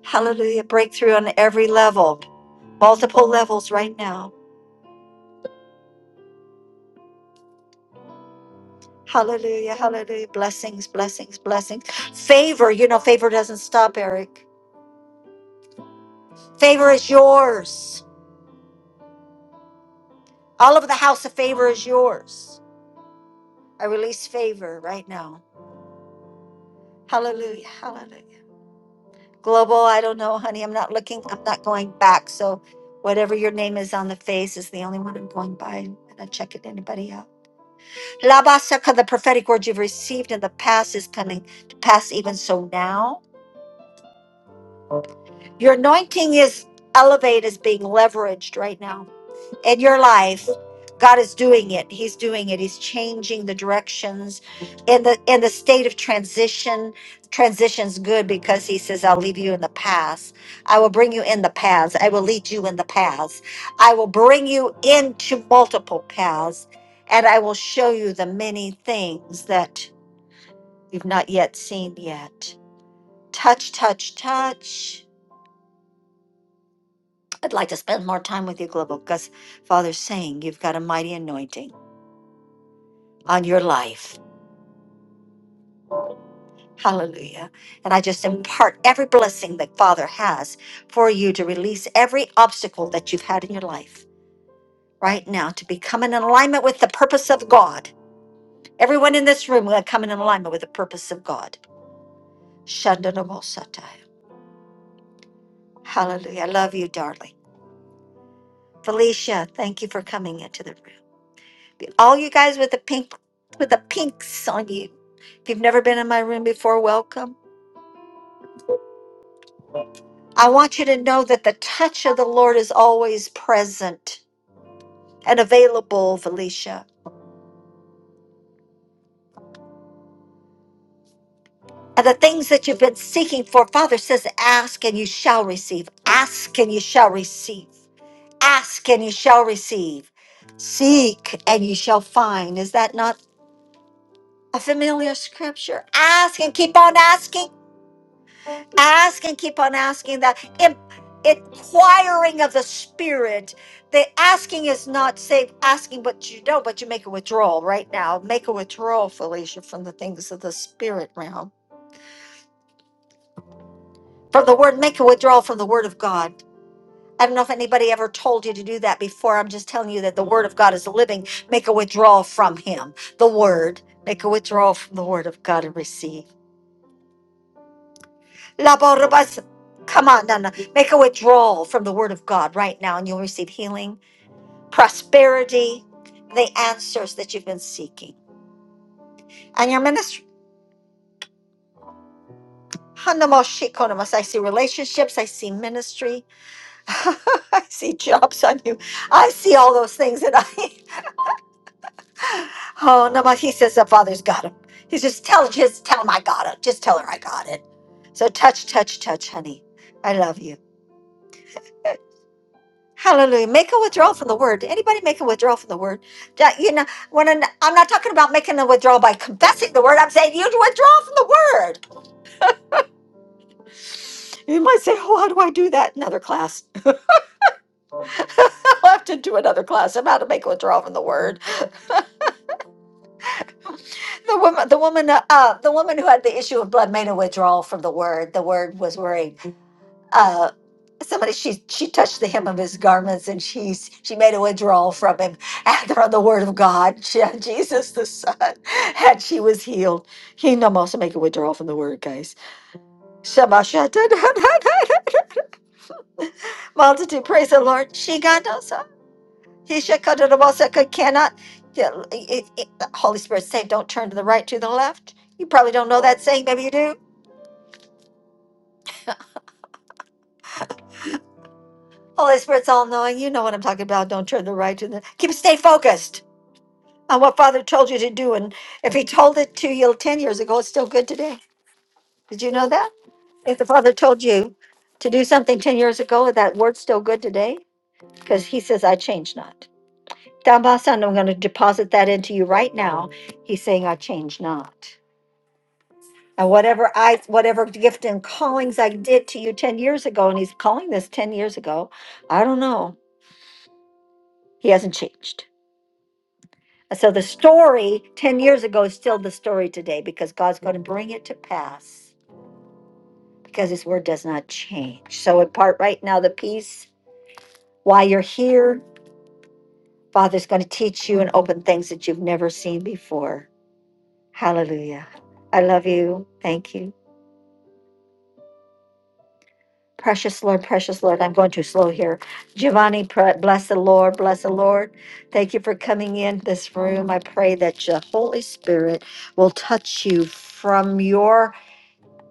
[SPEAKER 1] Hallelujah. Breakthrough on every level, multiple levels right now. Hallelujah. Hallelujah. Blessings, blessings, blessings. Favor, you know, favor doesn't stop, Eric. Favor is yours. All of the house of favor is yours. I release favor right now. Hallelujah. Hallelujah. Global, I don't know, honey. I'm not looking, I'm not going back. So whatever your name is on the face is the only one I'm going by. I'm not checking anybody out. Labasaka, the prophetic word you've received in the past is coming to pass even so now. Your anointing is elevate is being leveraged right now in your life. God is doing it. He's doing it. He's changing the directions in the in the state of transition. Transition's good because he says, I'll leave you in the paths. I will bring you in the paths. I will lead you in the paths. I will bring you into multiple paths. And I will show you the many things that You've not yet seen yet. Touch, touch, touch. I'd like to spend more time with you, Global, because Father's saying you've got a mighty anointing on your life. Hallelujah. And I just impart every blessing that Father has for you to release every obstacle that you've had in your life right now to become in alignment with the purpose of God. Everyone in this room will come in alignment with the purpose of God. Shandanamosatai. Hallelujah. I love you, darling. Felicia, thank you for coming into the room. All you guys with the pink with the pinks on you. If you've never been in my room before, welcome. I want you to know that the touch of the Lord is always present and available, Felicia. And the things that you've been seeking for, Father says, ask and you shall receive. Ask and you shall receive. Ask and you shall receive. Seek and you shall find. Is that not a familiar scripture? Ask and keep on asking ask and keep on asking that in- inquiring of the spirit the asking is not safe asking but you don't. but you make a withdrawal right now make a withdrawal felicia from the things of the spirit realm from the word make a withdrawal from the word of god i don't know if anybody ever told you to do that before i'm just telling you that the word of god is living make a withdrawal from him the word make a withdrawal from the word of god and receive Laborabas. Come on, Nana. Make a withdrawal from the word of God right now, and you'll receive healing, prosperity, the answers that you've been seeking. And your ministry. Hanamoshikonomas. I see relationships. I see ministry. I see jobs on you. I see all those things. that I, oh, no, but he says the Father's got him. He's just tell, just tell him I got it. Just tell her I got it. So touch, touch, touch, honey. I love you. Hallelujah. Make a withdrawal from the word. Anybody make a withdrawal from the word? That- You know, when I'm, I'm not talking about making a withdrawal by confessing the word, I'm saying you withdraw from the word. You might say, Oh, how do I do that? Another class. I'll have to do another class about how to make a withdrawal from the word. The woman, the woman, uh, uh, the woman who had the issue of blood made a withdrawal from the word. The word was worrying. uh, somebody she she touched the hem of his garments and she's she made a withdrawal from him and from the word of God, Je- Jesus the Son, and she was healed. Kingdom also make a withdrawal from the word, guys. Shema shata- Multitude, praise the Lord. She got also. He shakadadabasaka cannot. the- it- it- the Holy Spirit say, don't turn to the right, to the left. You probably don't know that saying. Maybe you do. Holy Spirit's all knowing. You know what I'm talking about. Don't turn to the right, to the. Keep stay focused. on what Father told you to do. And if He told it to you 10 years ago, it's still good today. Did you know that? If the Father told you to do something 10 years ago, that word's still good today because He says, I change not. Dambasan, I'm going to deposit that into you right now. He's saying, I change not. And whatever I, whatever gift and callings I did to you 10 years ago, and he's calling this 10 years ago, I don't know. He hasn't changed. And So the story 10 years ago is still the story today because God's going to bring it to pass. because his word does not change. So, impart right now the peace while you're here. Father's going to teach you and open things that you've never seen before. Hallelujah. I love you. Thank you. Precious Lord, precious Lord. I'm going too slow here. Giovanni, pr- bless the Lord, bless the Lord. Thank you for coming in this room. I pray that your Holy Spirit will touch you from your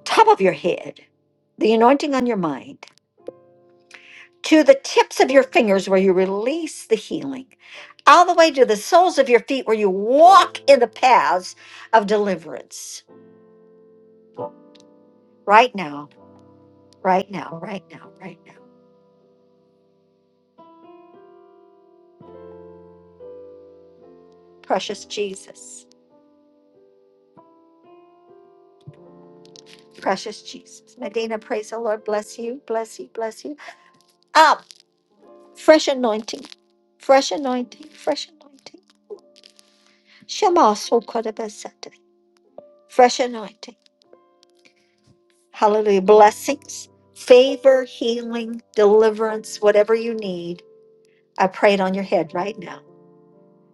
[SPEAKER 1] top of your head, the anointing on your mind to the tips of your fingers where you release the healing, all the way to the soles of your feet where you walk in the paths of deliverance. Right now, right now, right now, right now. Precious Jesus, precious Jesus. Medina, praise the Lord. Bless you, bless you, bless you. Up, fresh anointing, fresh anointing, fresh anointing. Shema Sokodabasata, fresh anointing. Hallelujah. Blessings, favor, healing, deliverance, whatever you need I pray it on your head right now.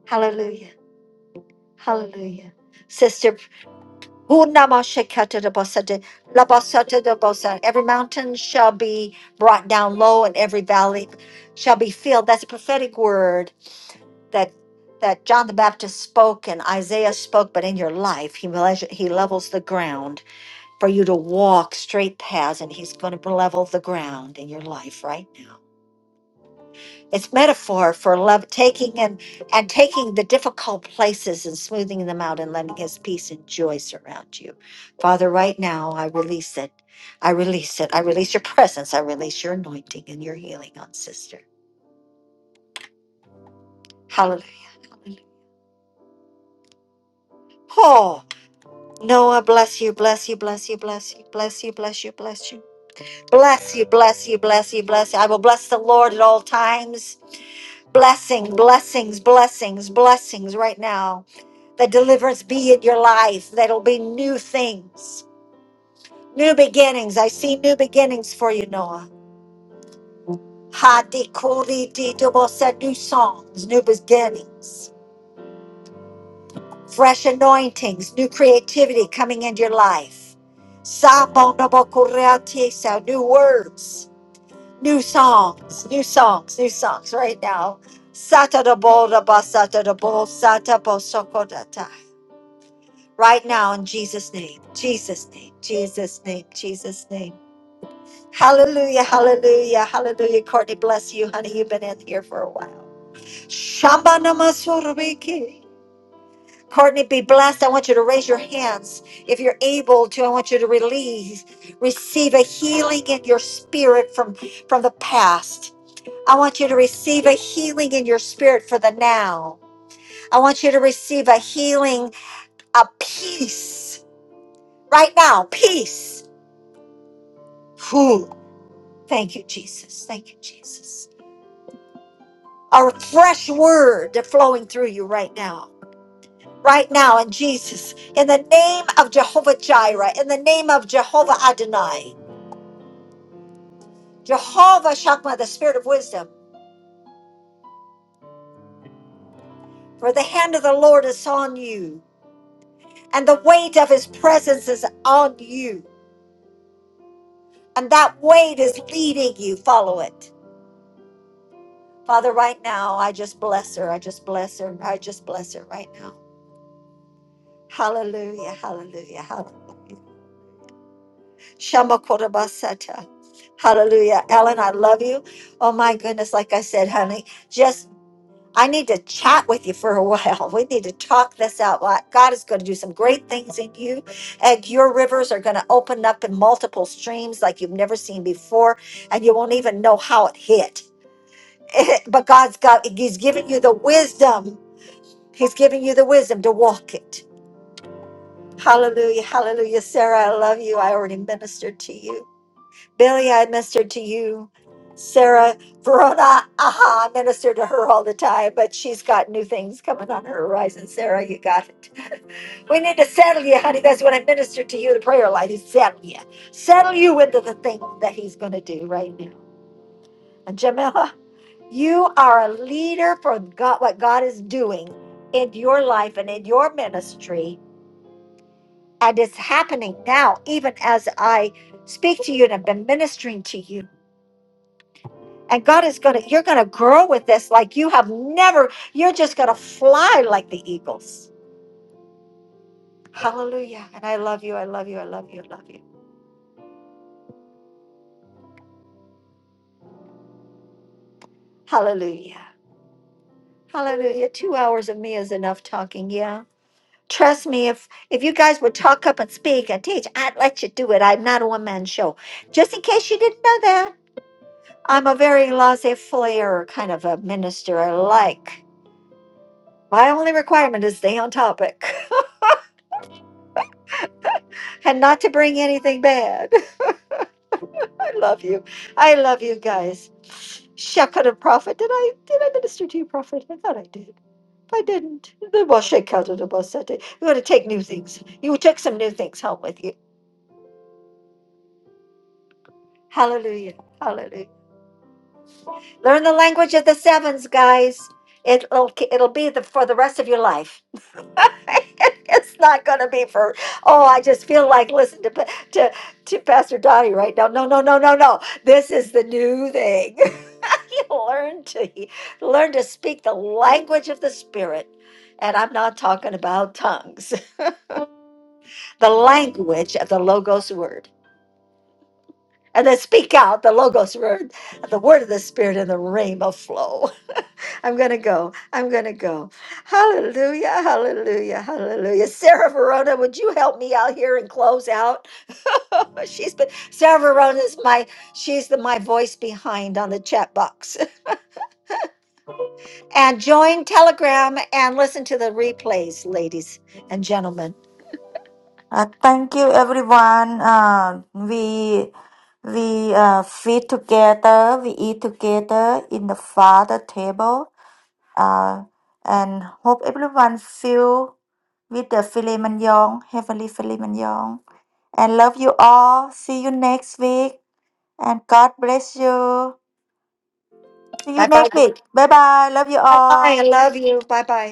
[SPEAKER 1] Hallelujah. Hallelujah. Sister, every mountain shall be brought down low and every valley shall be filled. That's a prophetic word that that John the Baptist spoke and Isaiah spoke, but in your life, he, measure- he levels the ground for you to walk straight paths, and he's going to level the ground in your life right now. It's metaphor for love taking and and taking the difficult places and smoothing them out and letting his peace and joy surround you. Father, right now I release it. I release it. I release your presence. I release your anointing and your healing on sister. Hallelujah. Hallelujah. Oh, Noah, bless you, bless you, bless you, bless you, bless you, bless you, bless you. Bless you, bless you, bless you, bless you. I will bless the Lord at all times. Blessing, blessings, blessings, blessings right now. That deliverance be in your life. That'll be new things, new beginnings. I see new beginnings for you, Noah. Ha di kuri di double said new songs, new beginnings, fresh anointings, new creativity coming into your life. Sabo double kurea tisa, New words, new songs, new songs, new songs right now. Sata double double sata double sata bo sokodata. right now in Jesus' name. Jesus' name. Jesus' name. Jesus' name. Hallelujah. Hallelujah. Hallelujah. Courtney, bless you, honey. You've been in here for a while. Shamba Shambanamasuriki. Courtney, be blessed. I want you to raise your hands. If you're able to, I want you to release, receive a healing in your spirit from, from the past. I want you to receive a healing in your spirit for the now. I want you to receive a healing, a peace right now. Peace. Whew. Thank you, Jesus. Thank you, Jesus. A fresh word flowing through you right now. Right now, in Jesus, in the name of Jehovah Jireh, in the name of Jehovah Adonai, Jehovah Shakma, the spirit of wisdom, for the hand of the Lord is on you, and the weight of his presence is on you, and that weight is leading you. Follow it. Father, right now, I just bless her. I just bless her. I just bless her right now. Hallelujah, hallelujah, hallelujah. Shamakorabasata. Hallelujah. Ellen, I love you. Oh my goodness, like I said, honey, just I need to chat with you for a while. We need to talk this out. Like, God is going to do some great things in you, and your rivers are going to open up in multiple streams like you've never seen before, and you won't even know how it hit. but God's got, He's giving you the wisdom. He's giving you the wisdom to walk it. Hallelujah. Hallelujah. Sarah, I love you. I already ministered to you. Billy, I ministered to you. Sarah Verona, aha, I minister to her all the time, but she's got new things coming on her horizon. Sarah, you got it. We need to settle you, honey. That's what I ministered to you, the prayer life is settle you. Settle you into the thing that he's going to do right now. And Jamila, you are a leader for God, what God is doing in your life and in your ministry. And it's happening now, even as I speak to you and I've been ministering to you. And God is going to, you're going to grow with this like you have never, you're just going to fly like the eagles. Hallelujah. And I love you. I love you. I love you. I love you. Hallelujah. Hallelujah. Two hours of me is enough talking. Yeah. Trust me, if if you guys would talk up and speak and teach, I'd let you do it. I'm not a one man show. Just in case you didn't know that, I'm a very laissez faire kind of a minister. I like. My only requirement is stay on topic and not to bring anything bad. I love you. I love you guys. Shakara prophet. Did I did I minister to you, prophet? I thought I did. If I didn't, then we'll shake out of the bus that day. You're gonna take new things. You took some new things home with you. Hallelujah. Hallelujah. Learn the language of the sevens, guys. It'll it'll be the, for the rest of your life. it's not going to be for oh i just feel like listen to Pa- to to pastor donnie right now no no no no no this is the new thing you learn to learn to speak the language of the spirit and i'm not talking about tongues the language of the logos word and then speak out the logos word the word of the spirit in the rainbow flow I'm going to go. I'm going to go. Hallelujah. Hallelujah. Hallelujah. Sarah Verona, would you help me out here and close out? she's been Sarah Verona is my she's the my voice behind on the chat box. and join Telegram and listen to the replays, ladies and gentlemen.
[SPEAKER 4] Uh, thank you, everyone. Uh, we we uh, feed together, we eat together in the Father table, uh, and hope everyone feel with the filet mignon, heavenly filet mignon. And love you all. See you next week. And God bless you. See you
[SPEAKER 1] Bye-bye.
[SPEAKER 4] next week. Bye bye. Love you
[SPEAKER 1] Bye-bye.
[SPEAKER 4] all.
[SPEAKER 1] I love you. Bye-bye.